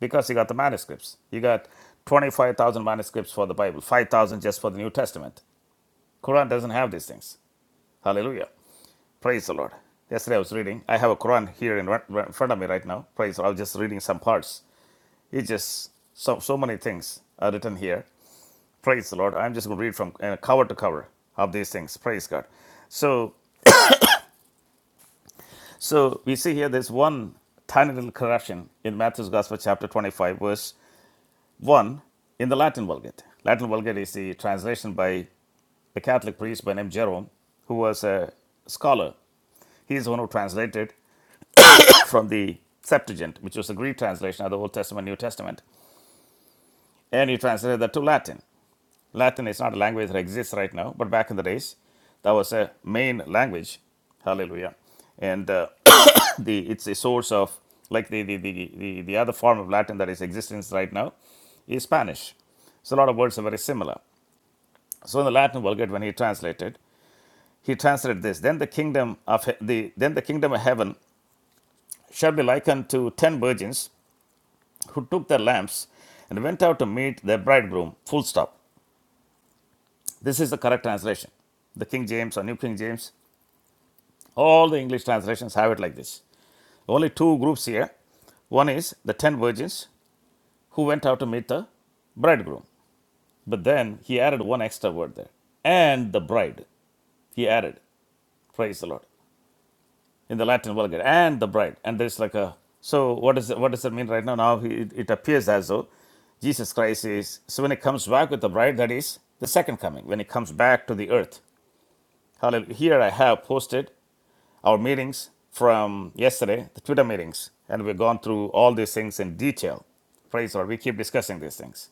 Speaker 1: because you got the manuscripts. You got 25,000 manuscripts for the Bible, 5,000 just for the New Testament. Quran doesn't have these things. Hallelujah. Praise the Lord. Yesterday I was reading. I have a Quran here in, in front of me right now. Praise the Lord. I was just reading some parts. It's just so, so many things are written here. Praise the Lord. I'm just going to read from uh, cover to cover of these things. Praise God. So, so we see here there's one tiny little correction in Matthew's Gospel, chapter 25, verse One, in the Latin Vulgate. Latin Vulgate is the translation by a Catholic priest by name Jerome, who was a scholar. He is the one who translated from the Septuagint, which was the Greek translation of the Old Testament, New Testament, and he translated that to Latin. Latin is not a language that exists right now, but back in the days, that was a main language. Hallelujah. And uh, the it's a source of, like the, the, the, the, the other form of Latin that is existence right now, is Spanish. So a lot of words are very similar. So in the Latin Vulgate, when he translated, he translated this: "Then the kingdom of the then the kingdom of heaven shall be likened to ten virgins who took their lamps and went out to meet their bridegroom." Full stop. This is the correct translation. The King James or New King James, all the English translations have it like this. Only two groups here. One is the ten virgins who went out to meet the bridegroom. But then he added one extra word there, and the bride. He added, praise the Lord. in the Latin Vulgate, and the bride. And there's like a so what does it, what does that mean right now? Now it it appears as though Jesus Christ is so when he comes back with the bride, that is the second coming when he comes back to the earth. Hallelujah. Here I have posted our meetings from yesterday, the Twitter meetings, and we've gone through all these things in detail. Praise the Lord. We keep discussing these things.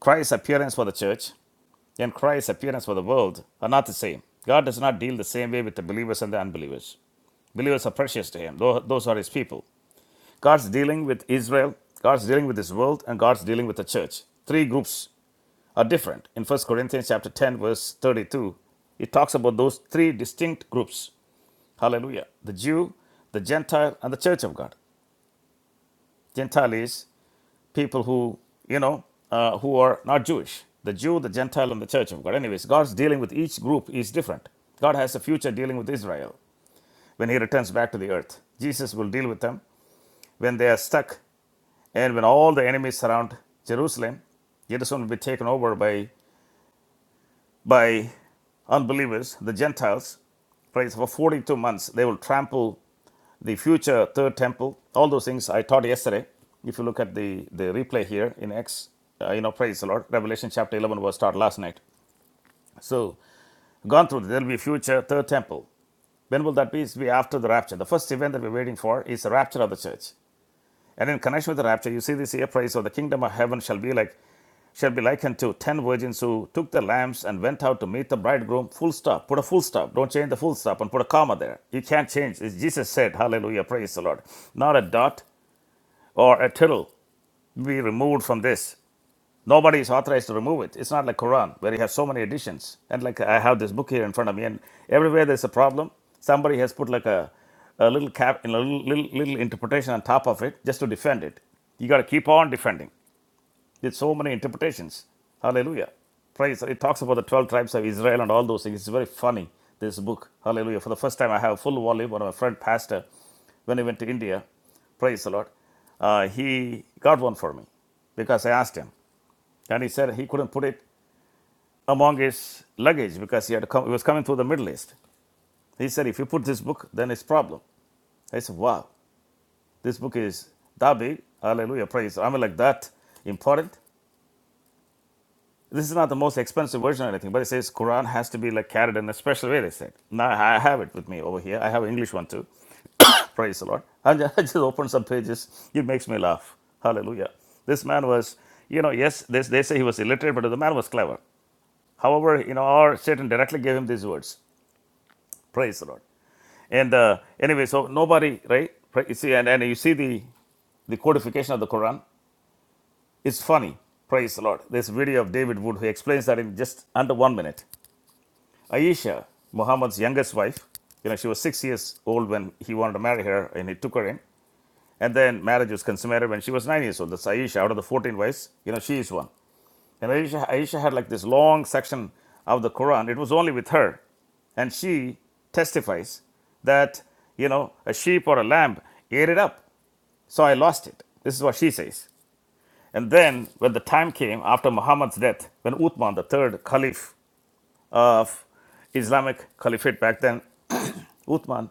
Speaker 1: Christ's appearance for the church and Christ's appearance for the world are not the same. God does not deal the same way with the believers and the unbelievers. Believers are precious to Him, those are His people. God's dealing with Israel, God's dealing with this world, and God's dealing with the church. Three groups are different. In First Corinthians chapter 10, verse 32, it talks about those three distinct groups. Hallelujah. The Jew, the Gentile, and the church of God. Gentile is people who, you know, uh, who are not Jewish. The Jew, the Gentile, and the church of God. Anyways, God's dealing with each group is different. God has a future dealing with Israel when he returns back to the earth. Jesus will deal with them when they are stuck And when all the enemies surround Jerusalem, Jerusalem will be taken over by, by unbelievers, the Gentiles. Praise for 42 months, they will trample the future third temple. All those things I taught yesterday. If you look at the, the replay here in Acts, uh, you know, praise the Lord. Revelation chapter 11 was taught last night. So, gone through, there will be future third temple. When will that be? It'll be after the rapture. The first event that we're waiting for is the rapture of the church. And in connection with the rapture, you see this here, praise, or the kingdom of heaven shall be like shall be likened to ten virgins who took their lamps and went out to meet the bridegroom. Full stop. Put a full stop. Don't change the full stop and put a comma there. You can't change. As Jesus said, Hallelujah, praise the Lord. Not a dot or a tittle be removed from this. Nobody is authorized to remove it. It's not like Quran where you have so many editions. And like I have this book here in front of me, and everywhere there's a problem, somebody has put like a a little cap, a little, little little interpretation on top of it just to defend it. You got to keep on defending with so many interpretations. Hallelujah. Praise. It talks about the 12 tribes of Israel and all those things. It's very funny, this book. Hallelujah. For the first time, I have a full volume. One of my friend, pastor, when he went to India, praise the Lord, uh, he got one for me because I asked him. And he said he couldn't put it among his luggage because he had to come, he was coming through the Middle East. He said, if you put this book, then it's problem. I said, wow, this book is that big. Hallelujah. Praise. I mean, like that important. this is not the most expensive version or anything, but it says Quran has to be like carried in a special way. They said. Now I have it with me over here. I have English one too. Praise the Lord. I ju- I just open some pages. It makes me laugh. Hallelujah. This man was, you know, yes, they, they say he was illiterate, but the man was clever. However, you know, our Satan directly gave him these words. Praise the Lord. And uh, anyway, so nobody, right? Pra- You see, and, and you see the, the codification of the Quran. It's funny. Praise the Lord. This video of David Wood who explains that in just under one minute. Ayesha, Muhammad's youngest wife, you know, she was six years old when he wanted to marry her and he took her in. And then marriage was consummated when she was nine years old. That's Ayesha Out of the 14 wives, you know, she is one. And Ayesha, Ayesha had like this long section of the Quran. It was only with her. And she testifies that, you know, a sheep or a lamb ate it up. So I lost it. This is what she says. And then when the time came after Muhammad's death, when Uthman, the third caliph of Islamic Caliphate back then Uthman,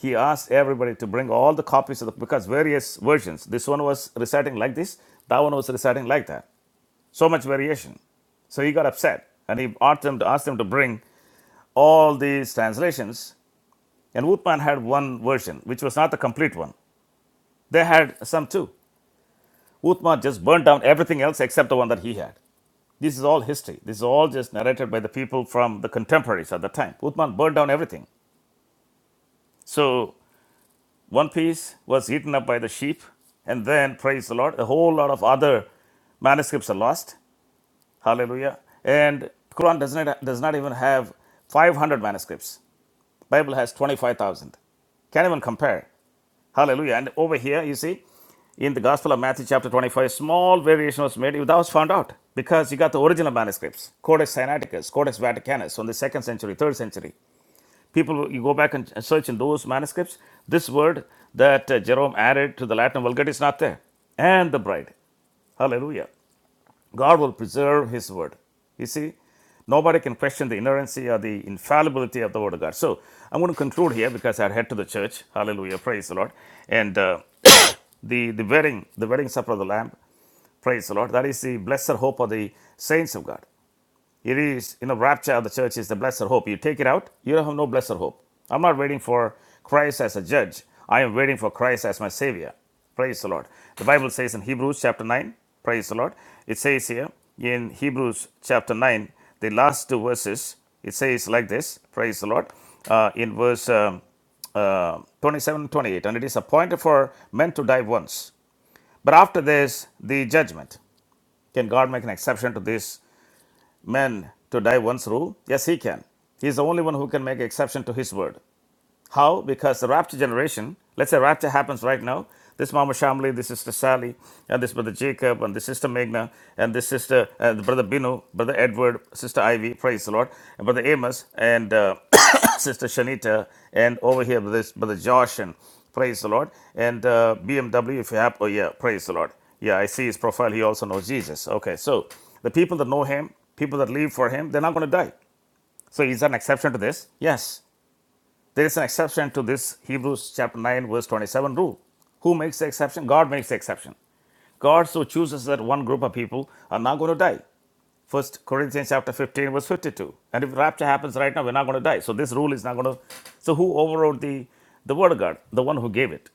Speaker 1: he asked everybody to bring all the copies of the because various versions. This one was reciting like this, that one was reciting like that. So much variation. So he got upset and he asked them to ask them to bring all these translations. And Uthman had one version, which was not the complete one. They had some too. Uthman just burnt down everything else except the one that he had. This is all history. This is all just narrated by the people from the contemporaries at the time. Uthman burned down everything. So One piece was eaten up by the sheep, and then, praise the Lord, a whole lot of other manuscripts are lost. Hallelujah. And Quran does not, does not even have 500 manuscripts. Bible has 25,000. Can't even compare. Hallelujah. And over here, you see, in the Gospel of Matthew chapter 25, small variation was made. That was found out because you got the original manuscripts, Codex Sinaiticus, Codex Vaticanus, from the second century, third century. People, you go back and search in those manuscripts, this word that uh, Jerome added to the Latin Vulgate is not there. And the bride. Hallelujah. God will preserve his word. You see, nobody can question the inerrancy or the infallibility of the word of God. So I'm going to conclude here because I head to the church. Hallelujah. Praise the Lord. And uh, the, the wedding, the wedding supper of the Lamb. Praise the Lord. That is the blessed hope of the saints of God. It is, you know, rapture of the church is the blessed hope. You take it out, you have no blessed hope. I'm not waiting for Christ as a judge. I am waiting for Christ as my savior. Praise the Lord. The Bible says in Hebrews chapter 9, praise the Lord. It says here in Hebrews chapter 9, the last two verses, it says like this, praise the Lord. Uh, in verse um, uh, 27 and 28, and it is appointed for men to die once. But after this, the judgment. Can God make an exception to this man to die once rule? Yes, he can. He is the only one who can make exception to his word. How? Because the rapture generation, let's say rapture happens right now. This Mama Shamli, this Sister Sally, and this Brother Jacob, and this Sister Meghna, and this Sister, uh, Brother Binu, Brother Edward, Sister Ivy, praise the Lord, and Brother Amos, and uh, Sister Shanita, and over here, this Brother Josh, and praise the Lord, and uh, BMW, if you have, oh yeah, praise the Lord. Yeah, I see his profile. He also knows Jesus. Okay, so the people that know him, people that live for him, they're not going to die. So is there an exception to this? Yes. There is an exception to this Hebrews chapter 9, verse 27 rule. Who makes the exception? God makes the exception. God so chooses that one group of people are not going to die. First Corinthians chapter 15, verse 52. And if rapture happens right now, we're not going to die. So this rule is not going to. So who overrode the, the word of God? The one who gave it.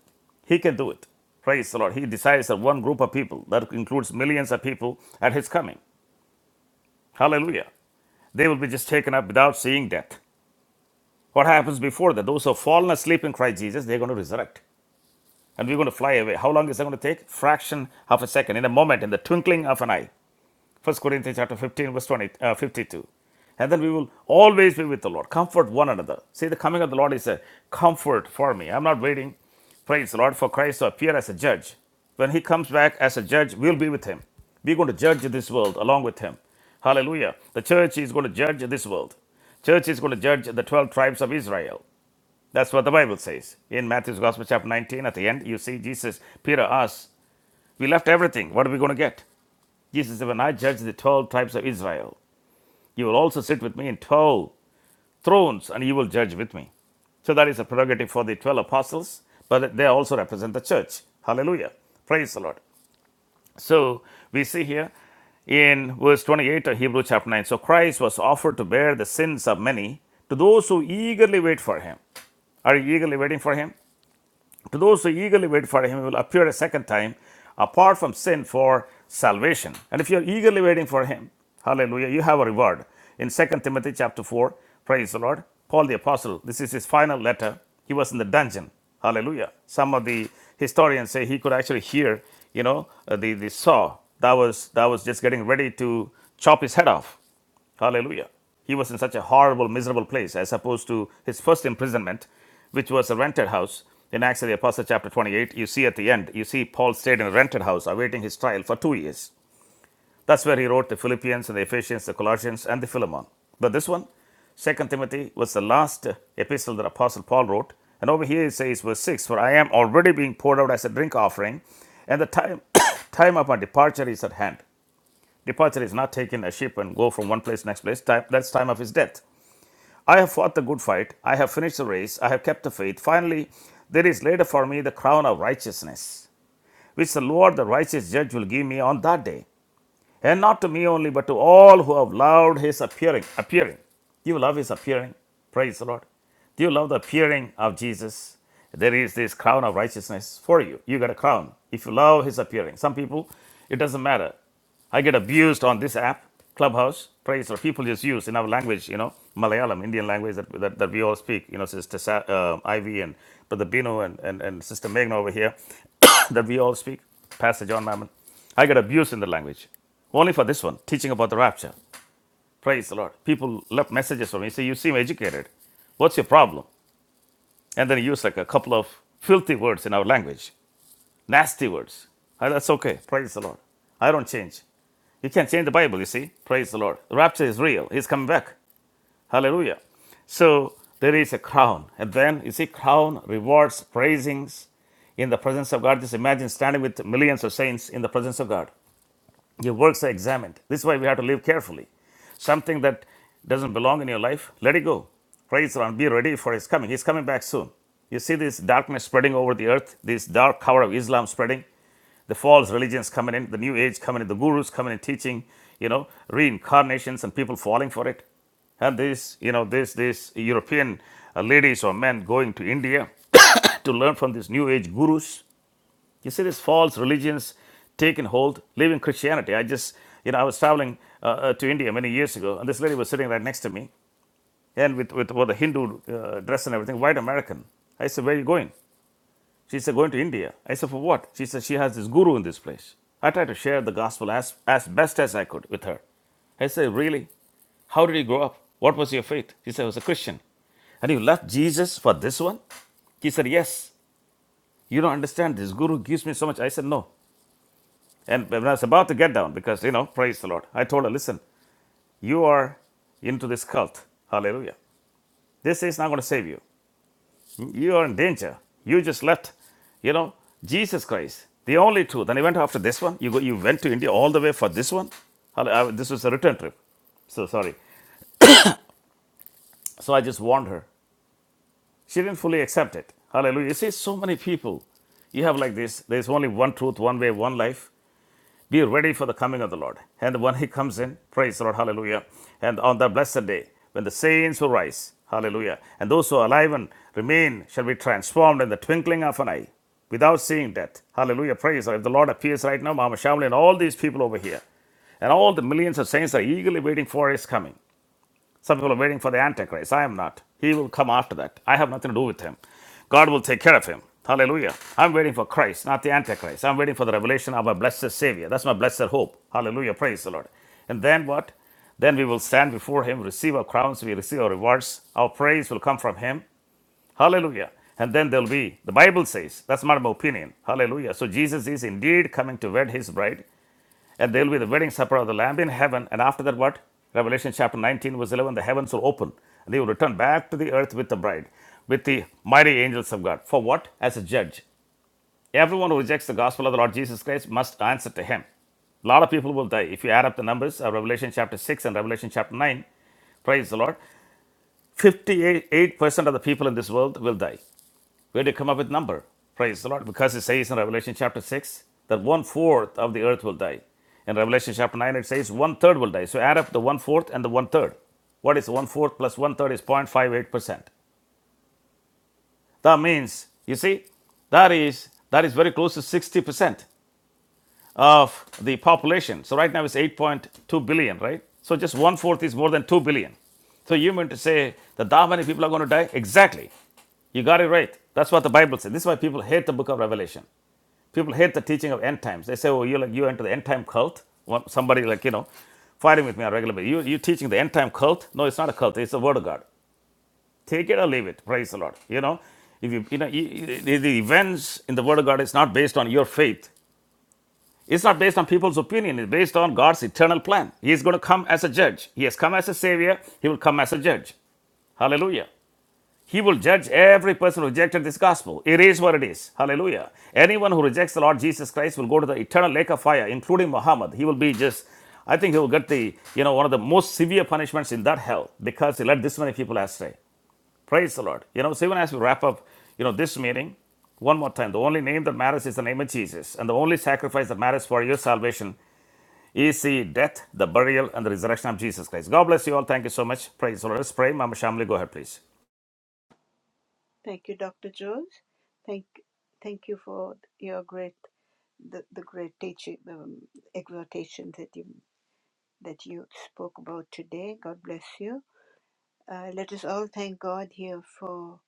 Speaker 1: He can do it. Praise the Lord. He decides that one group of people, that includes millions of people, at his coming. Hallelujah. They will be just taken up without seeing death. What happens before that? Those who have fallen asleep in Christ Jesus, they're going to resurrect. and we're going to fly away. How long is that going to take? Fraction of a second, in a moment, in the twinkling of an eye. First Corinthians chapter 15, verse 20, uh, 52. And then we will always be with the Lord. Comfort one another. See, the coming of the Lord is a comfort for me. I'm not waiting, praise the Lord, for Christ to appear as a judge. When he comes back as a judge, we'll be with him. We're going to judge this world along with him. Hallelujah. The church is going to judge this world. Church is going to judge the 12 tribes of Israel. That's what the Bible says. In Matthew's Gospel, chapter 19, at the end, you see Jesus, Peter asks, We left everything. What are we going to get? Jesus said, When I judge the 12 tribes of Israel, you will also sit with me in 12 thrones and you will judge with me. So that is a prerogative for the 12 apostles, but they also represent the church. Hallelujah. Praise the Lord. So we see here in verse 28 of Hebrews chapter 9 So Christ was offered to bear the sins of many to those who eagerly wait for him. Are you eagerly waiting for him? To those who eagerly wait for him, he will appear a second time apart from sin for salvation. And if you're eagerly waiting for him, hallelujah, you have a reward. In Second Timothy chapter 4, praise the Lord, Paul the apostle, this is his final letter. He was in the dungeon. Hallelujah. Some of the historians say he could actually hear, you know, uh, the, the saw that was that was just getting ready to chop his head off Hallelujah. He was in such a horrible, miserable place as opposed to his first imprisonment, which was a rented house. In Acts of the Apostle, chapter 28, you see at the end, you see Paul stayed in a rented house awaiting his trial for two years. That's where he wrote the Philippians and the Ephesians, the Colossians, and the Philemon. But this one, Second Timothy, was the last epistle that Apostle Paul wrote. And over here it says, verse 6 For I am already being poured out as a drink offering, and the time, time of my departure is at hand. Departure is not taking a ship and go from one place to next place. Time, that's time of his death. I have fought the good fight. I have finished the race. I have kept the faith. Finally, there is laid up for me the crown of righteousness, which the Lord, the righteous judge, will give me on that day. And not to me only, but to all who have loved his appearing. Appearing. Do you love his appearing? Praise the Lord. Do you love the appearing of Jesus? There is this crown of righteousness for you. You get a crown if you love his appearing. Some people, it doesn't matter. I get abused on this app, Clubhouse. Praise the People just use in our language, you know, Malayalam, Indian language that, that, that we all speak. You know, Sister Sa- uh, Ivy and Brother Bino and, and, and Sister Meghna over here that we all speak, Pastor John Mammon. I got abused in the language. Only for this one, teaching about the rapture. Praise the Lord. People left messages for me. Say, you seem educated. What's your problem? And then he used like a couple of filthy words in our language, nasty words. Ah, that's okay. Praise the Lord. I don't change. You can't change the Bible, you see. Praise the Lord. The rapture is real. He's coming back. Hallelujah. So there is a crown. And then you see, crown, rewards, praisings in the presence of God. Just imagine standing with millions of saints in the presence of God. Your works are examined. This is why we have to live carefully. Something that doesn't belong in your life, let it go. Praise the Lord. Be ready for His coming. He's coming back soon. You see this darkness spreading over the earth, this dark cover of Islam spreading, the false religions coming in, the new age coming in, the gurus coming in teaching, you know, reincarnations and people falling for it. And this, you know, this, this European uh, ladies or men going to India to learn from these new age gurus you see these false religions taking hold, leaving Christianity. I just, you know, I was traveling uh, uh, to India many years ago, and this lady was sitting right next to me, and with, with, with the Hindu uh, dress and everything, white American. I said, Where are you going? She said, Going to India. I said, For what? She said, She has this guru in this place. I tried to share the gospel as, as best as I could with her. I said, Really? How did you grow up? What was your faith? She said, I was a Christian. And you left Jesus for this one? He said, Yes. You don't understand. This guru gives me so much. I said, No. And when I was about to get down, because, you know, praise the Lord, I told her, listen, you are into this cult. Hallelujah. This is not going to save you. You are in danger. You just left, you know, Jesus Christ, the only truth. And you went after this one. You, go, you went to India all the way for this one. Hall- uh, This was a return trip. So sorry. So I just warned her. She didn't fully accept it. Hallelujah. You see, so many people, you have like this there's only one truth, one way, one life. Be ready for the coming of the Lord. And when He comes in, praise the Lord, hallelujah. And on that blessed day, when the saints will rise, hallelujah. And those who are alive and remain shall be transformed in the twinkling of an eye without seeing death. Hallelujah, praise the Lord. If the Lord appears right now, Mama Shamli and all these people over here, and all the millions of saints are eagerly waiting for His coming. Some people are waiting for the Antichrist. I am not. He will come after that. I have nothing to do with him. God will take care of him. Hallelujah. I'm waiting for Christ, not the Antichrist. I'm waiting for the revelation of my blessed Savior. That's my blessed hope. Hallelujah. Praise the Lord. And then what? Then we will stand before Him, receive our crowns, we receive our rewards. Our praise will come from Him. Hallelujah. And then there'll be, the Bible says, that's not my opinion. Hallelujah. So Jesus is indeed coming to wed His bride and there will be the wedding supper of the Lamb in heaven. And after that, what? Revelation chapter 19, verse 11 the heavens will open, and they will return back to the earth with the bride, with the mighty angels of God. For what? As a judge. Everyone who rejects the gospel of the Lord Jesus Christ must answer to him. A lot of people will die. If you add up the numbers of Revelation chapter 6 and Revelation chapter 9, praise the Lord, 58% of the people in this world will die. We had to come up with a number. Praise the Lord. Because it says in Revelation chapter 6 that one fourth of the earth will die. In Revelation chapter 9, it says one third will die. So add up the one fourth and the one third. What is one fourth plus one third is 0.58%. That means, you see, that is that is very close to 60% of the population. So right now it's 8.2 billion, right? So just one fourth is more than 2 billion. So you meant to say that that many people are going to die? Exactly. You got it right. That's what the Bible says. This is why people hate the book of Revelation. People hate the teaching of end times. They say, "Oh, you like you into the end time cult." One, somebody like you know, fighting with me on a regular basis. You you teaching the end time cult? No, it's not a cult. It's the word of God. Take it or leave it. Praise the Lord. You know, if you you know you, the, the events in the word of God is not based on your faith. It's not based on people's opinion. It's based on God's eternal plan. He is going to come as a judge. He has come as a savior. He will come as a judge. Hallelujah. He will judge every person who rejected this gospel. It is what it is. Hallelujah. Anyone who rejects the Lord Jesus Christ will go to the eternal lake of fire, including Muhammad. He will be just, I think he will get the, you know, one of the most severe punishments in that hell because he led this many people astray. Praise the Lord. You know, so even as we wrap up, you know, this meeting, one more time, the only name that matters is the name of Jesus. And the only sacrifice that matters for your salvation is the death, the burial, and the resurrection of Jesus Christ. God bless you all. Thank you so much. Praise the Lord. Let's pray. Mama Shamli, go ahead, please.
Speaker 3: Thank you, Dr. George. Thank, thank you for your great, the, the great teaching, um, exhortation that you that you spoke about today. God bless you. Uh, let us all thank God here for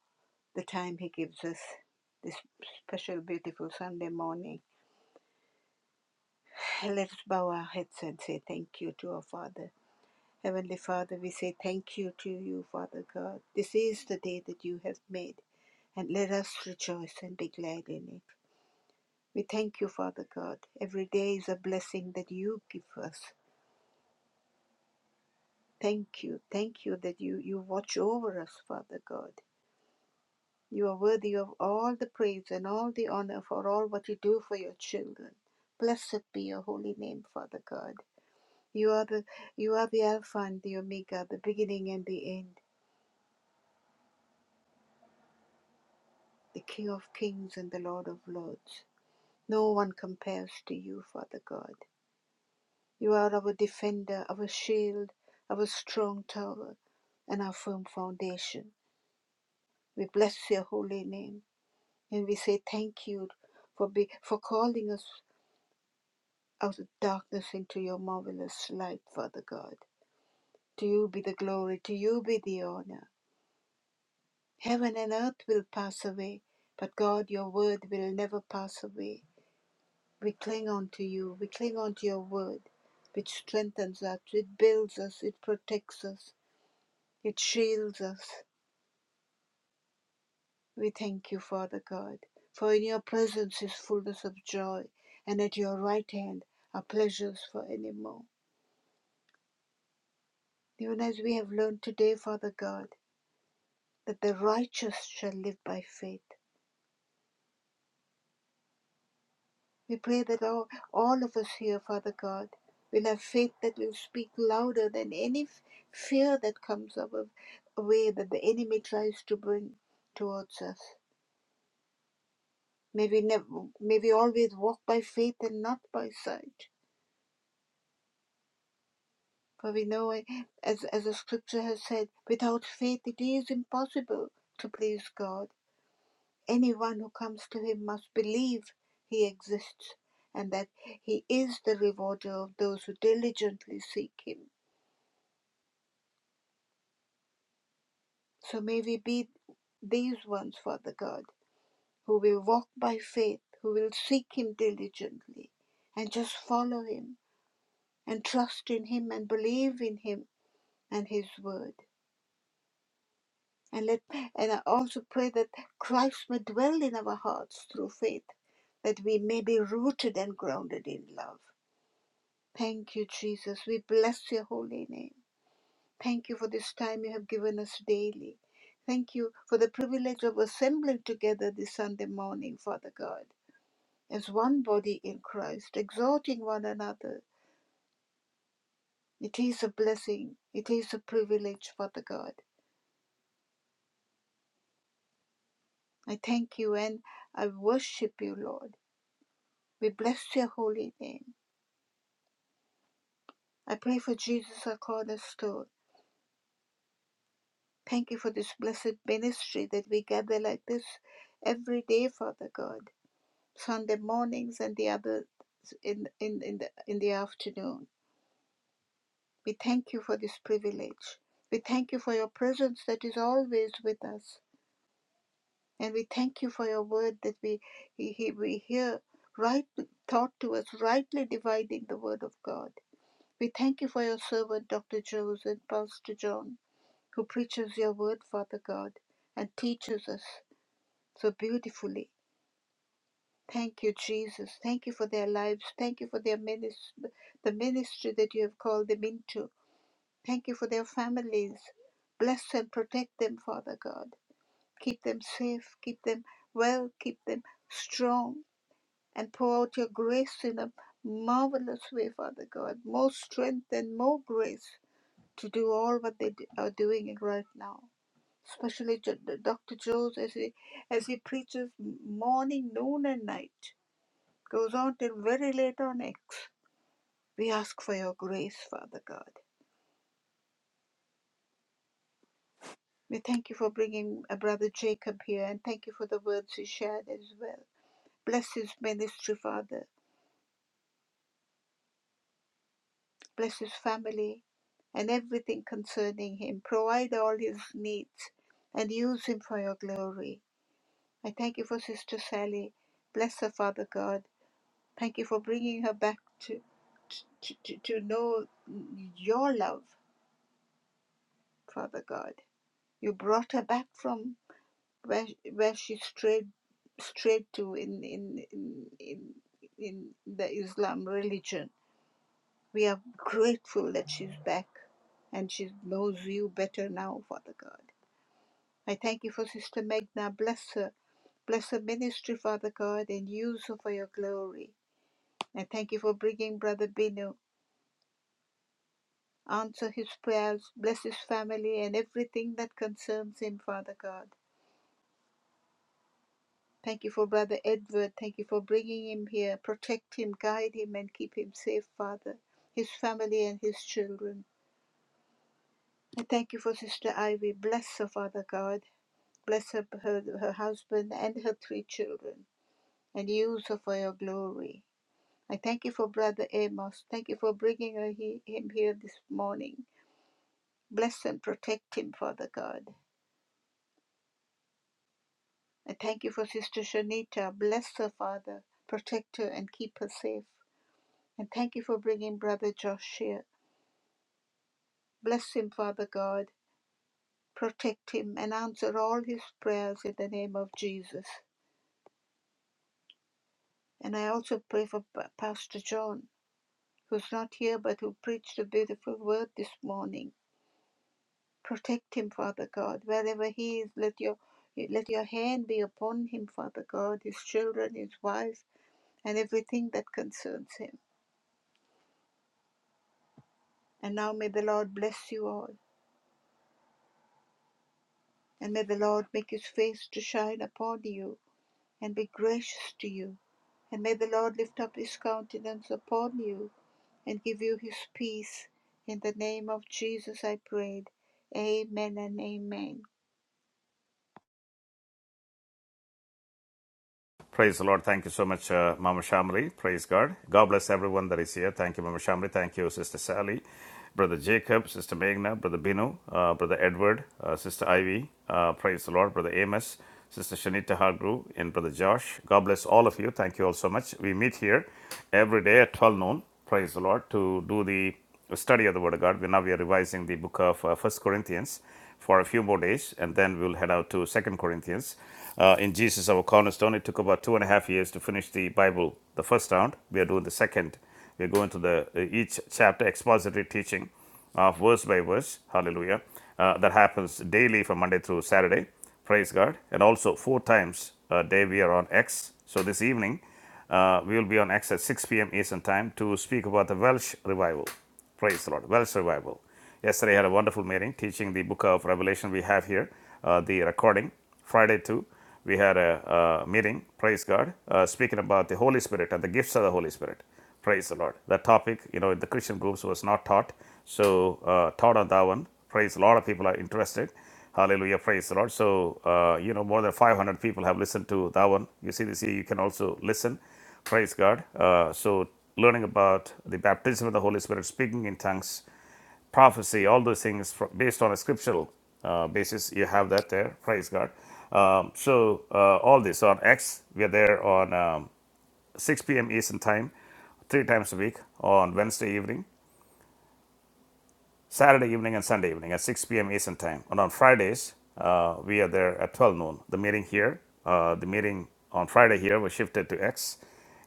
Speaker 3: the time He gives us this special, beautiful Sunday morning. Let us bow our heads and say thank you to our Father. Heavenly Father, we say thank you to you, Father God. This is the day that you have made, and let us rejoice and be glad in it. We thank you, Father God. Every day is a blessing that you give us. Thank you. Thank you that you, you watch over us, Father God. You are worthy of all the praise and all the honor for all what you do for your children. Blessed be your holy name, Father God. You are the you are the Alpha and the Omega, the beginning and the end, the King of Kings and the Lord of Lords. No one compares to you, Father God. You are our defender, our shield, our strong tower, and our firm foundation. We bless your holy name and we say thank you for, be, for calling us out of darkness into your marvelous light, Father God. To you be the glory, to you be the honor. Heaven and earth will pass away, but God, your word will never pass away. We cling on to you, we cling on to your word, which strengthens us, it builds us, it protects us, It shields us. We thank you, Father God, for in your presence is fullness of joy, and at your right hand are pleasures for evermore. Even as we have learned today, Father God, that the righteous shall live by faith. We pray that all, all of us here, Father God, will have faith that will speak louder than any fear that comes our way that the enemy tries to bring towards us. May we, never, may we always walk by faith and not by sight. For we know, as, as the scripture has said, without faith it is impossible to please God. Anyone who comes to Him must believe He exists and that He is the rewarder of those who diligently seek Him. So may we be these ones, Father God, who will walk by faith, who will seek Him diligently and just follow Him and trust in Him and believe in Him and His Word. And let and I also pray that Christ may dwell in our hearts through faith, that we may be rooted and grounded in love. Thank you, Jesus. We bless your holy name. Thank you for this time you have given us daily. Thank you for the privilege of assembling together this Sunday morning, Father God, as one body in Christ, exhorting one another. It is a blessing. It is a privilege, Father God. I thank you and I worship you, Lord. We bless your holy name. I pray for Jesus, our cornerstone. Thank you for this blessed ministry that we gather like this every day, Father God, Sunday mornings and the other in, in, in, the, in the afternoon. We thank you for this privilege. We thank you for your presence that is always with us. And we thank you for your word that we, he, we hear right taught to us, rightly dividing the word of God. We thank you for your servant, Dr. Joseph and Pastor John. who preaches your word, Father God, and teaches us so beautifully. Thank you, Jesus. Thank you for their lives. Thank you for their ministry, the ministry that you have called them into. Thank you for their families. Bless and protect them, Father God. Keep them safe. Keep them well. Keep them strong. And pour out your grace in a marvelous way, Father God. More strength and more grace to do all what they do- are doing right now. especially J- D- Dr. Jones as he as he preaches morning, noon, and night, goes on till very late on X. We ask for your grace, Father God. We thank you for bringing uh, Brother Jacob here, and thank you for the words he shared as well. Bless his ministry, Father. Bless his family and everything concerning him. Provide all his needs and use him for your glory. I thank you for Sister Sally. Bless her, Father God Thank you for bringing her back to, to, to, to know your love, Father God. You brought her back from where, where she strayed, strayed to in, in, in, in, in the Islam religion. We are grateful that she's back and she knows you better now, Father God. I thank you for Sister Magna. Bless her. Bless her ministry, Father God, and use her for your glory. And thank you for bringing Brother Binu Answer his prayers, bless his family and everything that concerns him, Father God. Thank you for Brother Edward. Thank you for bringing him here. Protect him, guide him, and keep him safe, Father, his family and his children. I thank you for Sister Ivy. Bless her, Father God. Bless her, her, her husband and her three children, and use her for your glory. I thank you for Brother Amos. Thank you for bringing her, he, him here this morning. Bless and protect him, Father God. I thank you for Sister Shanita. Bless her, Father. Protect her and keep her safe. And thank you for bringing Brother Josh here. Bless him, Father God. Protect him and answer all his prayers in the name of Jesus. And I also pray for Pa- Pastor John, who's not here but who preached a beautiful word this morning. Protect him, Father God. Wherever he is, let your let your hand be upon him, Father God, his children, his wife, and everything that concerns him. And now may the Lord bless you all, and may the Lord make his face to shine upon you and be gracious to you. And may the Lord lift up his countenance upon you and give you his peace. In the name of Jesus I prayed. Amen and amen.
Speaker 1: Praise the Lord. Thank you so much, uh, Mama Shamri. Praise God. God bless everyone that is here. Thank you, Mama Shamri. Thank you, Sister Sally, Brother Jacob, Sister Meghna, Brother Binu, uh, Brother Edward, uh, Sister Ivy. Uh, praise the Lord, Brother Amos, Sister Shanita Hargrew, and Brother Josh. God bless all of you. Thank you all so much. We meet here every day at 12 noon. Praise the Lord to do the study of the Word of God. now we are revising the book of uh, First Corinthians for a few more days, and then we'll head out to Second Corinthians. Uh, in Jesus, our cornerstone, it took about two and a half years to finish the Bible, the first round. We are doing the second. We're going to the uh, each chapter expository teaching, of uh, verse by verse. Hallelujah. Uh, that happens daily from Monday through Saturday. Praise God. And also four times a day we are on X. So this evening uh, we will be on X at 6 p.m. Eastern Time to speak about the Welsh revival. Praise the Lord. Well, survival. Yesterday I had a wonderful meeting teaching the book of Revelation. We have here uh, the recording. Friday too, we had a, uh meeting. Praise God, uh, speaking about the Holy Spirit and the gifts of the Holy Spirit. Praise the Lord. That topic, you know, in the Christian groups was not taught. So uh, taught on that one. Praise. A lot of people are interested. Hallelujah. Praise the Lord. So, uh, you know, more than 500 people have listened to that one. You see this here. You can also listen. Praise God. Uh, so, learning about the baptism of the Holy Spirit, speaking in tongues, prophecy, all those things fro- based on a scriptural uh, basis, you have that there. Praise God. Um, so, uh, all this on X, we are there on um, 6 p.m. Eastern Time, three times a week on Wednesday evening. Saturday evening and Sunday evening at 6 p.m. Eastern Time. And on Fridays, uh, we are there at 12 noon. The meeting here, uh, the meeting on Friday here was shifted to X.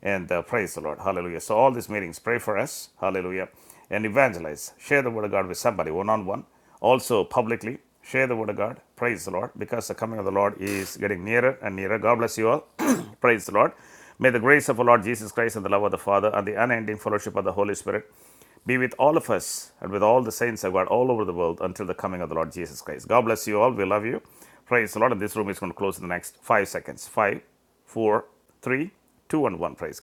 Speaker 1: And uh, praise the Lord. Hallelujah. So, all these meetings, pray for us. Hallelujah. And evangelize. Share the word of God with somebody one on one. Also, publicly, share the word of God. Praise the Lord. Because the coming of the Lord is getting nearer and nearer. God bless you all. praise the Lord. May the grace of our Lord Jesus Christ and the love of the Father and the unending fellowship of the Holy Spirit be with all of us and with all the saints of God all over the world until the coming of the Lord Jesus Christ. God bless you all. We love you. Praise the Lord. And this room is going to close in the next five seconds. Five, four, three, two, and one. Praise God.